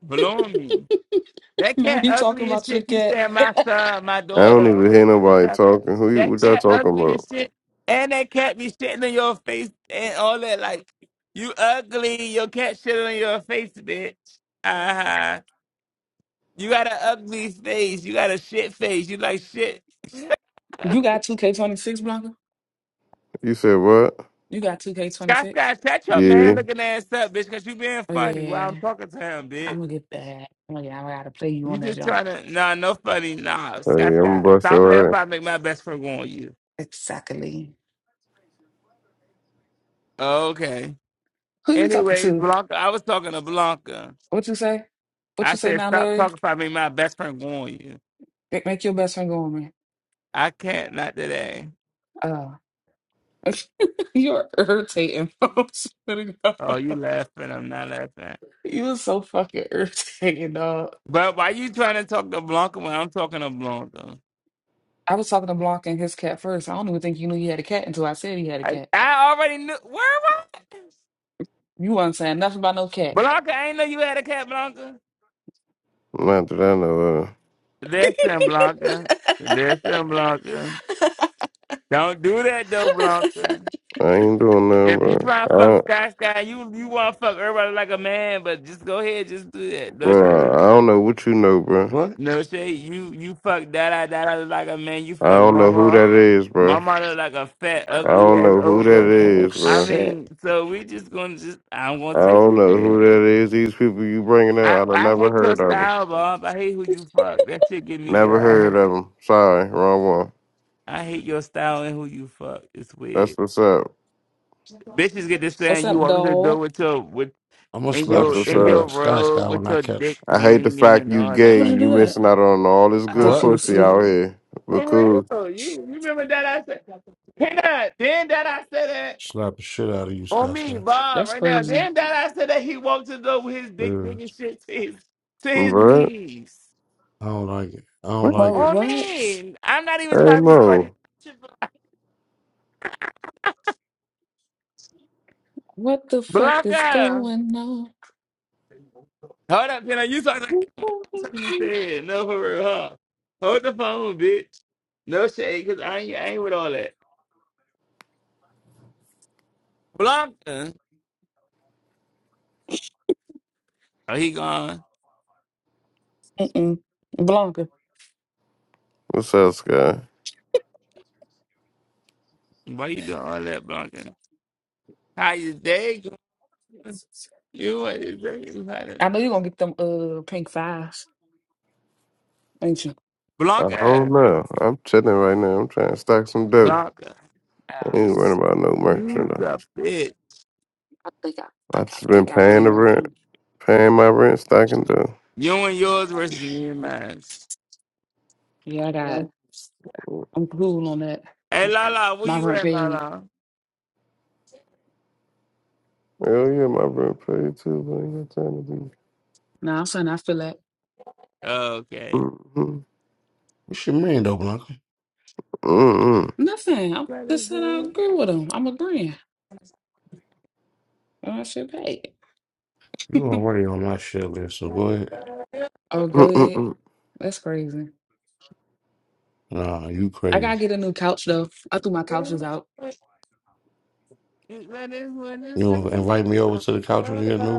A: blowing me. That
L: No,
A: cat
L: he talking
A: ugly as
L: about your
A: shit. Keep
L: cat.
A: saying my son, my
G: I
A: daughter,
G: don't
A: all
G: even
A: this
G: hear
A: other
G: nobody
A: stuff.
G: talking. Who you?
A: That
G: What y'all
A: cat
G: talking
A: ugly
G: about?
A: as shit, and that cat be shitting in your face and all that. Like, you ugly, your cat shitting in your face, bitch. Uh huh. You got an ugly face. You got a shit face. You like shit.
L: you got 2K26, Blanca?
G: You said what?
L: You got
A: Scott,
L: 2K26?
A: Scott, shut your man
G: Yeah.
A: looking ass up, bitch, because you being
L: Oh yeah,
A: funny
L: yeah,
A: while I'm
L: yeah.
A: talking to him,
L: I'm
A: bitch.
L: gonna get that. Oh yeah, I gotta play you
A: You
L: on that
A: just
L: jump.
A: trying to, nah, no funny, nah.
G: Oh
A: Scott,
G: yeah, I'm
A: Scott,
G: busted
A: stop that if
G: right.
A: I make my best friend go on you.
L: Exactly.
A: Okay.
L: Who you talking
A: Anyways,
L: to?
A: Blanca, I was talking to Blanca.
L: What you say? What you
A: I
L: say
A: said,
L: now,
A: stop
L: Larry?
A: talking if I make my best friend go you.
L: Make, make your best friend go on me.
A: I can't not today.
L: Oh, you're irritating, folks.
A: Oh, you laughing? I'm not laughing.
L: You was so fucking irritating, dog.
A: But why you trying to talk to Blanca when I'm talking to Blanca?
L: I was talking to Blanca and his cat first. I don't even think you knew he had a cat until I said he had a
A: I,
L: cat.
A: I already knew. Where was I?
L: You weren't saying nothing about no cat.
A: Blanca? I ain't know you had a cat, Blanca.
G: Not that I know of.
A: Listen, Blanca. Listen, Blanca. Don't do that though, Blanca.
G: I ain't doing nothing,
A: If you
G: bro.
A: try to
G: I
A: fuck
G: don't,
A: Sky Sky, you you want to fuck everybody like a man, but just go ahead, just do that. No shade.
G: bro, I don't know what you know, bro.
H: What?
A: No shade. You you fuck that that that look like a man. You
G: I
A: fuck
G: don't know who
A: mama.
G: that is, bro.
A: Mama look like a fat
G: I
A: ugly
G: don't
A: ass
G: know who that
A: ogre.
L: Oh
G: is,
A: I
G: bro.
A: mean,
L: shit.
A: so we just gonna just I'm gonna
G: I
A: take
G: don't
A: it
G: know who
A: then.
G: that is. These people you bringing
A: I
G: up, I done
A: I
G: never
A: hate your
G: heard of them.
A: style, Bob. I hate who you fuck. That shit get me good.
G: Never
A: I
G: heard
A: hate
G: of them. Sorry, wrong one.
A: I hate your style and who you fuck. It's
G: That's
A: weird.
G: what's up.
A: get this
L: What's
A: saying you
L: up,
A: walk into the door
L: doll?
A: with your with
H: I'm gonna
A: in
H: slap
G: That's
H: the
A: your
G: what's
A: in
H: shit out
G: up.
A: your
H: of Sky
A: robe
H: Sky when
A: with
H: I
A: your
H: catch
A: dick
H: her.
G: I hate the
A: swinging
G: fact
A: and
G: you
A: all
L: Why
A: that
G: gay.
L: would you
A: like.
G: You
L: do that?
G: missing out on all this
L: I thought
G: good
A: Huh?
L: she
H: What?
L: was
G: pussy
L: asleep.
G: out here. But
A: For
G: cool.
A: real, you you remember that I said? Can I? Then that I said that.
H: Slap the shit out of you,
A: On
H: Sky
A: me,
H: Sky.
A: Bob,
L: That's
A: right now.
L: crazy.
A: Then that I said that he walked to the door with his dick
H: Yeah,
A: big and shit to his to his
G: Bruh,
A: knees.
H: I don't like it. I don't
G: what?
L: Whoa,
H: like it.
A: On
L: what?
A: me. I'm not even
G: Hey
A: trying to be funny.
G: Mo.
L: What the fuck is
A: Blanca.
L: going on?
A: Hold up, Tina. You talking like something you said. No, for real, huh? Hold the phone, bitch. No shade, cause I ain't I ain't with all that. Blanca. Oh, he gone.
L: Mm-mm. Blanca.
G: What's up, Sky?
A: Why you doing all that, Blanca? How you day going? You what is that?
L: I know you're gonna get them uh pink fives, ain't you?
G: I don't
A: Blanca.
G: know. I'm chilling right now. I'm trying to stack some dough.
A: Blanca.
G: I
L: Uh,
G: ain't worrying about no
A: You
G: merchandise.
A: the bitch.
L: I think I
G: I
L: think I
G: just been
L: think I
G: paying
L: really
G: the
L: want
G: rent,
L: them.
G: paying my rent, stacking dough.
A: You and yours versus me and mine.
L: Yeah, I got
G: Hell
L: I'm cool on that.
A: Hey, Lala, where
L: My
A: you
L: rent
A: at,
L: paid.
A: Lala?
G: yeah, my rent paid too, but ain't got time to be.
L: Now I'm saying I feel that.
A: Okay.
G: Mm-mm.
H: What you mean, though, Blanca?
G: Mm-mm.
L: Nothing. I'm just said I agree with him. I'm agreeing. And I should pay.
H: You already on my shit list, so go ahead.
L: Oh, good.
G: Mm-mm.
L: That's crazy.
H: Nah, you
L: I gotta
H: crazy.
L: get a new couch though. I threw my couches out.
A: That is what it
H: You
A: says.
H: gonna invite me over to the couch when you get a new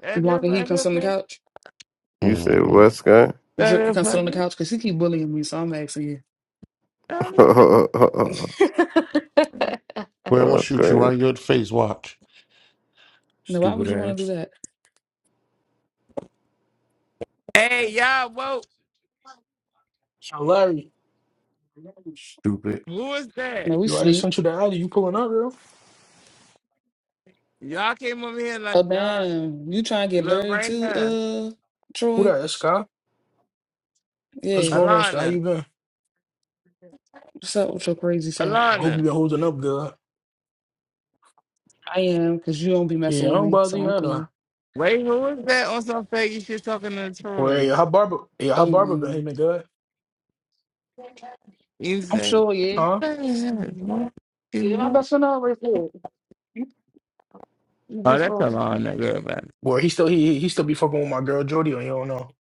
A: That is
L: Blanca, he
A: what
L: can
A: it
L: sit on the
A: says.
L: couch.
G: You said
H: Mm-hmm.
G: what, Sky?
A: That
L: Drip can
A: is
L: come sit
A: what
L: on the
A: it
L: couch because he keep bullying me. So I'm asking
A: says.
G: okay.
L: you.
H: Where I'm gonna shoot you right in your face. Watch.
L: now, why
H: Stupid
L: would you want to
H: ass.
L: do that?
A: Hey, y'all, whoa.
K: Yo, Larry,
H: Stupid.
A: Who is that?
L: No, we
K: you I just
L: sleep.
K: sent you the alley. You pulling up, bro?
A: Y'all came over here
L: Oh,
A: like y'all.
L: damn. You trying to get
A: Look
L: Larry
A: right
L: too,
A: now.
L: uh,
K: Who
L: Troy?
K: that? That's Sky. What's
L: Yeah.
K: going on, Sky? How you
A: Alana.
K: been?
L: What's up with your crazy self?
K: I hope you
A: Alana.
K: been holding up good.
L: I am because you don't be messing
K: Yeah, I
L: with
K: don't
L: me,
K: bother
L: so
K: you,
L: I'm
K: I know.
L: cool.
A: Wait, who is that on some faggy shit talking to
K: Where
A: Troy?
K: yeah, how Barber? Yeah, how Barber been? He
L: Um,
K: been good,
A: You
L: I'm
A: say,
L: sure, yeah.
K: huh?
A: "What is that? What is
L: Yeah, my
A: that?"
L: best friend always good. You
A: Oh,
L: just
A: that's
L: was.
A: Alana, girl. but
K: Where he still he he still be fucking with my girl Jody on you don't know.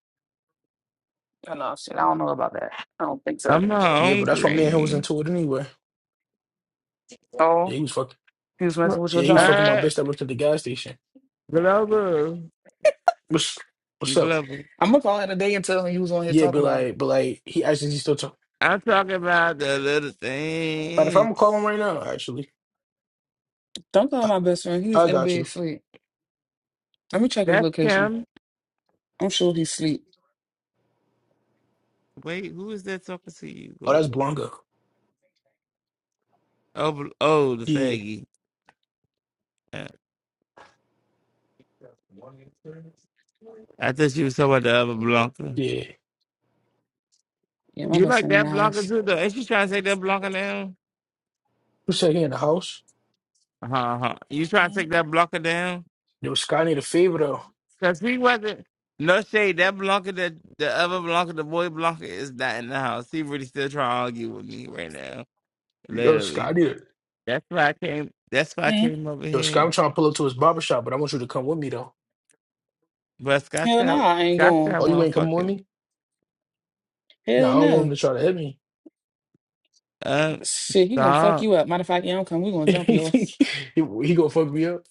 L: Oh, no, shit. I don't know about that. I don't think so.
A: I'm not
K: Yeah, but that's why me and him was
A: hungry.
K: into it anyway. Yeah,
L: Oh,
K: he was fucking.
L: he was messing with your
K: Yeah, he was
L: junk.
K: fucking my
A: Uh,
K: bitch that worked at the gas station.
A: global,
K: What's what's up?
A: global.
L: I'm gonna call him today and tell him he was on here
K: Yeah, but
L: talking about him.
K: like, but like, he actually he still talk.
A: I'm talking about the little
K: But if I'm gonna call
A: things.
K: him right now, actually,
L: Don't call
K: I,
L: my best friend. He is
K: I
L: in
K: got
L: bed
K: you.
L: asleep. Let me check his
A: That's
L: location.
A: Kim.
L: I'm sure he's asleep.
A: Wait, who is that talking to you,
K: Oh, that's
A: global?
K: Blanca.
A: Oh, Bl- oh the
K: Yeah,
A: faggy. Uh, I thought you was talking about the other Blanca.
K: yeah.
L: Yeah, my
A: You
L: best
A: like
L: friend in the
A: that Blanca
L: house.
A: too, though? Is she trying to take that Blanca down?
K: You said he in the house?
A: Uh-huh. You trying to take that Blanca down?
K: Yo, Sky need a favor though.
A: Because he wasn't. No shade. That Blanca, that the other Blanca, the boy Blanca, is not in the house. He really still trying to argue with me right now.
K: Yo, Sky
A: Literally.
K: need a,
A: That's why I came. That's why I
L: hmm
A: came over
K: Yo, Sky, I'm
A: here.
K: trying to pull up to his barber shop, but I want you to come with me though.
A: But Scott's
L: Hell no,
A: got
L: I ain't
A: Scott's
L: going.
A: got
K: Oh, you
A: one
K: ain't coming with
A: fucking
K: me? No, I
L: Hell
K: don't want
L: no.
K: him to try to hit me.
A: uh
L: Shit, he gonna fuck
A: song.
L: you up. Matter of fact, you don't come, we gonna jump you ass.
K: he, he gonna fuck me up.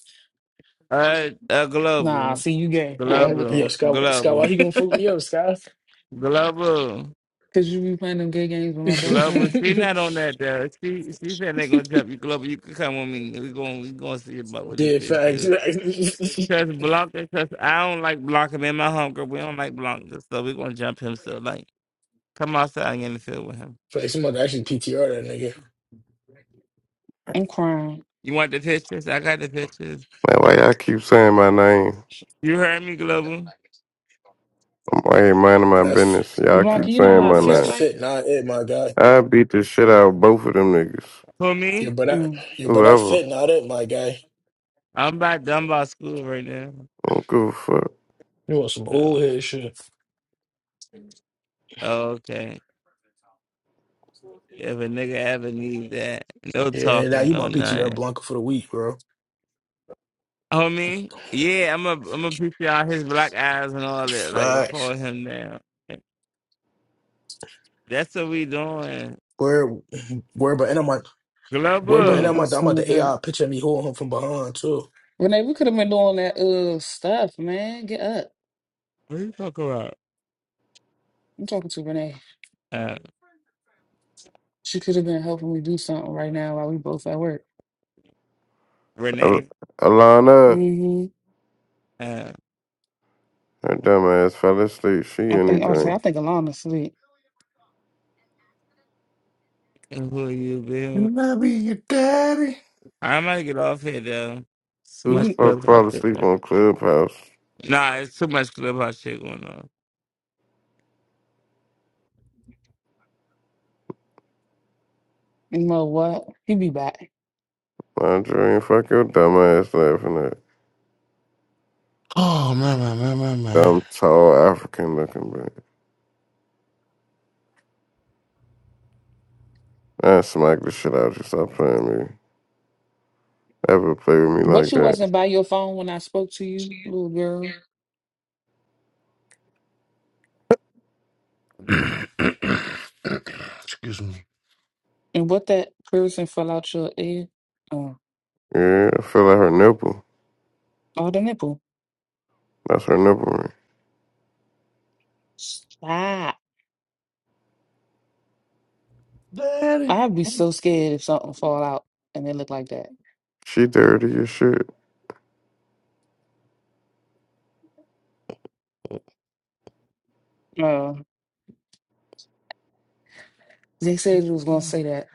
A: Uh, uh
L: Nah,
A: global,
L: see you gay.
K: Yo,
L: I ain't
K: what?
L: with
K: Yo,
L: that.
A: global,
K: Sky, Sky, why
A: global,
K: he gonna fuck me up, Sky?
A: global,
L: Cause you be playing them gay games with my
K: yeah,
L: best
A: global.
L: friend.
A: She not on that though. She she said they gonna jump you global. You can come with me. We gonna we gonna see about what this bitch
K: facts.
A: do.
K: facts.
A: Cause Blanca, cause I don't like Blanca. Me and my homegirl, we don't like Blanca, so we gonna jump him. So like, come outside and get in the field with him.
K: Facts. I'm about to actually PTR that nigga.
L: I'm crying.
A: You want the pictures? I got the pictures.
G: Man, why y'all keep saying my name?
A: You heard me, global.
G: I'm right here minding my
K: That's
G: business. Y'all
L: Blanca,
G: keep
L: you know
G: saying
L: how a
G: my
A: Okay.
K: yo,
L: fist
K: that
G: name.
L: fight?
K: fit, not it, my guy.
G: I beat the shit out of both of them niggas.
A: For
K: Yeah,
A: me,
K: but I,
L: Mm.
K: yeah, but I
G: Whoever.
K: fit now that my guy.
A: I'm about done by school right now.
G: I don't give a fuck.
K: You want some old
A: Oh,
K: head shit?
A: oh, okay. If a nigga ever need that, no
K: Yeah, now
A: talking,
K: you my
A: no
K: PTR
A: nothing.
K: Blanca for the week, bro.
A: Homie, yeah, I'm a I'm a picture out his black eyes and all that. Like
K: Facts.
A: record him now. That's what we doing.
K: Where, where, but and I'm like, where, but and
L: Ugh,
A: Global.
K: I'm
L: my
K: like, I'm about
L: stomach
K: the AI
L: hurt.
K: picture me holding him from behind too.
L: Renee, we could have been doing that uh stuff, man. Get up.
A: What are you talking about?
L: I'm talking to Renee.
A: Uh,
L: She could have been helping me do something right now while we both at work.
G: Al-
A: Renee.
G: Alana.
L: Mm-hmm.
A: Uh,
G: Her dumb ass fell asleep. She
L: I think I would say
G: anything.
L: I think Alana's asleep.
A: and who you been?
H: Can I be your daddy?
A: i might get off here though. So
G: Who the
A: much
L: You, you
G: fuck
A: clubhouse
G: fall
A: shit
G: asleep
A: going.
G: on Clubhouse?
A: Nah, it's too much clubhouse shit going on.
L: know what? He be back.
G: My dream. Fuck your dumb ass laughing at.
H: Oh, man, man, man,
G: Dumb,
H: man,
G: tall, African looking bitch. I smack the shit out of you. Stop playing with me. Ever play with me
L: What
G: like
L: you
G: that?
L: wasn't by your phone when I spoke to you, little girl?
H: man. Excuse me.
L: And what that person fell out your ear? Uh,
G: Yeah, I feel like her nipple.
L: oh, the nipple.
G: That's her nipple ring.
L: Stop.
H: Daddy.
L: I'd be so scared if something fall out and it looked like that.
G: She dirty as shit.
L: Uh, they said you was gonna say that.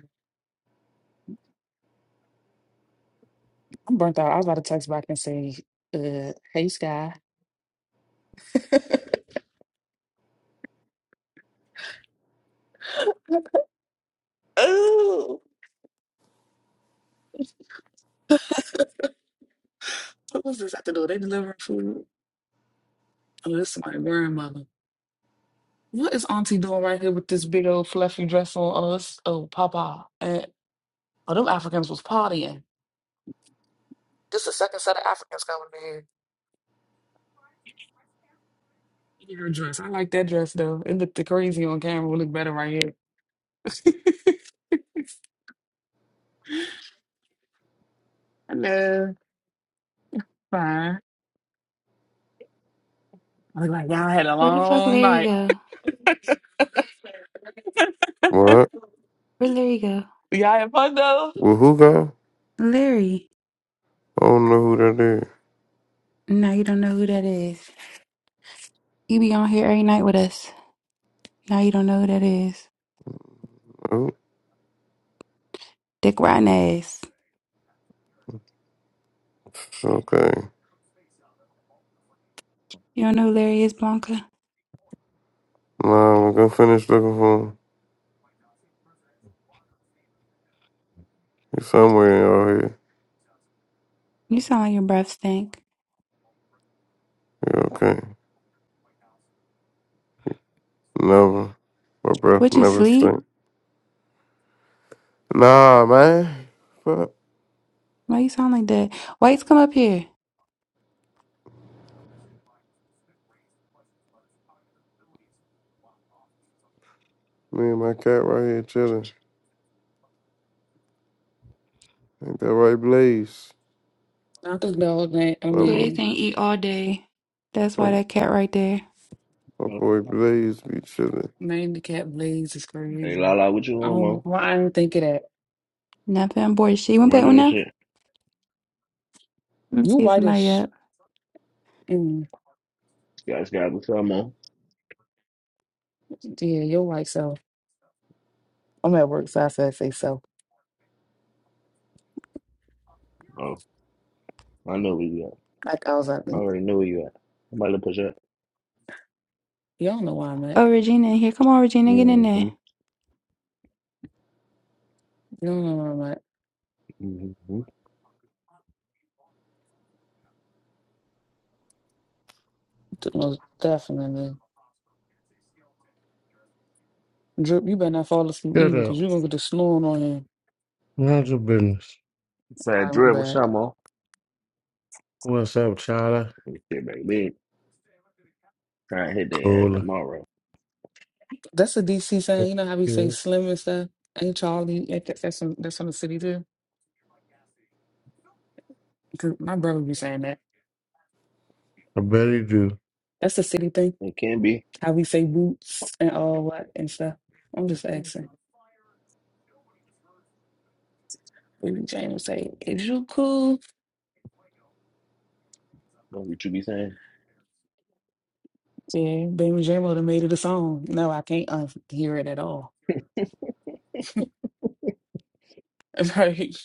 L: I'm burnt out. I was about to text back and say, uh, "Hey, Sky." oh, what was this at the door? They delivering food. Oh, this is my grandmother. What is Auntie doing right here with this big old fluffy dress on? Oh, this, oh, Papa. And, oh, them Africans was partying. This is the second set of Africans coming in here. Your dress. I like that dress though. It looked crazy on camera. It looked better right here. I know. Fine. I look like y'all had a
F: Where the fuck
L: long
F: Larry
L: night.
F: go?
G: What?
F: Where Larry go?
L: y'all had fun though.
G: Well, who gone?
F: Larry.
G: I don't know who that is.
F: Now you don't know who that is. He be on here every night with us. Now you don't know who that is.
G: Oops,
F: Dick rotten ass.
G: okay.
F: You don't know who Larry is, Blanca?
G: Nah, I'm gonna finish looking for him. He's somewhere in out here.
F: You sound like your breath stink.
G: Yeah, okay. Never. My breath
F: What you
G: never
F: sleep?
G: stink. Nah, man. Fuck.
F: Why you sound like that? Whites come up here.
G: Me and my cat right here chilling. Ain't that right, Blaze?
L: I think the whole thing, I
G: My, bo-
F: Blaze
L: mean,
F: ain't eat all day. That's why
G: my,
F: that cat right there.
G: my
M: All right.
G: boy Blaze be chilling.
L: name the cat Blaze is
M: Hey,
L: crazy.
M: Lala, what you on,
L: Oh,
M: Mo?
L: why I didn't think of that.
F: Nothing on board. She want to pet one
M: Running and
F: now?
M: shit.
F: Let me
L: You
F: see if somebody
L: whitish.
F: up.
L: Mm,
M: Sky, Sky, what's up, Mo?
L: yeah, you're white, so. I'm at work, so I said say so.
M: Oh, I know where you at.
L: Like I was like,
M: I
L: "Mm,
M: already know where you at. I'm about to push up.
L: y'all know where I'm at.
F: Oh, Regina in here. Come on, Regina, get in there.
M: Mm-hmm,
L: you don't know where I'm at.
M: mm-hmm.
L: Most definitely. Drip, you better not fall asleep
H: Get
L: either, because
H: up.
L: you're gonna get the snoring on you.
H: Mind your business.
L: I
M: Sad drip, what's
L: remember that.
M: up, Mo?
H: What's up, Chada?
M: Let me Shit, baby. Try and hit their ass
H: Cool.
M: tomorrow.
L: That's a DC
H: I
L: saying.
H: bet
L: You know how we say slim and stuff? Ain't Charlie? Ain't that, that's from that's from the city too. 'Cause my brother be saying that.
H: you do.
L: That's the city thing.
M: It can be.
L: How we say boots and all that and stuff. I'm just asking. Baby James say, "Is you cool?"
M: That's what you be saying.
L: Yeah, Baby James would have made it a song. No, I can't uh, hear it at all. Right?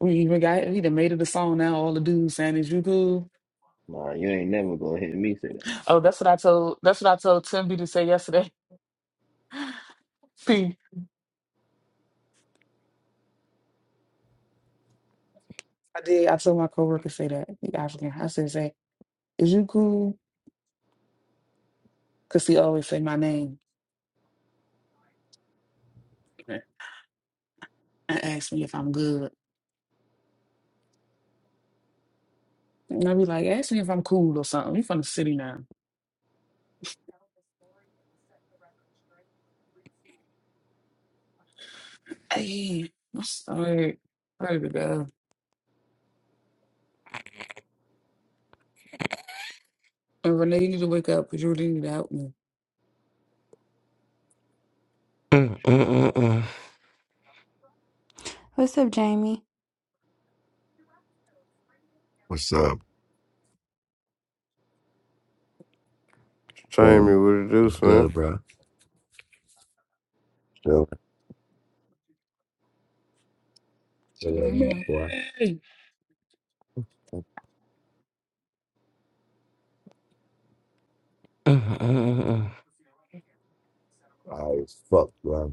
L: We even got we done made it a song now. All the dudes saying, "Is you cool?"
M: Nah, you ain't never gonna hit me, say that.
L: Oh, that's what I told. That's what I told Timby to say yesterday. Hmm. I did. I told my coworker say that he African. I said, "Say, is you cool?" Cause he always say my name and ask me if I'm good. And I be like, "Ask me if I'm cool or something." You from the city now? Hey, I'm sorry. Sorry to God. And Renee, you need to wake up because you really need to help me.
H: Mm, mm, mm, mm.
F: What's up, Jamie?
N: What's up?
G: Trying
N: Boom.
G: me with a
N: What's
G: deuce,
N: good,
G: man.
N: bro? Still chilling, my
H: Mm,
L: Renee.
N: boy.
H: mm, mm, mm.
N: I as fuck, bro.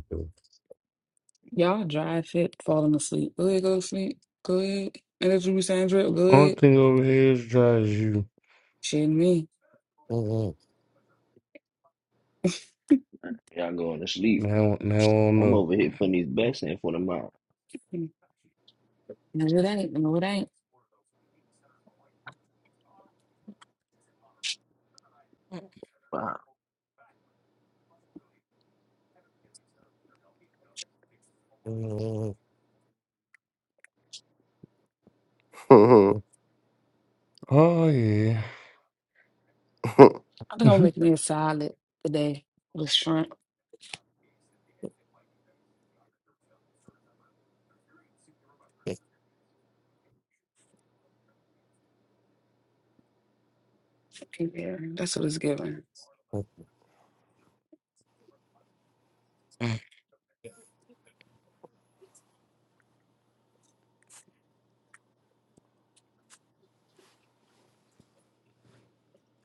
L: Y'all dry fit, falling asleep. Go ahead, go to sleep. Go ahead. And that's what we saying, Drip. Go
H: Only
L: ahead.
H: thing over here is dry as you.
L: Shitting me.
M: Y'all going to sleep.
H: Now, now I don't
M: I'm
H: know.
M: over here putting these bets in for tomorrow.
L: Hmm. No, it ain't. No, it ain't.
M: Wow.
G: Go
H: Oh, yeah.
G: ahead
L: I think I'm gonna make me a salad today with shrimp. Yeah, that's what it's giving.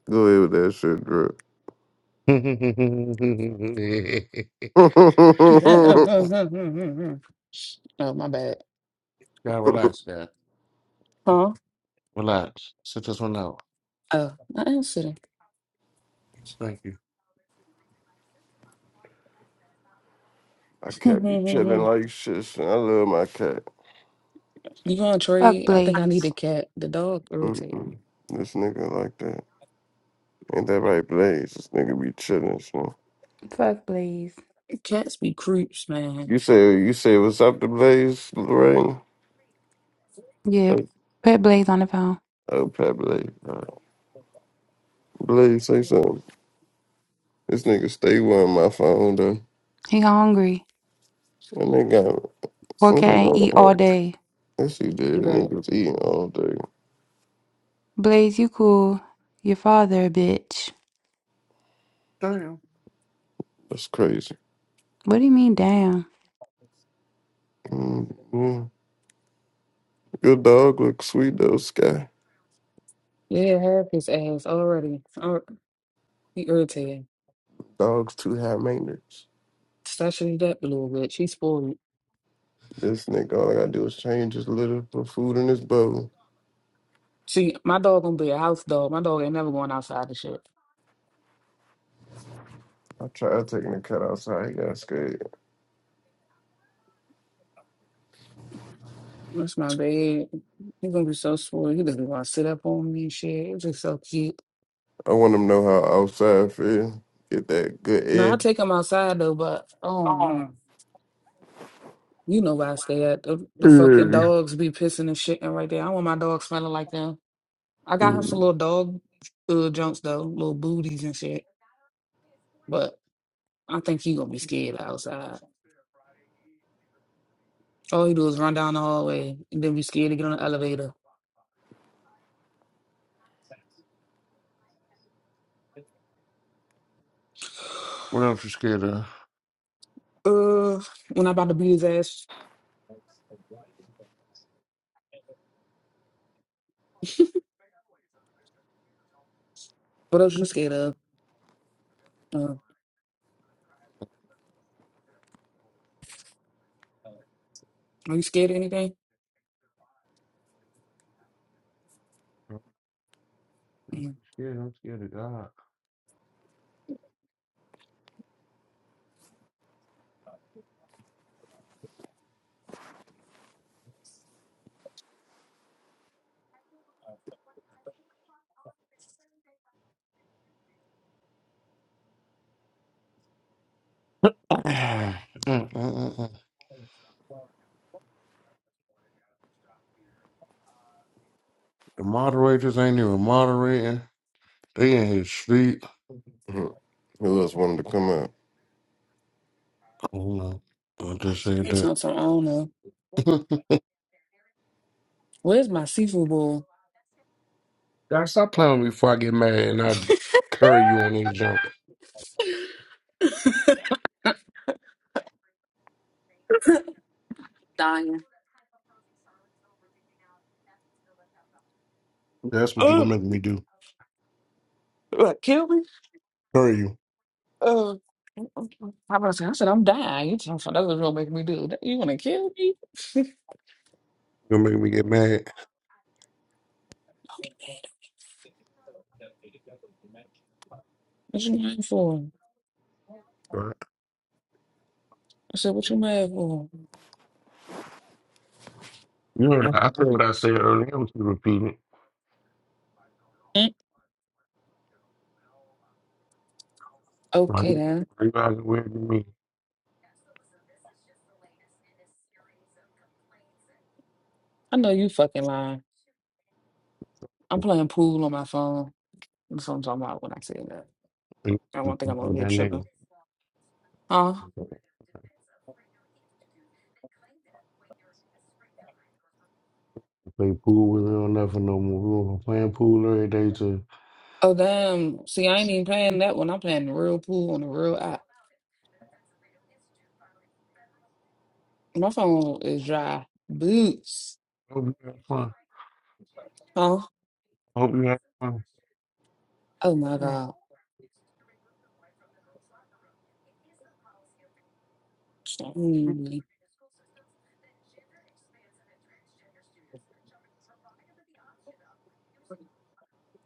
G: with that shit, drip.
L: oh, my bad.
H: Gotta relax, guy.
L: Huh?
H: Relax. Sit this one out.
L: Oh, I answered it.
H: Thank you.
G: I cat be chilling like shit. son. I love my cat.
L: you gonna
F: Fuck
L: trade? I think I need a
F: Blaze.
L: cat. The dog irritating.
G: Mm-mm. This nigga like that. Ain't that right, Blaze? This nigga be chilling, so.
F: Fuck Blaze.
L: Cats be creeps, man.
G: You say you say what's up to Blaze, Lorraine?
F: Yeah,
G: Oh,
F: put Blaze on the phone.
G: oh Pat Blaze. All right. Blaze, say something. This nigga stay on my phone though.
F: He hungry.
G: And they got
F: Poor cat ain't eat all day.
G: Yes, he did.
L: Okay.
G: Niggas eating all day.
F: Blaze, you cool. Your father a bitch.
H: Damn.
G: That's crazy.
F: What do you mean, damn?
G: Mm-hmm. Your dog looks sweet though, Sky.
L: Yeah, have his ass already. Or he irritating.
G: Dog's too high maintenance.
L: Especially that little bit. She spoiled.
G: This nigga, all I gotta do is change his litter, put food in his bowl.
L: See, my dog gonna be a house dog. My dog ain't never going outside and shit.
G: I tried taking the cat outside. He got scared.
L: That's my bed. He's gonna be so spoiled. He doesn't want to sit up on me and shit. It's just so cute.
G: I want them to know how outside feel. Get that good
L: No, I
G: air.
L: take him outside though, but oh,
G: Oh.
L: mm. you know where I stay at. The, the fucking
G: Yeah.
L: dogs be pissing and shitting right there. I want my dog smelling like them. I got him some
G: Mhm.
L: little dog uh, junks though, little booties and shit. But I think he gonna be scared outside. All he do is run down the hallway and then be scared to get on the elevator.
H: What else you scared of?
L: Uh, when I about to beat his ass. What else you scared of? Uh, are you scared of anything?
H: I'm
L: Mm.
H: scared. I'm scared of God. Mm, mm, mm, mm. The moderators ain't even moderating. They in his sleep.
G: Who else wanted to come out?
H: You know, I just said
L: It's
H: that.
L: not so I don't know. Where's my seafood bowl?
H: Doc, stop playing with me before I get mad and I curry you on any jump.
L: Dying.
H: That's what you
L: Oh,
H: gonna make me do.
L: what, kill me?
H: Curry you.
L: Uh, I was I said, I'm dying. You talking about that's what gonna make me do. That- You wanna kill me?
H: You're gonna make me get mad.
L: What you mad for?
H: Right.
L: I said, what you mad for?
H: You heard I said what I said earlier. I was repeating.
L: "Mm,
H: Like,
L: Okay then.
H: you guys are weird to me.
L: I know you fucking lying. I'm playing pool on my phone. That's what I'm talking about when I say that.
H: You
L: I
H: keep
L: won't think
H: playing
L: I'm over
H: With
L: here
H: that
L: tripping.
H: nigga.
L: Huh?
H: Play pool with it or nothing no more. We were playing pool every day too.
L: Oh damn. See, I ain't even playing that one. I'm playing the real pool on the real app. My phone is dry. Boots.
H: Hope you had fun.
L: Huh?
H: Hope you have fun.
L: Oh my God. Sorry.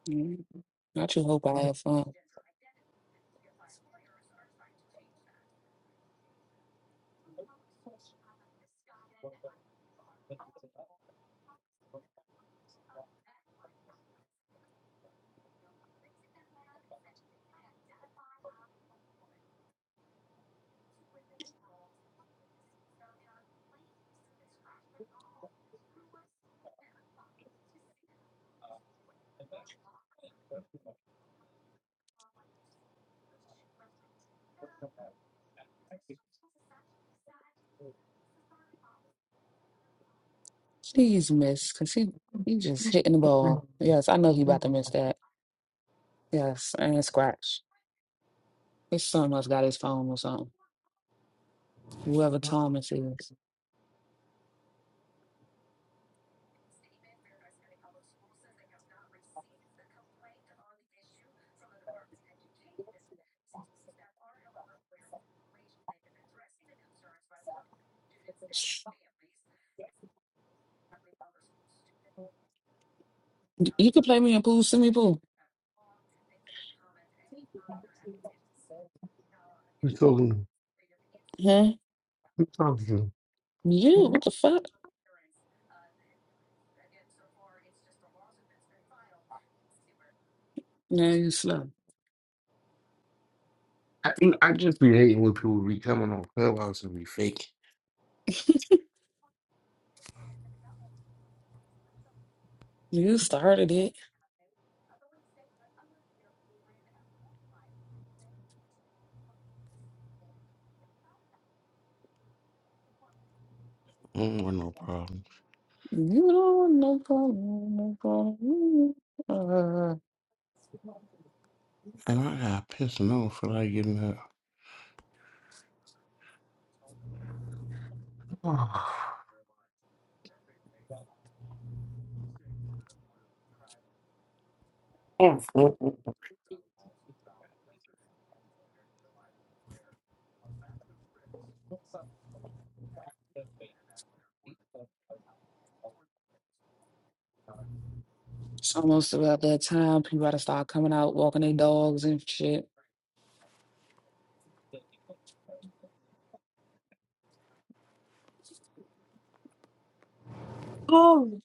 L: I just hope I have fun. Please miss, cause he he just hitting the ball. Yes, I know he about to miss that. Yes, and scratch. His son must got his phone or something. Whoever Thomas is, Y- you could play me in pool, send me pool.
H: Who's talking to?
L: Huh?
H: Who's talking to?
L: You? What the fuck? Now you slow.
H: I, you know, I just be hating when people be coming on Clubhouse and be fake.
L: You started it.
H: I don't want no problem.
L: You don't know. No problem. Uh,
H: And I got pissed off for like getting up.
L: it's almost about that time. People gotta start coming out, walking their dogs and shit. Oh,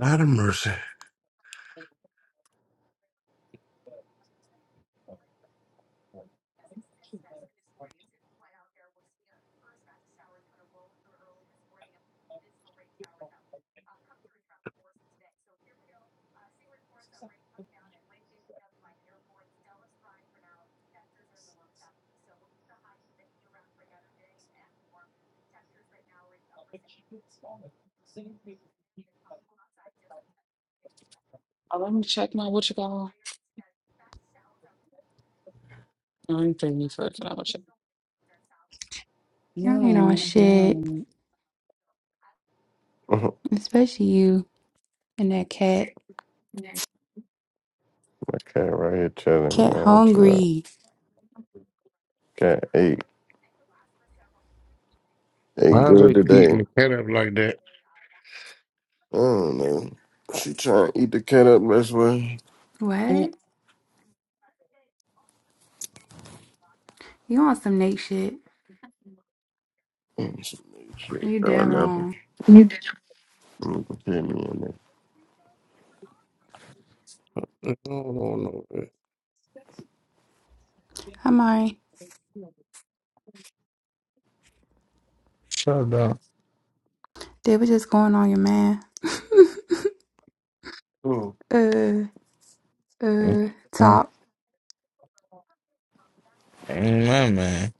H: Oh, God of mercy.
L: uh, let me check my what you call. I'm paying for it. I'll check.
F: You ain't on
L: No,
F: shit.
L: no.
G: Mhm.
F: Especially you and that cat.
G: My cat right here chilling,
F: Cat
G: man. Chill out.
F: hungry.
G: Cat ate ain't
H: Why is
G: good
H: they
G: today.
H: eating the cat up like that?
G: I don't know. She trying to eat the cat up this way.
L: Mm,
F: What? You on some Nate shit.
G: Mm, she- she
F: You
G: ain't
F: dead
G: doing nothing.
F: wrong.
G: You You can hear me in there.
H: I don't know. That.
F: Hi, Mari.
O: Shut up.
F: They was just going on your man.
G: Oh,
F: uh,
O: Mm,
F: uh,
O: mm,
F: top.
O: My man.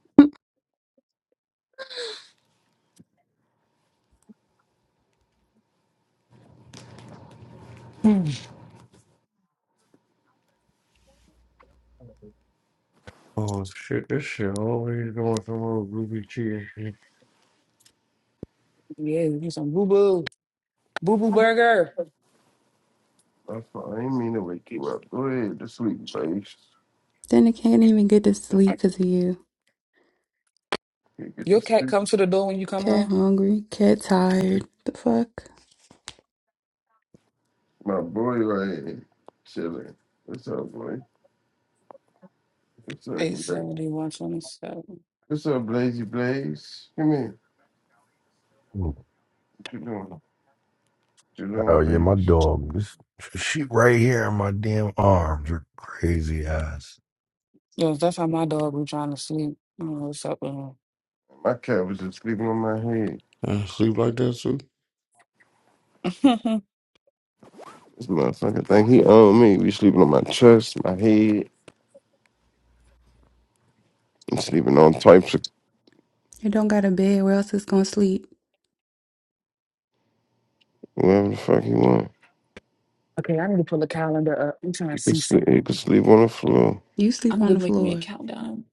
O: Hmm.
H: Oh shit, this shit always going some old groovy cheer.
L: Yeah, get some boo boo. Boo boo burger.
G: that's fine. I didn't mean to wake you up. Go ahead to sleep, Sage.
F: Then I can't even get to sleep 'cause of you.
G: You get to
L: Your cat
G: sleep.
L: comes to the door when you come
F: Cat
L: home?
F: hungry, cat tired. The fuck?
G: My boy right here chilling. What's up, boy? What's up, Blaze?
L: 87127.
G: What's up, Blazy Blaze? Come here. What you doing? What you doing,
N: Oh yeah, my
G: Blaze?
N: dog. This she right here in my damn arms. Her crazy ass.
L: Yes, that's how my dog be trying to sleep. I don't know what's up with
G: My cat was just sleeping on my head.
H: Uh, sleep like that too?
L: him.
G: This motherfucker think he owned me. Be sleeping on my chest, my head, I'm sleeping on types of
F: It don't got a bed. Where else is gonna sleep?
G: whatever the fuck he want.
L: okay, I need to pull the calendar up. I'm trying to
G: He could
L: see
G: sleep.
L: something.
G: He could sleep on the floor.
F: You sleep
L: I'm
F: on
L: gonna
F: the
L: make me a
F: floor.
L: countdown.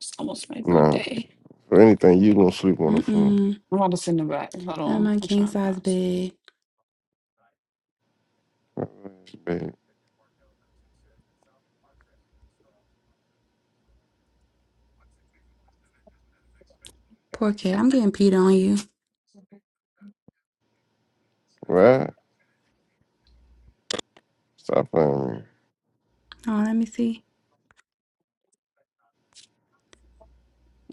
L: It's almost my
G: Nah,
L: birthday.
G: for anything you gonna sleep on the floor.
F: Mm-mm.
L: I'm about to send it back. Hold
F: I'm in
L: on.
F: my
L: I'm
F: king
L: trying to
F: size
L: find something.
F: bed.
G: That's bad.
F: Poor cat. I'm getting Peter on you.
G: Right? Stop playing. me.
F: Oh, let me see.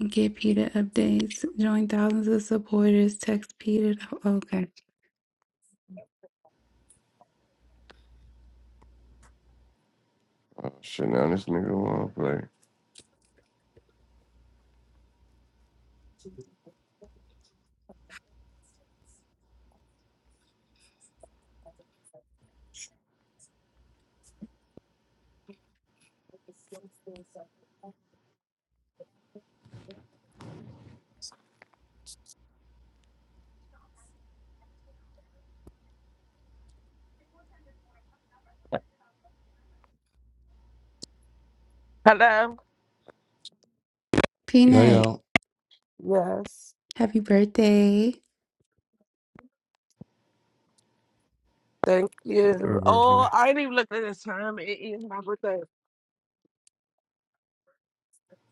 F: Get Peter updates. Join thousands of supporters. Text Peter. Okay.
G: Oh shit! Now this nigga wanna play.
P: Hello?
H: Yeah,
F: Peanut,
H: yeah.
P: Yes.
F: happy birthday.
P: Thank
H: Her
P: you. Oh,
H: birthday.
P: I ain't even looked at this time. It is my birthday.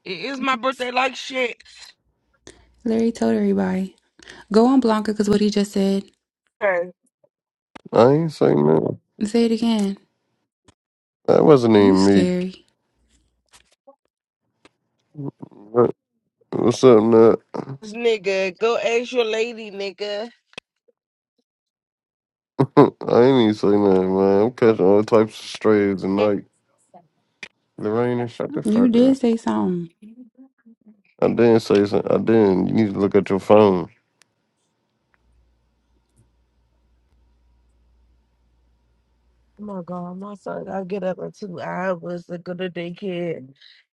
P: It is my birthday like shit.
F: Larry told everybody. Go on Blanca because what he just said.
P: Hey,
G: I ain't saying nothing.
F: And say it again.
G: That wasn't
F: You
G: even me.
F: scary.
G: What- What's up, Nut?
P: This nigga, go ask your lady, nigga.
G: Mm, I ain't even say nothing, man. I'm catching all types of strays and
P: Oh
G: tonight. Lorraine, shut the
F: You
G: fuck
F: did
G: up.
F: say something.
G: I didn't say something. I didn't. You need to look at your phone.
P: my god, my son gotta get up in two hours to go to daycare.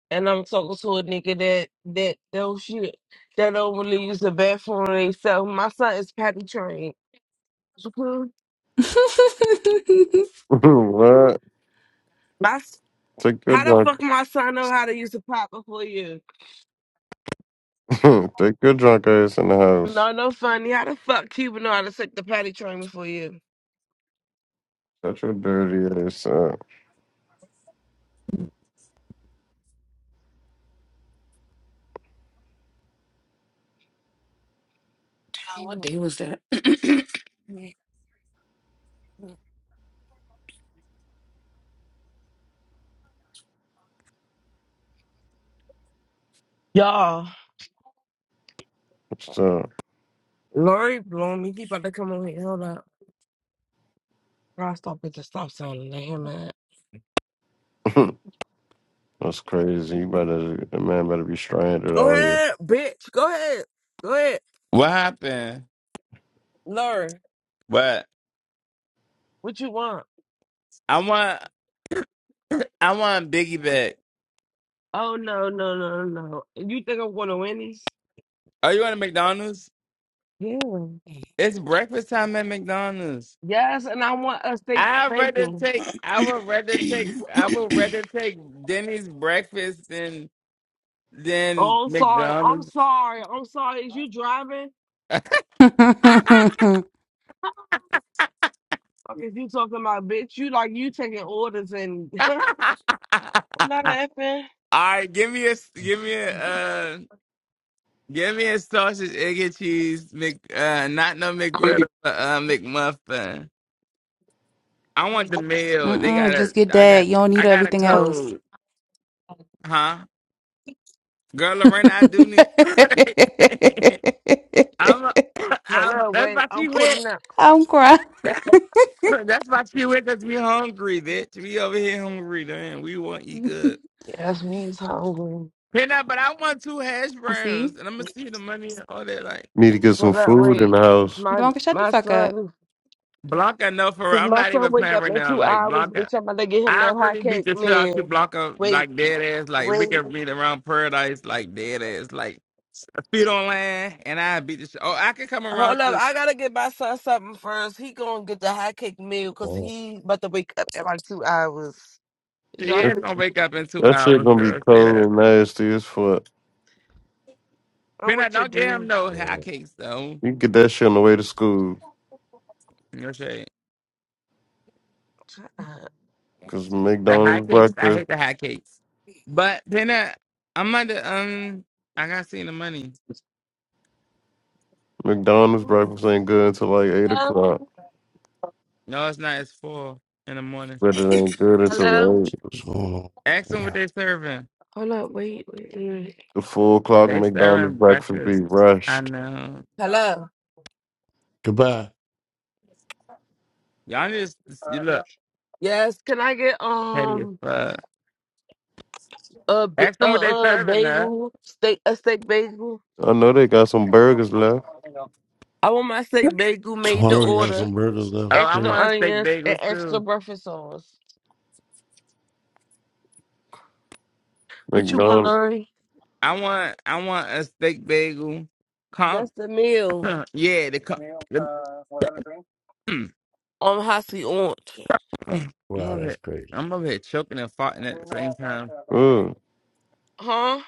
P: And I'm talking to a nigga that that don't shit that don't really use the bathroom themselves. My son is potty trained. Mhm.
G: what?
P: My s-
G: Take your
P: how the
G: drunk.
P: fuck my son know how to use a pot before you?
G: Take your drunk ass in the house.
P: No, no funny. How the fuck Cuba know how to take the potty train before you?
G: Shut your dirty ass up.
L: Damn, what day was that?
P: Y'all.
G: What's up?
P: Lori blowing me. He about to come over here. Hold up. Girl, stop at the stop sign and let him out.
G: That's crazy. You better, the man better be stranded
P: Go
G: out here.
P: ahead, bitch. Go ahead. Go ahead.
A: What happened?
P: Lori,
A: What?
P: what you want?
A: I want I want Biggie back.
P: Oh, no, no, no, no. You think I'm going to Wendy's?
A: Are you at McDonald's?
P: Yeah.
A: It's breakfast time at McDonald's.
P: Yes, and I want a steak
A: I would rather
P: bacon.
A: take I would rather take I would rather take Denny's breakfast than than
P: Oh, I'm sorry. I'm
A: McDonald's.
P: sorry. I'm sorry. Is you driving?
A: All
P: Fuck is you talking about, bitch? You like you taking orders and I'm not laughing.
A: right, give me a give me a uh, give me a sausage, egg and cheese, Mc uh, not no McGriddle, uh, McMuffin. I want the meal. They got
F: Mm-mm,
A: a
F: just get
A: I got
F: that. You don't
A: I
F: need
A: got a
F: everything else.
A: code, huh? Girl, Lorena, I do need. I'm, i
P: Hold
A: I'm.
P: up,
A: That's
P: wait.
A: why
P: I'm
A: she went.
P: pulling up.
F: I'm crying.
A: That's why she went. Cause we hungry, bitch. We over here hungry, damn. We want to eat
F: You
A: good.
P: Yes, me is hungry.
A: Pena, but I want two hash browns,
F: see?
A: and I'm gonna see the money and all that. Like
G: Need to get some
P: Hold up,
G: food in
P: wait.
G: the
P: It's
G: house.
P: my
F: Blanca, shut the
P: my
F: fuck up.
P: son.
A: Blanca, no, for real.
P: Cause
A: I'm
P: my
A: not
P: son
A: even
P: wake
A: playing
P: up
A: right
P: in
A: now.
P: two
A: Like
P: hours.
A: Blanca,
P: Bitch, I'm about to get him
A: I
P: a hot
A: really beat
P: cake,
A: the shit out
P: man.
A: you, Blanca.
P: Wait,
A: Like dead ass. Like we
P: wait.
A: can meet around paradise. Like dead ass. Like feet on land, and I beat the shit. Oh, I can come around.
P: Hold up. I gotta get my son something first. He gonna get the hot cake meal cause he about to wake up in like two hours. Y'all,
A: Yeah,
G: That,
A: it's
P: think-
A: gonna wake up in two
G: that shit
A: hours,
G: gonna be
A: girl. Say
G: cold
A: that.
G: and nasty as fuck.
P: I'm
A: Peanut,
P: with your
A: don't give him
P: dude.
A: no hot cakes though.
G: You can get that shit on the way to school.
A: No shade.
P: Shut up.
G: Cause
A: The hot
G: McDonald's
A: cakes, I
G: breakfast.
A: hate the hot cakes. But Peanut, I'm under um I gotta see the money.
G: McDonald's breakfast ain't good until like eight
P: Hello.
G: o'clock,
A: No, it's not, it's four in the morning.
G: but it ain't good
P: Hello.
G: until eight.
H: What's going
A: Ask them
H: on?
A: what they serving.
P: Hold up. Wait. Wait. wait.
G: The four o'clock
A: They
G: McDonald's
A: serving
G: breakfast be
A: breakfast. I
G: rushed.
A: know.
P: Hello.
H: Goodbye.
A: Y'all just you look
P: Yes. Can I get
A: petty as
P: um?
A: fuck.
P: a b-
A: Ask
P: a
A: them what they
P: a
A: serving up.
P: bagel, steak a steak bagel.
G: I know they got some burgers left.
P: I want my steak bagel made to
H: Tomorrow we got
P: order,
H: some burgers
A: Oh,
H: left for
A: I
P: extra
H: free.
A: want a steak
P: onions
A: bagel
P: and extra
A: too.
P: breakfast sauce. What you want,
G: McDonald's,
P: Larry?
A: I want I want a steak bagel. Comp
P: That's the meal
A: yeah, the comp. Mm.
P: on hot seat orange.
A: Mm. I'm
H: Wow,
A: over
H: that's
A: here,
H: crazy.
A: I'm over here choking and farting at the same time.
G: mm.
P: Huh?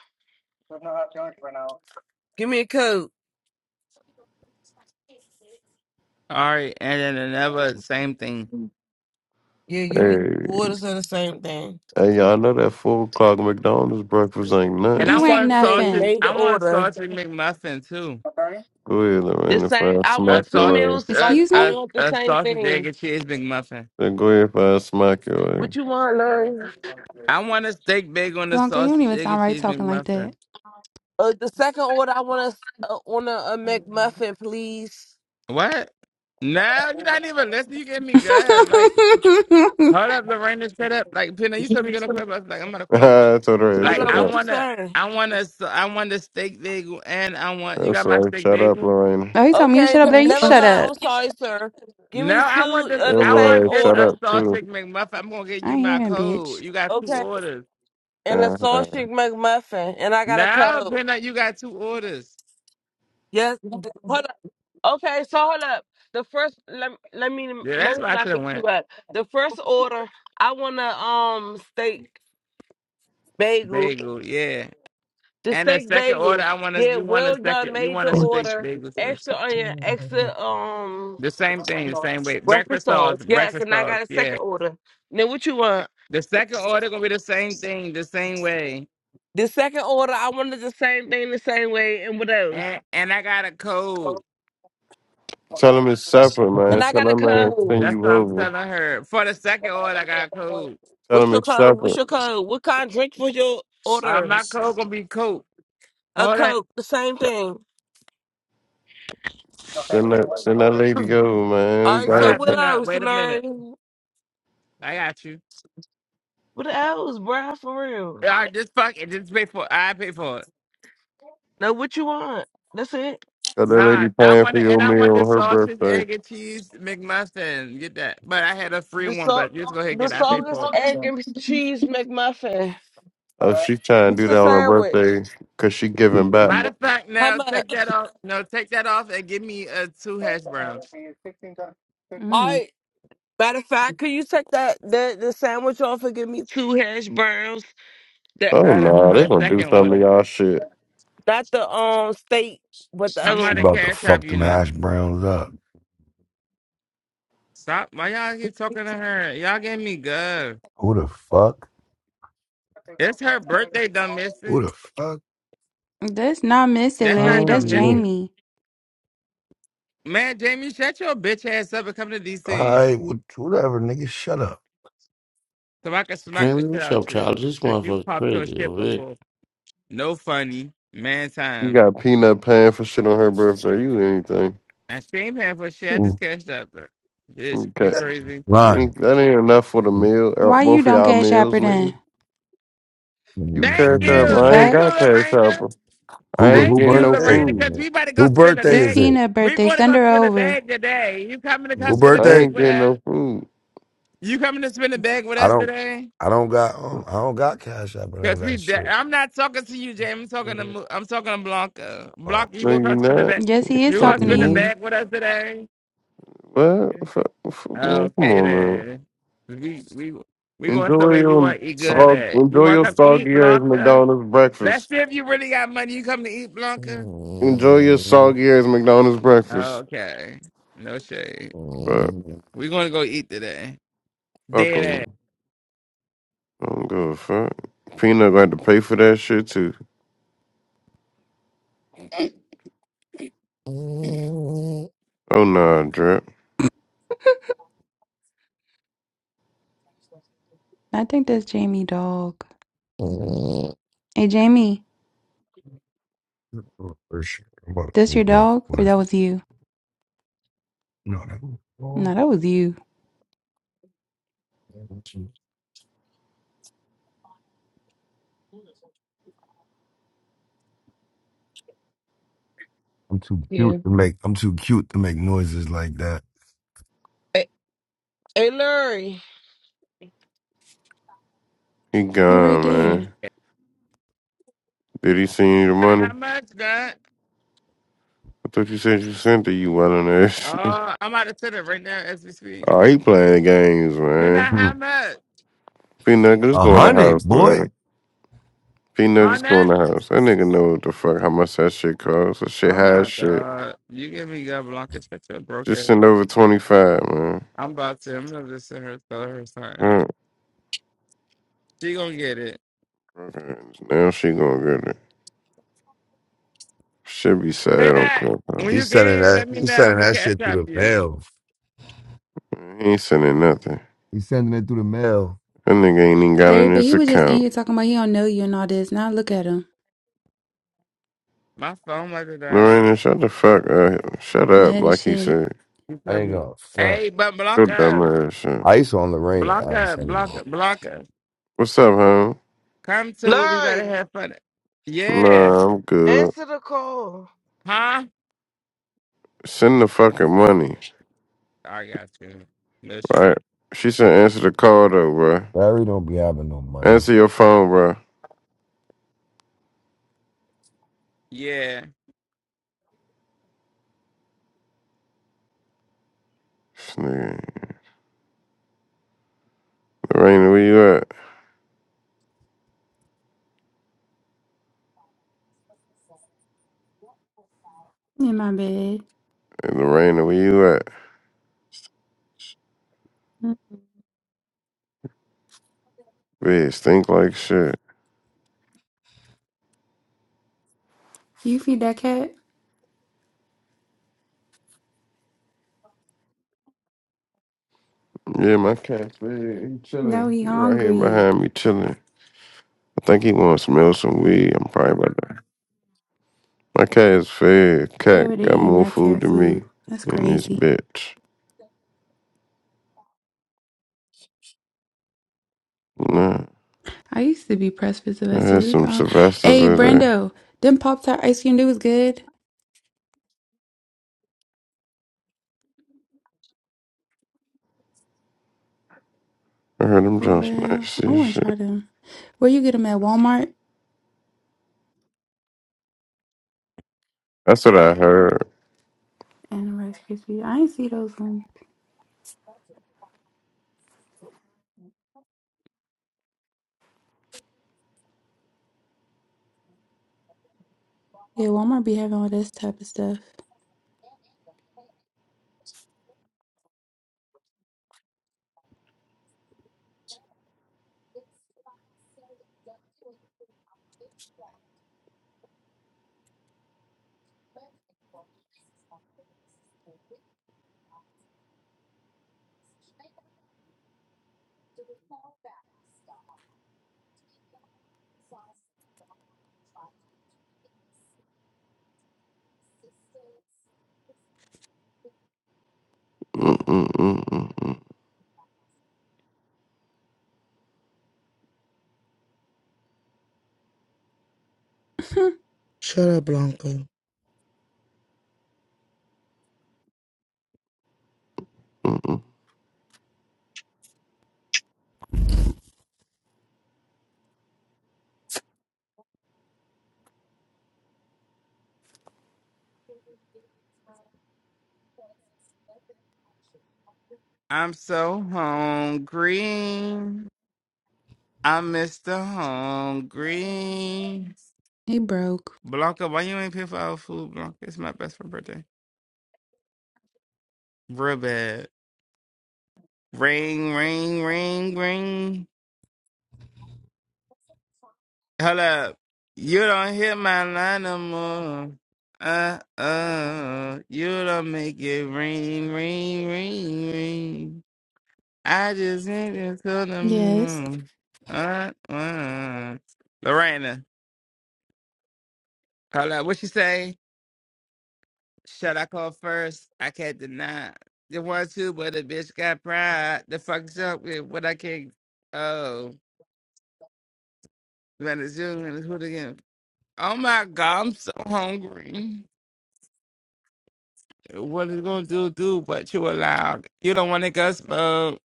P: Give me a coat.
A: All right, and then another same thing.
P: Yeah, give me
G: hey,
P: two orders of the same thing.
G: hey, y'all know that four o'clock McDonald's breakfast ain't
A: And
G: nothing.
P: The
A: I
F: You ain't
A: want
P: same
A: a
P: thing,
A: sausage.
F: nothing.
P: made to
A: I want a
P: order.
A: sausage McMuffin too.
G: Go ahead,
P: The
G: Lorraine, if
P: same.
G: I
P: I
A: A
G: smack
P: want two
A: sausage,
G: your ass.
P: meals.
A: a,
P: Like
F: Excuse
P: I
A: a,
F: me?
P: want the
A: a
P: same
A: sausage egg
P: thing.
A: and cheese McMuffin.
G: Then go ahead if I smack your ass.
P: What you want, Larry?
A: I want a steak bagel and a
F: Blanca, you don't
A: sausage
F: even
A: egg
F: sound
A: and
F: right
A: cheese
F: talking like
A: McMuffin.
F: that.
P: Uh, the second order, I want a, s- uh, on a, a McMuffin, please.
A: What? No, you're not even listening. You give me good. Like, hold up, Lorraine, shut up. Like, Pina, you told me you're gonna call but I was like, I'm gonna call you.
G: I told her, "Hey,
P: Hold
A: Like,
G: shut
P: up,
A: I
P: what
G: up.
P: you
A: wanna,
P: saying?
A: I wanna, I want a steak bagel and I want. You
G: That's
A: got my
G: right,
A: steak
G: shut up,
A: bagel?
G: Lorraine.
F: oh, he told me to
P: Okay,
F: shut up, Larry. You
P: never
F: shut
P: mind. I'm
F: up.
P: sorry, sir. Give
A: No,
P: me
A: I want
P: two
A: this.
P: of
G: Your
P: the
A: I
P: same
A: want
G: Lorraine,
A: just
G: shut
A: a
P: order.
G: up too.
A: sausage McMuffin. I'm gonna get
F: I
A: you
F: ain't hear
A: my
F: him, bitch.
A: code. You got two
P: Okay.
A: orders.
P: And a
G: Uh-huh.
P: sausage McMuffin. And I got a
A: No,
P: code.
A: Peanut, you got two orders.
P: Yes. d- Hold up. Okay, so hold up. The first let let me
A: Yeah, that's
P: let me
A: where I
P: not
A: should have
P: mix you
A: went.
P: up. The first order, I want a um steak bagel.
A: Bagel, yeah.
P: The
A: And the
P: steak
A: second order,
P: bagel.
A: I want us.
P: Yeah,
A: You want a
P: well done.
A: second? You
P: Made
A: want
P: the
A: a steak
P: order.
A: bagel too?
P: Extra onion, extra um
A: The same thing, the same way. Breakfast
P: breakfast
A: sauce,
P: sauce. Yes,
A: breakfast
P: and I
A: sauce.
P: got a
A: Yeah.
P: second order. Now what you want?
A: The second order gonna be the same thing, the same way.
P: The second order, I wanted the same thing the same way. And what else?
A: And and I got a code.
G: Tell him it's separate, man.
P: And I
G: Tell
P: got a
G: him I to
P: code.
G: send
A: That's
G: you
A: what I'm
G: over.
A: telling her. For the second order, I got a code.
G: Tell
P: What's
G: him
P: your
G: it's
P: code? What's
G: separate.
P: your code? What kind of drink was your
A: Uh,
P: order?
A: my code gonna be Coke.
P: A
A: Hold
P: Coke, the same thing.
G: Send that send that lady
A: on.
G: go, man.
P: All right,
G: Got
A: Hold
P: so
G: her
A: up,
P: what
G: pa-
A: Peanut.
P: else,
A: Wait a minute.
P: Larry?
A: I got you.
P: What else, bruh? For real.
A: All right, just fuck it. Just pay for it. I pay for it.
P: Now, what you want? That's it.
G: got that lady
A: Nah, I
G: paying
A: want
G: for
A: to,
G: your
A: and I want
G: meal
A: the
G: on her
A: sausage,
G: birthday.
A: egg, and cheese McMuffin. Get that. But I had a free
P: The
A: one,
P: salt,
A: but just go ahead and
P: the
A: get it. I pay
P: song is
A: for it.
P: egg and cheese McMuffin.
G: Oh, she trying to
P: It's
G: do
P: a
G: that on her
P: sandwich.
G: birthday because she giving back.
A: Matter of fact,
P: How
A: no, take that
P: much?
A: off. No, take that off and give me uh, two hash browns.
P: All
F: Mm.
P: right. Matter of fact, could you take that the, the sandwich off and give me two hash browns?
G: Oh
A: Hold up,
G: no,
A: for
G: they
A: the
G: gonna do
A: second
G: something
A: order.
G: to y'all shit.
P: Not the um state, but the
A: I'm
P: other
N: She
A: not a
P: one.
N: about to
A: cash shop.
N: fuck
A: you
N: them
A: know.
N: hash browns up.
A: Stop. Why y'all keep talking to her? Y'all getting me good.
N: Who the fuck?
A: It's her birthday, dumb mister.
N: Who the fuck?
F: That's not Missy,
A: That's
F: Larry.
A: not
F: That's
A: dumb
N: All
A: mister.
F: Jamie.
A: Man, Jamie, shut your bitch ass up and come to DC.
N: right, whatever, nigga. Shut up.
A: So I can smack the
H: Jamie,
A: shit
H: what's
A: out
H: up,
A: you.
H: child? This
A: Cause you
H: motherfucker's
A: popped her
H: crazy
A: shit
H: over here.
A: before. No funny. Man
G: You
A: time.
G: got peanut paying for shit on her birthday. You anything?
A: I stream half her shit. I just cashed up. though. Bitch,
G: Okay,
A: you crazy.
N: Line.
G: that ain't enough for the meal. uh,
F: Why you
G: Both of
F: don't
G: y'all
F: cash app
G: meals,
F: her
G: nigga.
F: then?
G: You
A: Thank
G: cash up.
F: The
A: you.
G: I
N: Who
G: ain't
A: Thank you,
G: got
F: fuck?
G: cash up.
A: Lorena.
G: I ain't
N: who
A: Thank
G: getting
A: you,
G: no
N: birthday?
A: Lorena.
G: food.
A: Cause we about to go
N: Who
A: spin a
N: birthday
F: It's
N: is
A: bag.
N: it?
F: Peanut
A: We're
F: birthday.
A: going to
F: Send
A: go
F: her
A: spin a
F: over.
A: bag today. You coming to come
N: Who
A: spin a
G: I
N: birthday?
A: bag
G: ain't
A: with
G: getting no
A: us?
G: food.
A: You coming to spin a bag with
N: I
A: us
N: don't
A: today?
N: I don't got um, I don't got cash app or none of
A: Cause we,
N: that
A: de-
N: shit.
A: I'm not talking to you, James. I'm talking to, Mo- I'm talking to Blanca.
N: Oh.
A: Blanca, you
G: No,
A: gonna
G: you
A: come spin a
G: not.
A: bag?
F: Yes, he
G: You
F: is
A: You gonna
G: talking
F: talking
G: to
F: to
A: spin a
G: me?
F: you.
A: bag with us today?
G: Well, f- f- well, come
A: Okay
G: on, man.
A: then. We we we going
G: Enjoy
A: somewhere you
G: your
A: want to eat good
G: sog-
A: at. You
G: enjoy
A: want
G: your
A: to come eat
G: soggy ass
A: Blanca?
G: McDonald's
A: Let's
G: breakfast.
A: see if you really got money. You come to eat Blanca?
G: Enjoy your soggy ass McDonald's breakfast.
A: Okay. No shade.
G: But
A: We gonna go eat today.
G: fuck 'em.
A: Dead ass.
G: I don't give a fuck. Peanut got to pay for that shit too. Oh nah, drip.
F: I think that's Jamie dog. Hey Jamie,
N: For sure. I'm about to
F: that's
N: move
F: your
N: rough,
F: dog or
N: boy.
F: that was you?
N: No, that was wrong.
F: No, that was you.
N: I'm too cute
P: Yeah.
N: to make I'm too cute to make noises like that.
P: Hey, hey Larry,
G: He
F: You right
G: gone,
F: there.
G: man. Did he send you the money?
A: How much, God?
G: I thought you said you sent it. You well on ass.
A: Oh, I'm out of center right now as we speak.
G: Oh, he playing games,
A: Then I
G: man.
N: Hmm.
A: how much?
G: Peanut just
N: A
G: go in the
N: hundred,
G: house,
N: boy.
G: man. Peanut just go in
A: Hundred?
G: the house. That nigga know what the fuck how much that shit costs. That shit
A: Oh
G: has
A: my
G: shit.
A: God! You give me God Blanca check your broke
G: Just
A: ass.
G: send over 25, man.
A: I'm about to. I'm gonna just send her tell her something.
G: Mm,
A: She gonna get it.
G: okay. Now she gonna get it. Should be
A: Hey,
G: sad on
A: Nat,
G: Clubhouse.
A: when you
N: He's sending
A: can,
N: that.
A: let me know.
N: He's
A: I'm
N: sending
A: going to
N: that
A: catch
N: shit
A: up
N: through
A: to
N: the
A: you.
N: mail.
G: Man, He ain't sending nothing.
N: He's sending it through the mail.
G: That nigga ain't even got
F: Larry,
G: in
F: but
G: his
F: he was just in
G: account.
F: here talking about he don't know you and all this. Now look at him.
A: My phone was it down.
G: Lorena, shut the fuck up. Shut up,
F: Mad as
G: like he
F: shit.
G: said.
A: You
N: I
A: tell
N: ain't
A: me.
N: gonna front.
A: Hey, but
G: Go
A: Blanca,
G: dumbass shit.
N: I used to on Lorraine to
A: Blanca,
N: ask anyway.
A: Blanca, Blanca,
G: What's up, home?
A: come to what we better
P: Larry,
A: have fun. at. Yeah.
G: Nah, I'm good.
P: answer the call.
A: Huh?
G: Send the fucking money,
A: I got you. No shit.
G: right? She said answer the call though, bruh.
N: Barry don't be having no money.
G: Answer your phone, bruh.
A: Yeah.
G: This nigga. Lorena, where you at?
F: In my bed.
G: Hey, Lorena, where you at? Bitch, think like shit.
F: You feed that cat?
G: Yeah, my cat, he
F: No,
G: chilling.
F: he
G: He right here
F: hungry.
G: behind me chilling. I think he want to smell some weed. I'm probably about to. My cat is fed.
F: You
G: Cat
F: over there
G: got
F: eating
G: more
F: that
G: food
F: cat
G: than me
F: food. That's
G: in this
F: crazy.
G: bitch. Nah,
F: I used to be pressed for
G: I
F: Sylvester.
G: had
F: This
G: some
F: on
G: Sylvester's
F: Hey
G: today.
F: Brando, them Pop Tart ice cream do is good.
G: I heard them
F: For
G: just
F: real.
G: nice
F: I
G: as
F: wanna try
G: shit.
F: them. Where you get them at Walmart?
G: That's what I heard.
F: And the Rice Krispies. I ain't see those ones. Yeah, Walmart be having all this type of stuff.
G: Mm-mm-mm-mm-mm-mm.
E: Shut up, Blanca.
A: I'm so hungry. I'm Mr. Hungry.
F: he broke.
A: Blanca, why you ain't pay for our food, Blanca? It's my best friend's birthday. Real bad. Ring, ring, ring, ring. Hold up. You don't hit my line no more. Uh uh. You don't make it ring, ring, ring, ring. I just hit it to the
F: Yes,
A: moon. Uh uh. Lorena. Hold up. What she say? Should I call first? I can't deny. You want to, but the bitch got pride. The fuck's up with what I can't. Oh. Venezuela, who again? Oh my god, I'm so hungry. what it's gonna do do but you allow you don't want to go smoke.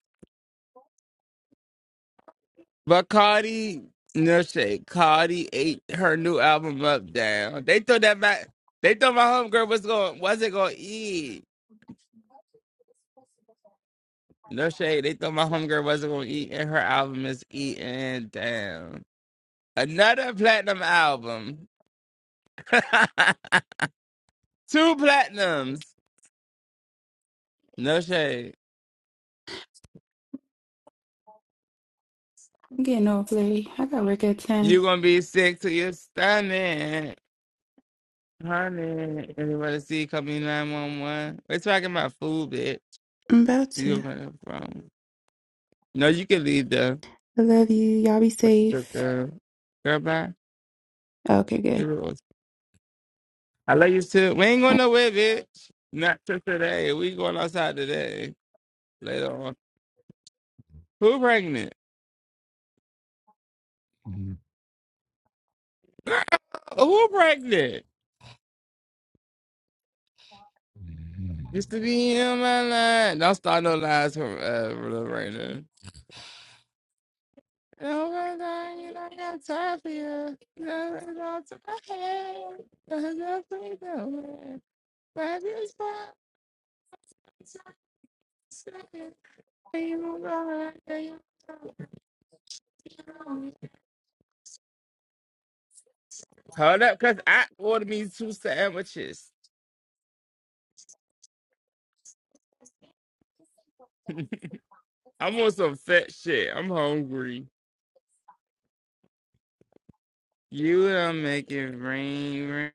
A: But Cardi no shade. Cardi ate her new album up down. They thought that back they thought my homegirl was going wasn't gonna eat. No shade. They thought my homegirl wasn't gonna eat and her album is eating down. Another platinum album. Two platinums. No shade.
F: I'm getting off late. I got work at 10.
A: you gonna be sick to your stomach. Honey, anybody see call me 911? We're talking about food, bitch.
F: I'm about
A: You
F: to.
A: don't have a phone. No, you can leave the,
F: I love you. Y'all be
A: the,
F: safe.
A: the girl bye.
F: Okay, good.
A: You know, I love you too. We ain't going nowhere, bitch. Not till today. We going outside today. Later on. Who pregnant? Girl, Who pregnant? Used to be in my line. Don't start no lies from uh Lil Raina. Oh my God, you don't got time for you. No, no, it's okay. Hold up, cause I ordered me two sandwiches. I want some fat shit. I'm hungry. You don't make it rain, rain.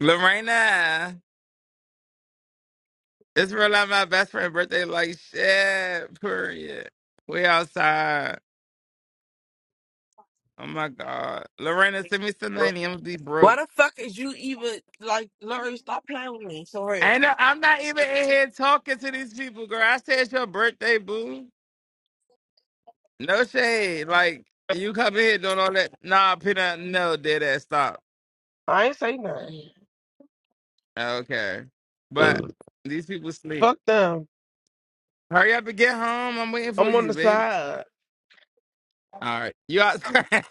A: Lorena, it's real life my best friend birthday like shit. Period. We outside. Oh my god, Lorena, send me some money. I'm gonna be
P: why
A: broke.
P: the fuck is you even like Larry? Stop playing with me. Sorry.
A: And I'm not even in here talking to these people, girl. I said it's your birthday, boo. No shade. Like you come in here doing all that. Nah, Peanut. No, dead ass. Stop.
P: I ain't say nothing.
A: Okay. But
P: Ugh.
A: these people sleep.
P: Fuck them.
A: Hurry up and get home. I'm waiting for
P: I'm on
A: you,
P: the
A: babe.
P: side.
A: All right. You out? I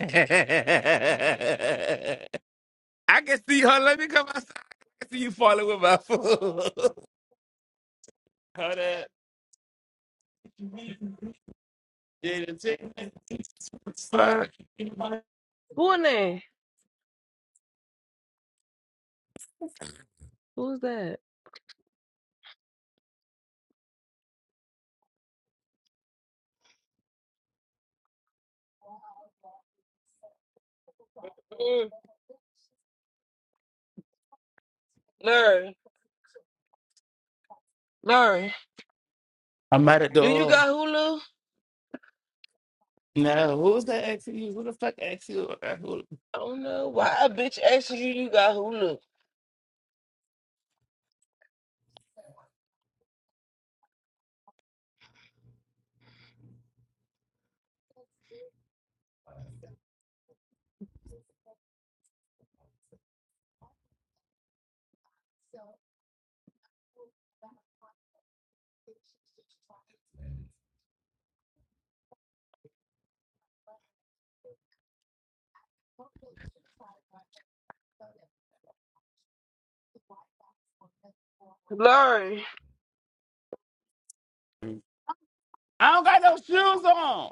A: can see her. Let me come outside. I can see you falling with my food. Hold up. Yeah, the chicken. me to fuck?
P: Who in there? Who's that? Mm, Larry, Larry,
A: I'm at the
P: do you
A: door.
P: got Hulu?
A: No, who's that asking you? Who the fuck asked you?
P: I don't know. Why a bitch asking you you got Hulu? Larry,
A: I don't got no shoes on.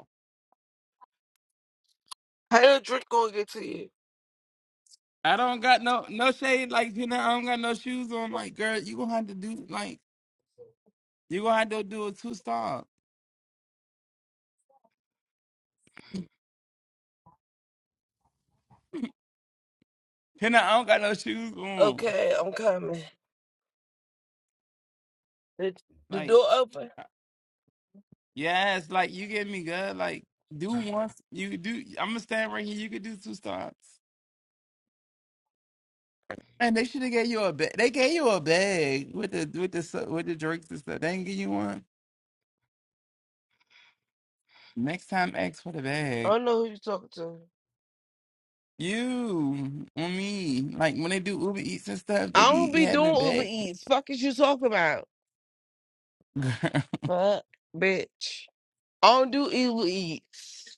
P: how your drink gonna get to you?
A: I don't got no no shade. Like you know, I don't got no shoes on. Like girl, you gonna have to do like you gonna have to do a two star. Pena, I don't got no shoes on.
P: Okay, I'm coming. The, the
A: Like
P: door open.
A: uh, yes, like you get me good. Like do once you do. I'm gonna stand right here. You could do two stops. And they should have gave you a bag. They gave you a bag with the with the su- with the drinks and stuff. They didn't give you one. Next time, ask for the
P: I
A: bag.
P: don't know who you talking to.
A: You on me? Like when they do Uber Eats and stuff, they
P: I don't
A: be
P: be
A: having
P: doing Uber
A: bag.
P: Eats. Fuck is you talking about? Fuck, bitch. I don't do Uber Eats.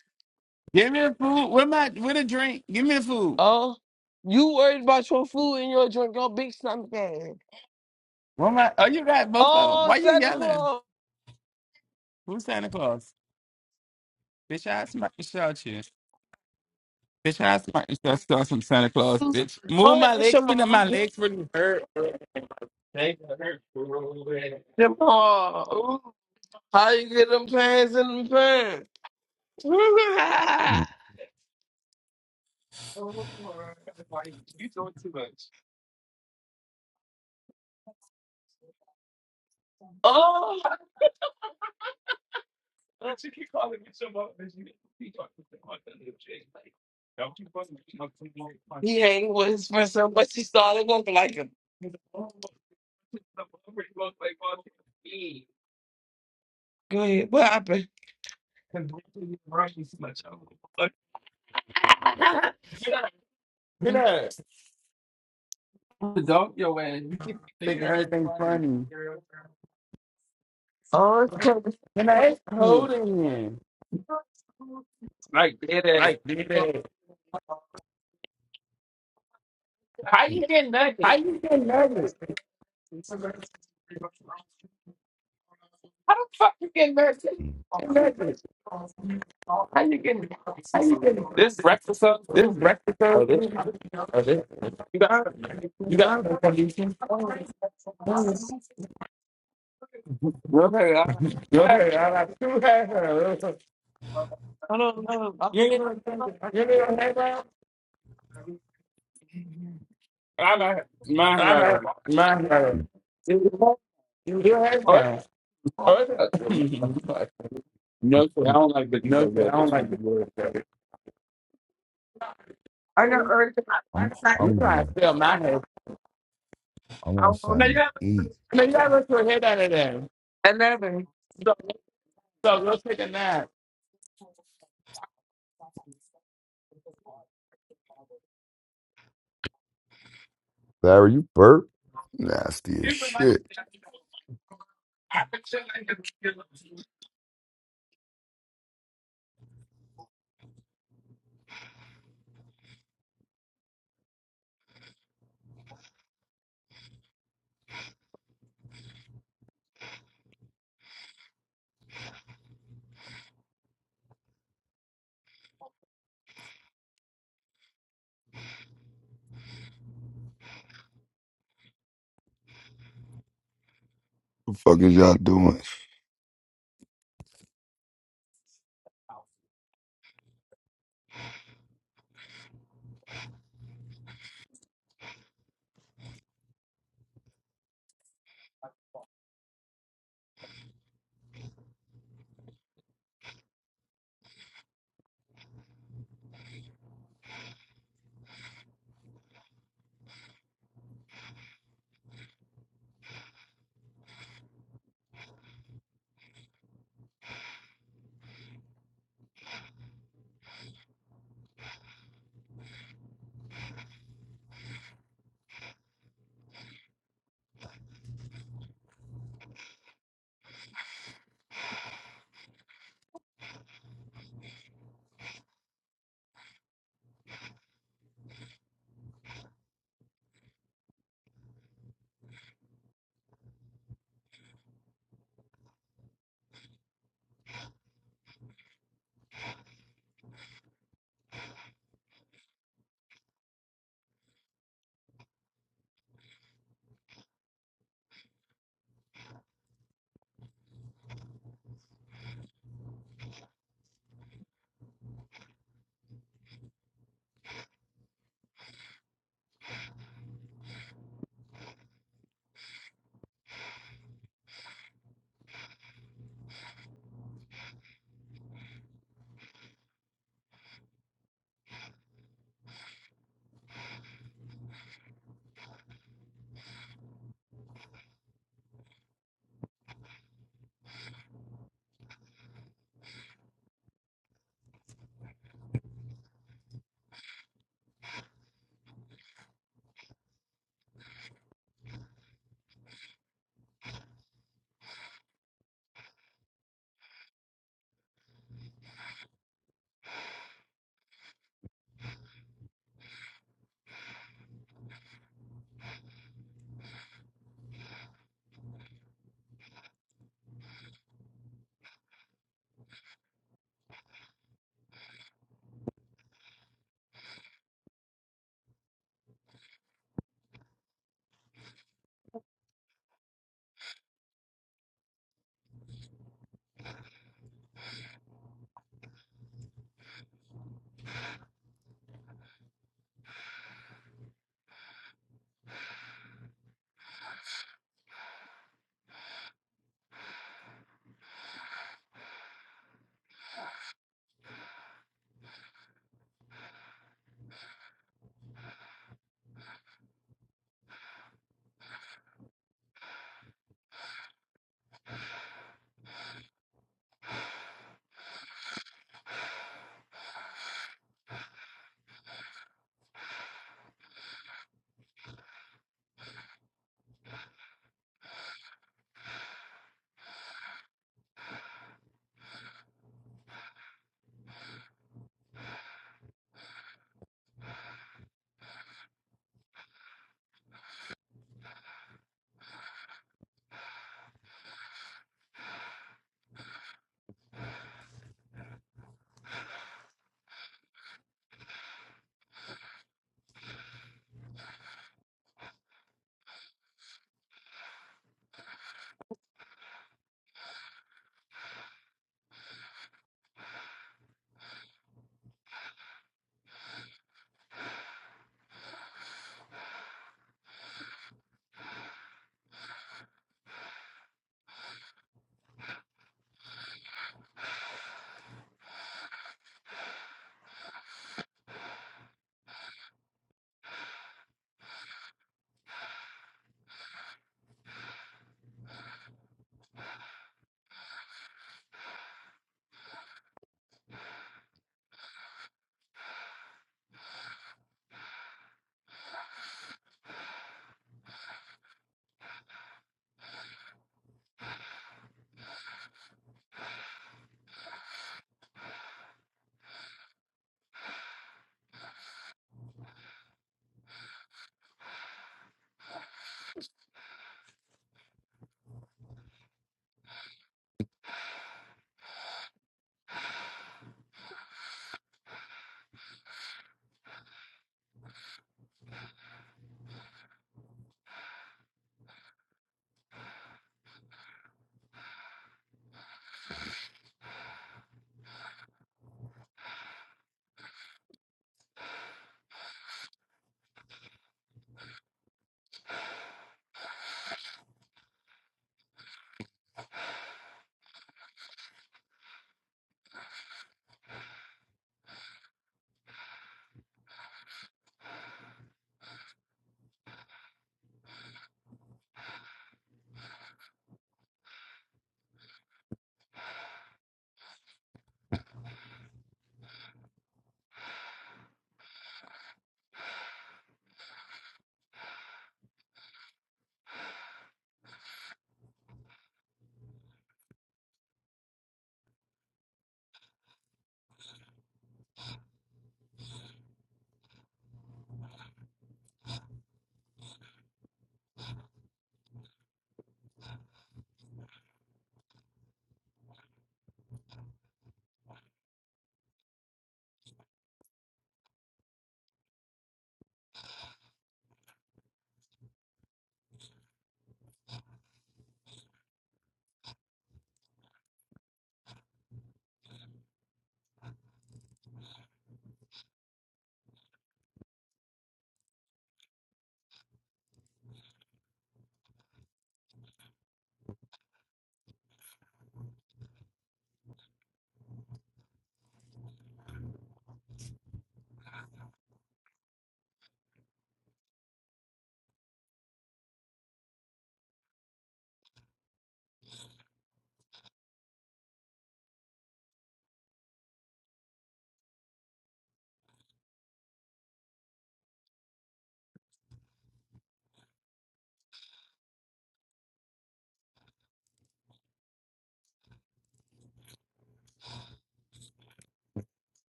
A: Give me the food. Where my with a drink? Give me the food.
P: Oh, you worried about your food and your drink, your big stomach ass.
A: Where my? Oh, you got both of them.
P: Oh,
A: Why you
P: Santa
A: yelling?
P: Claus.
A: Who's Santa Claus? Bitch, I smack the shot you. Bitch, I smack the shot you Some Santa Claus.
P: Go
A: Bitch, move my
P: ahead,
A: legs. Finna
P: Shamal.
A: my legs really hurt.
P: Shamal. Ooh, How you get them pants in them pants? oh, he hanging with his friend so much he started looking like him. Go ahead. What happened?
A: Get up. Think everything's funny.
P: oh, it's crazy.
A: And I it's cold in here. Like, dude, how you getting nervous? Get nervous. How you getting this breakfast? Thursday? Oh, this. You got a condition? Okay, I got two headphones. You need a headphone? I got my headphones. You need a headphone? Oh, is it? no, sir, I don't like this.
P: I got
A: You
P: early tonight.
A: trying
N: I'm
P: Saturday.
N: hungry.
A: to steal my head.
N: I
P: I
N: want
P: want
N: something to eat.
A: I mean, you ever put a head out of there.
P: another.
A: So go take a nap.
N: Barry, you burp? Nasty as shit. What The fuck is y'all doing?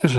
H: This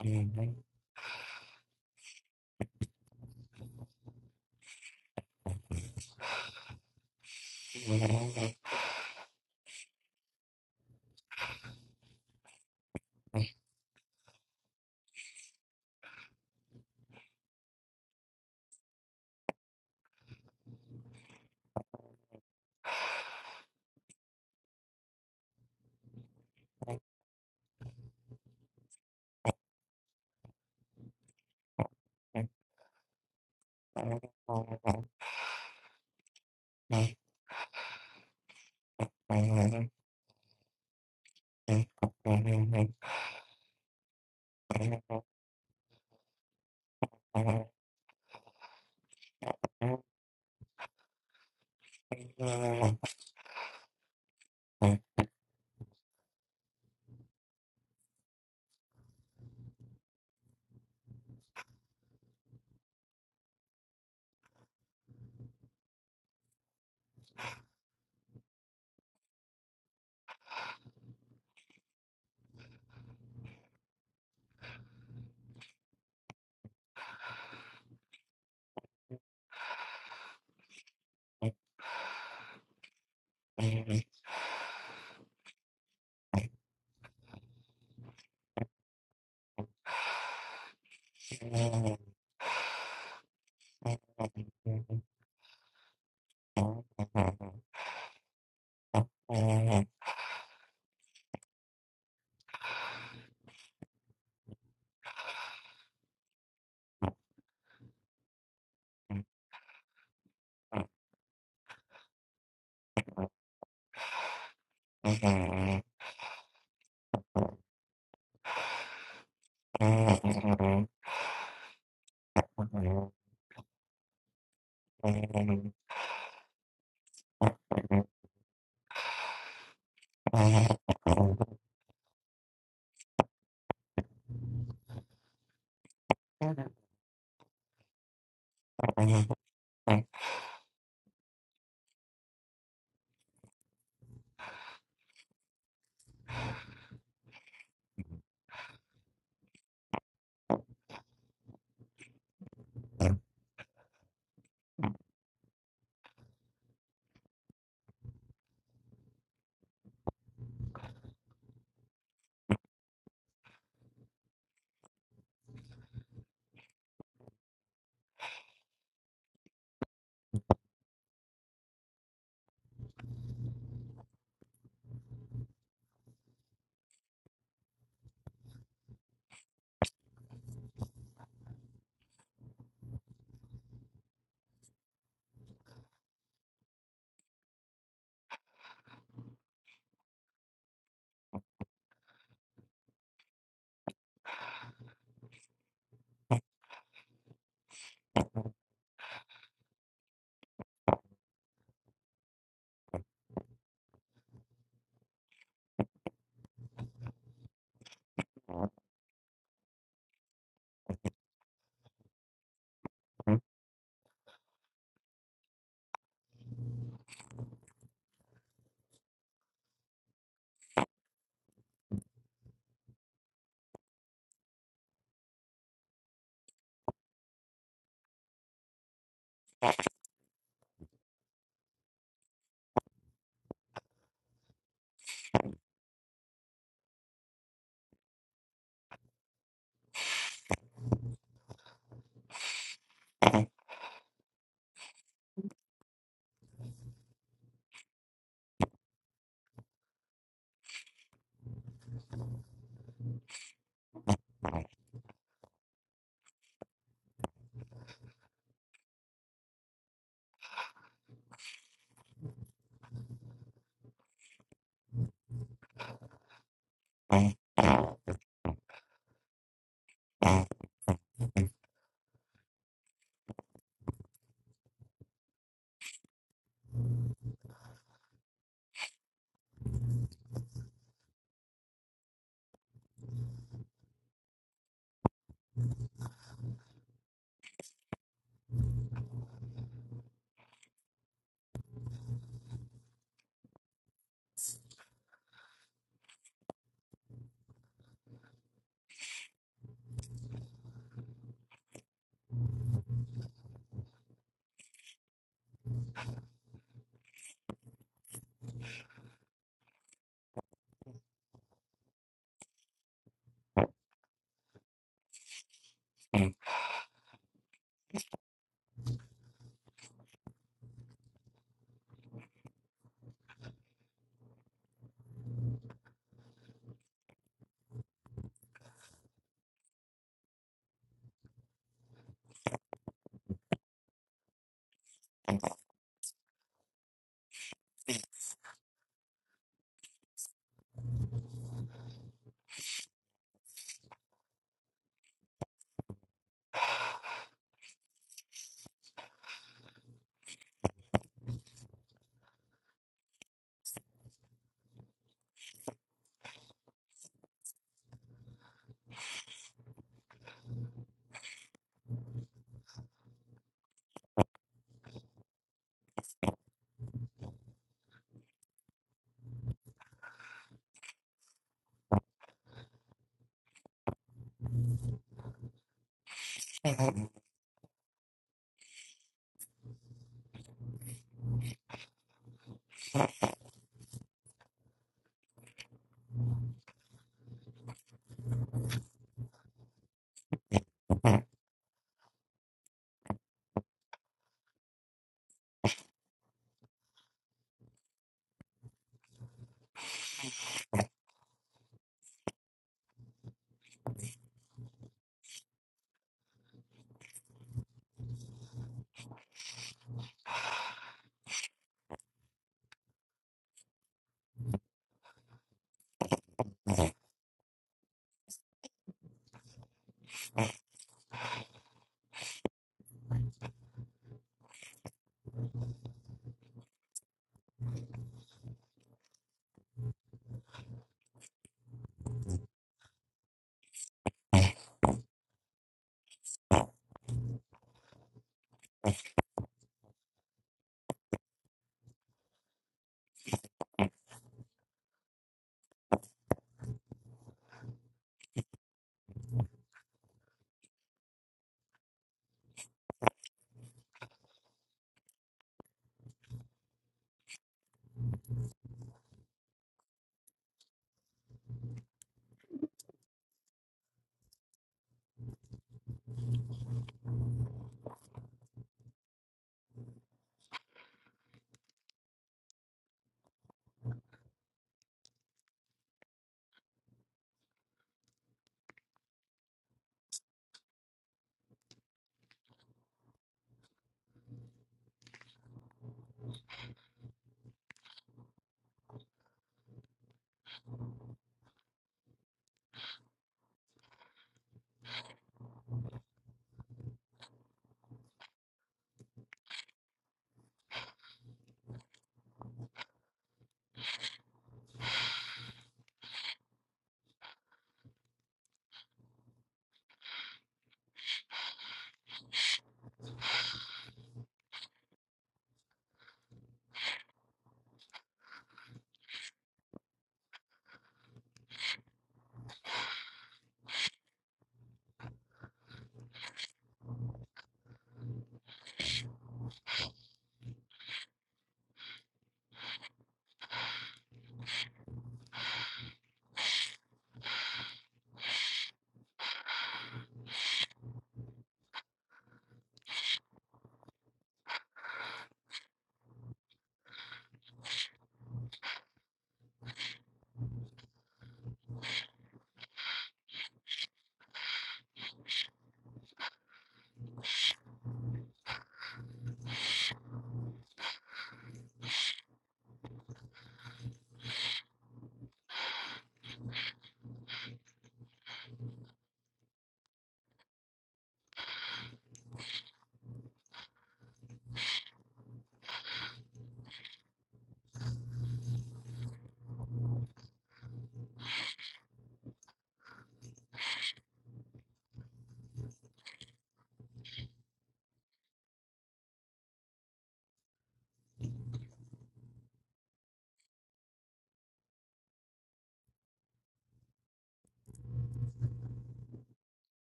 H: ain't right. Thank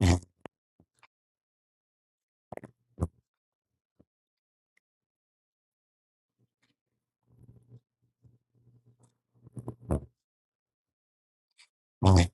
H: you. Thank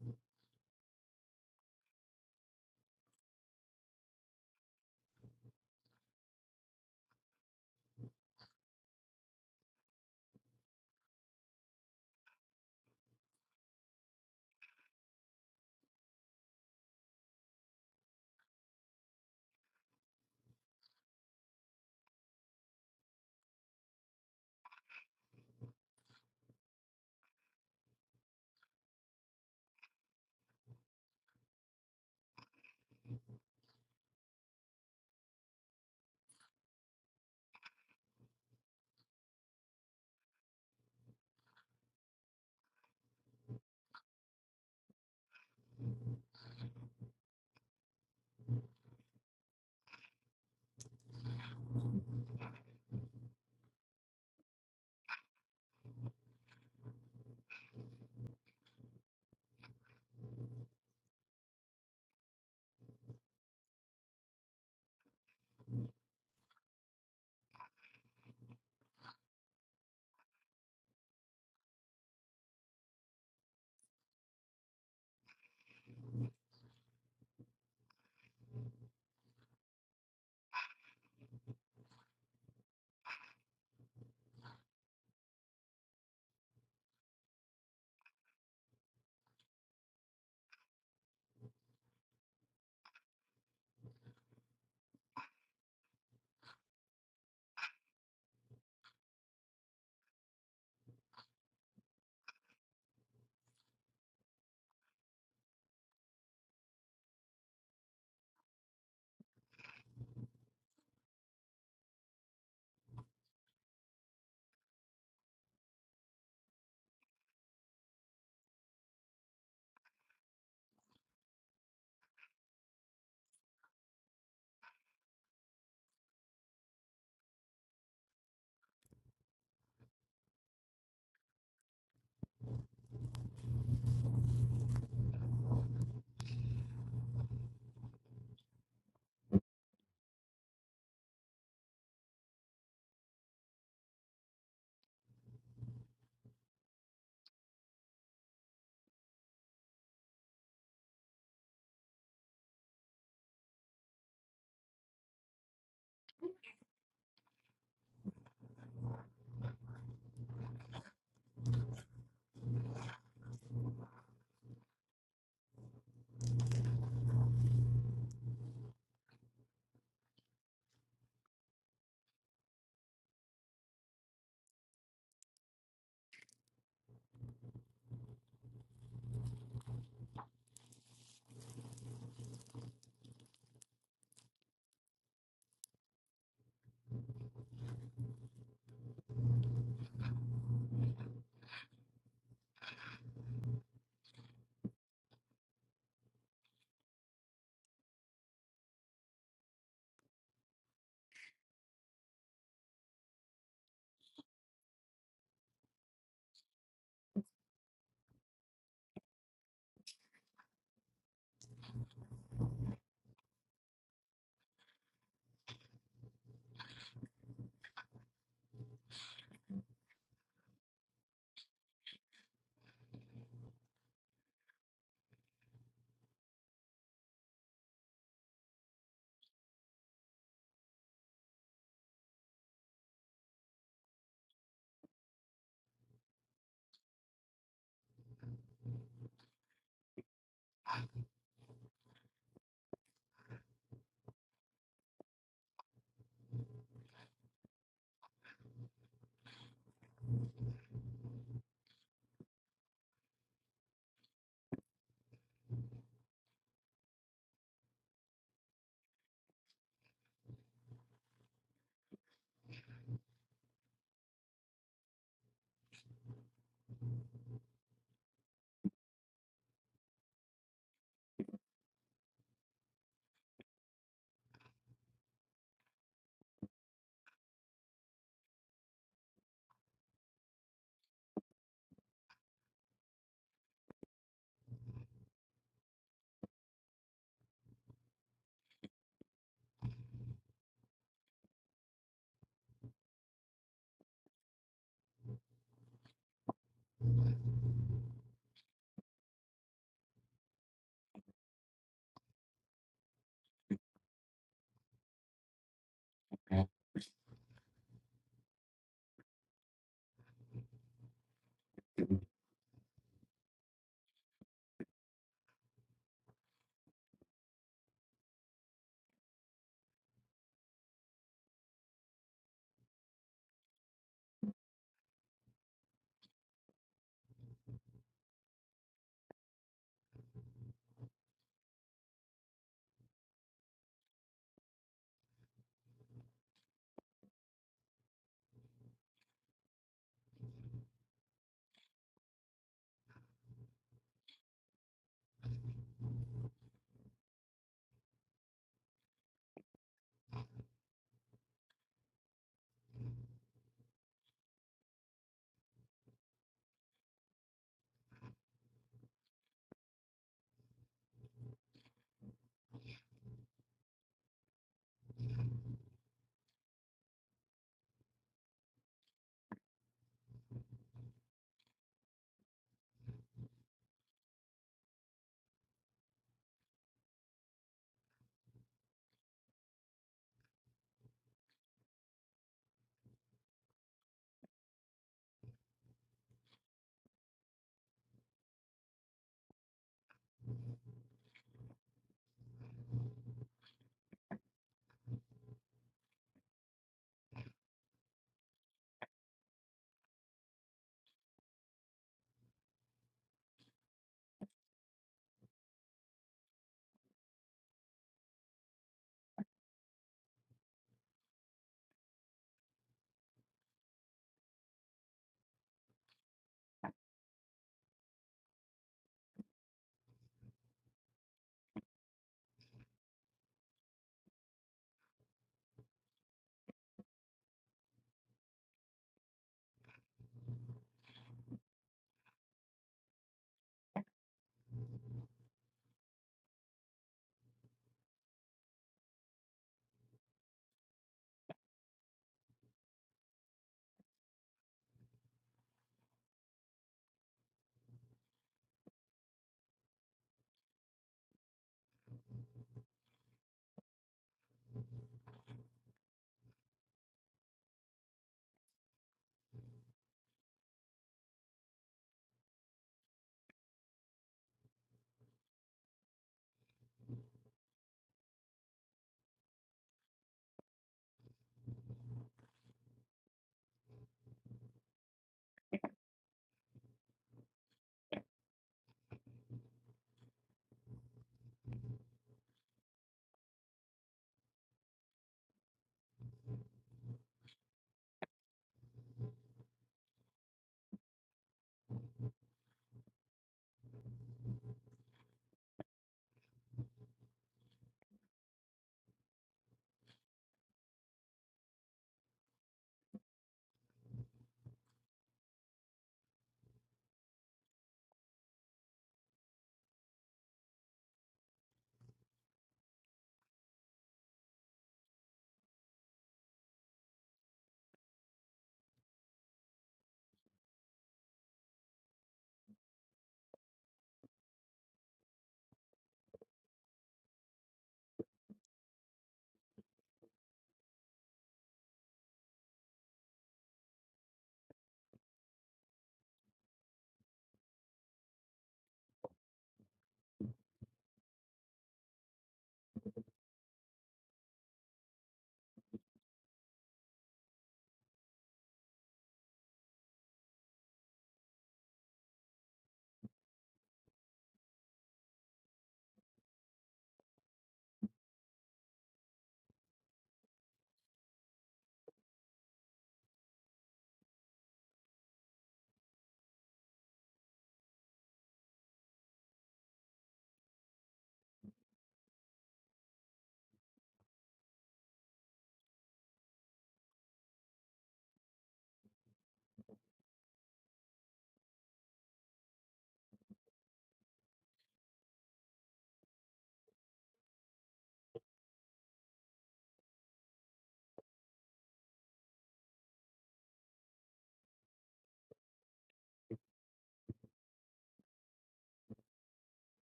H: you.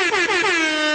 Q: Thank you.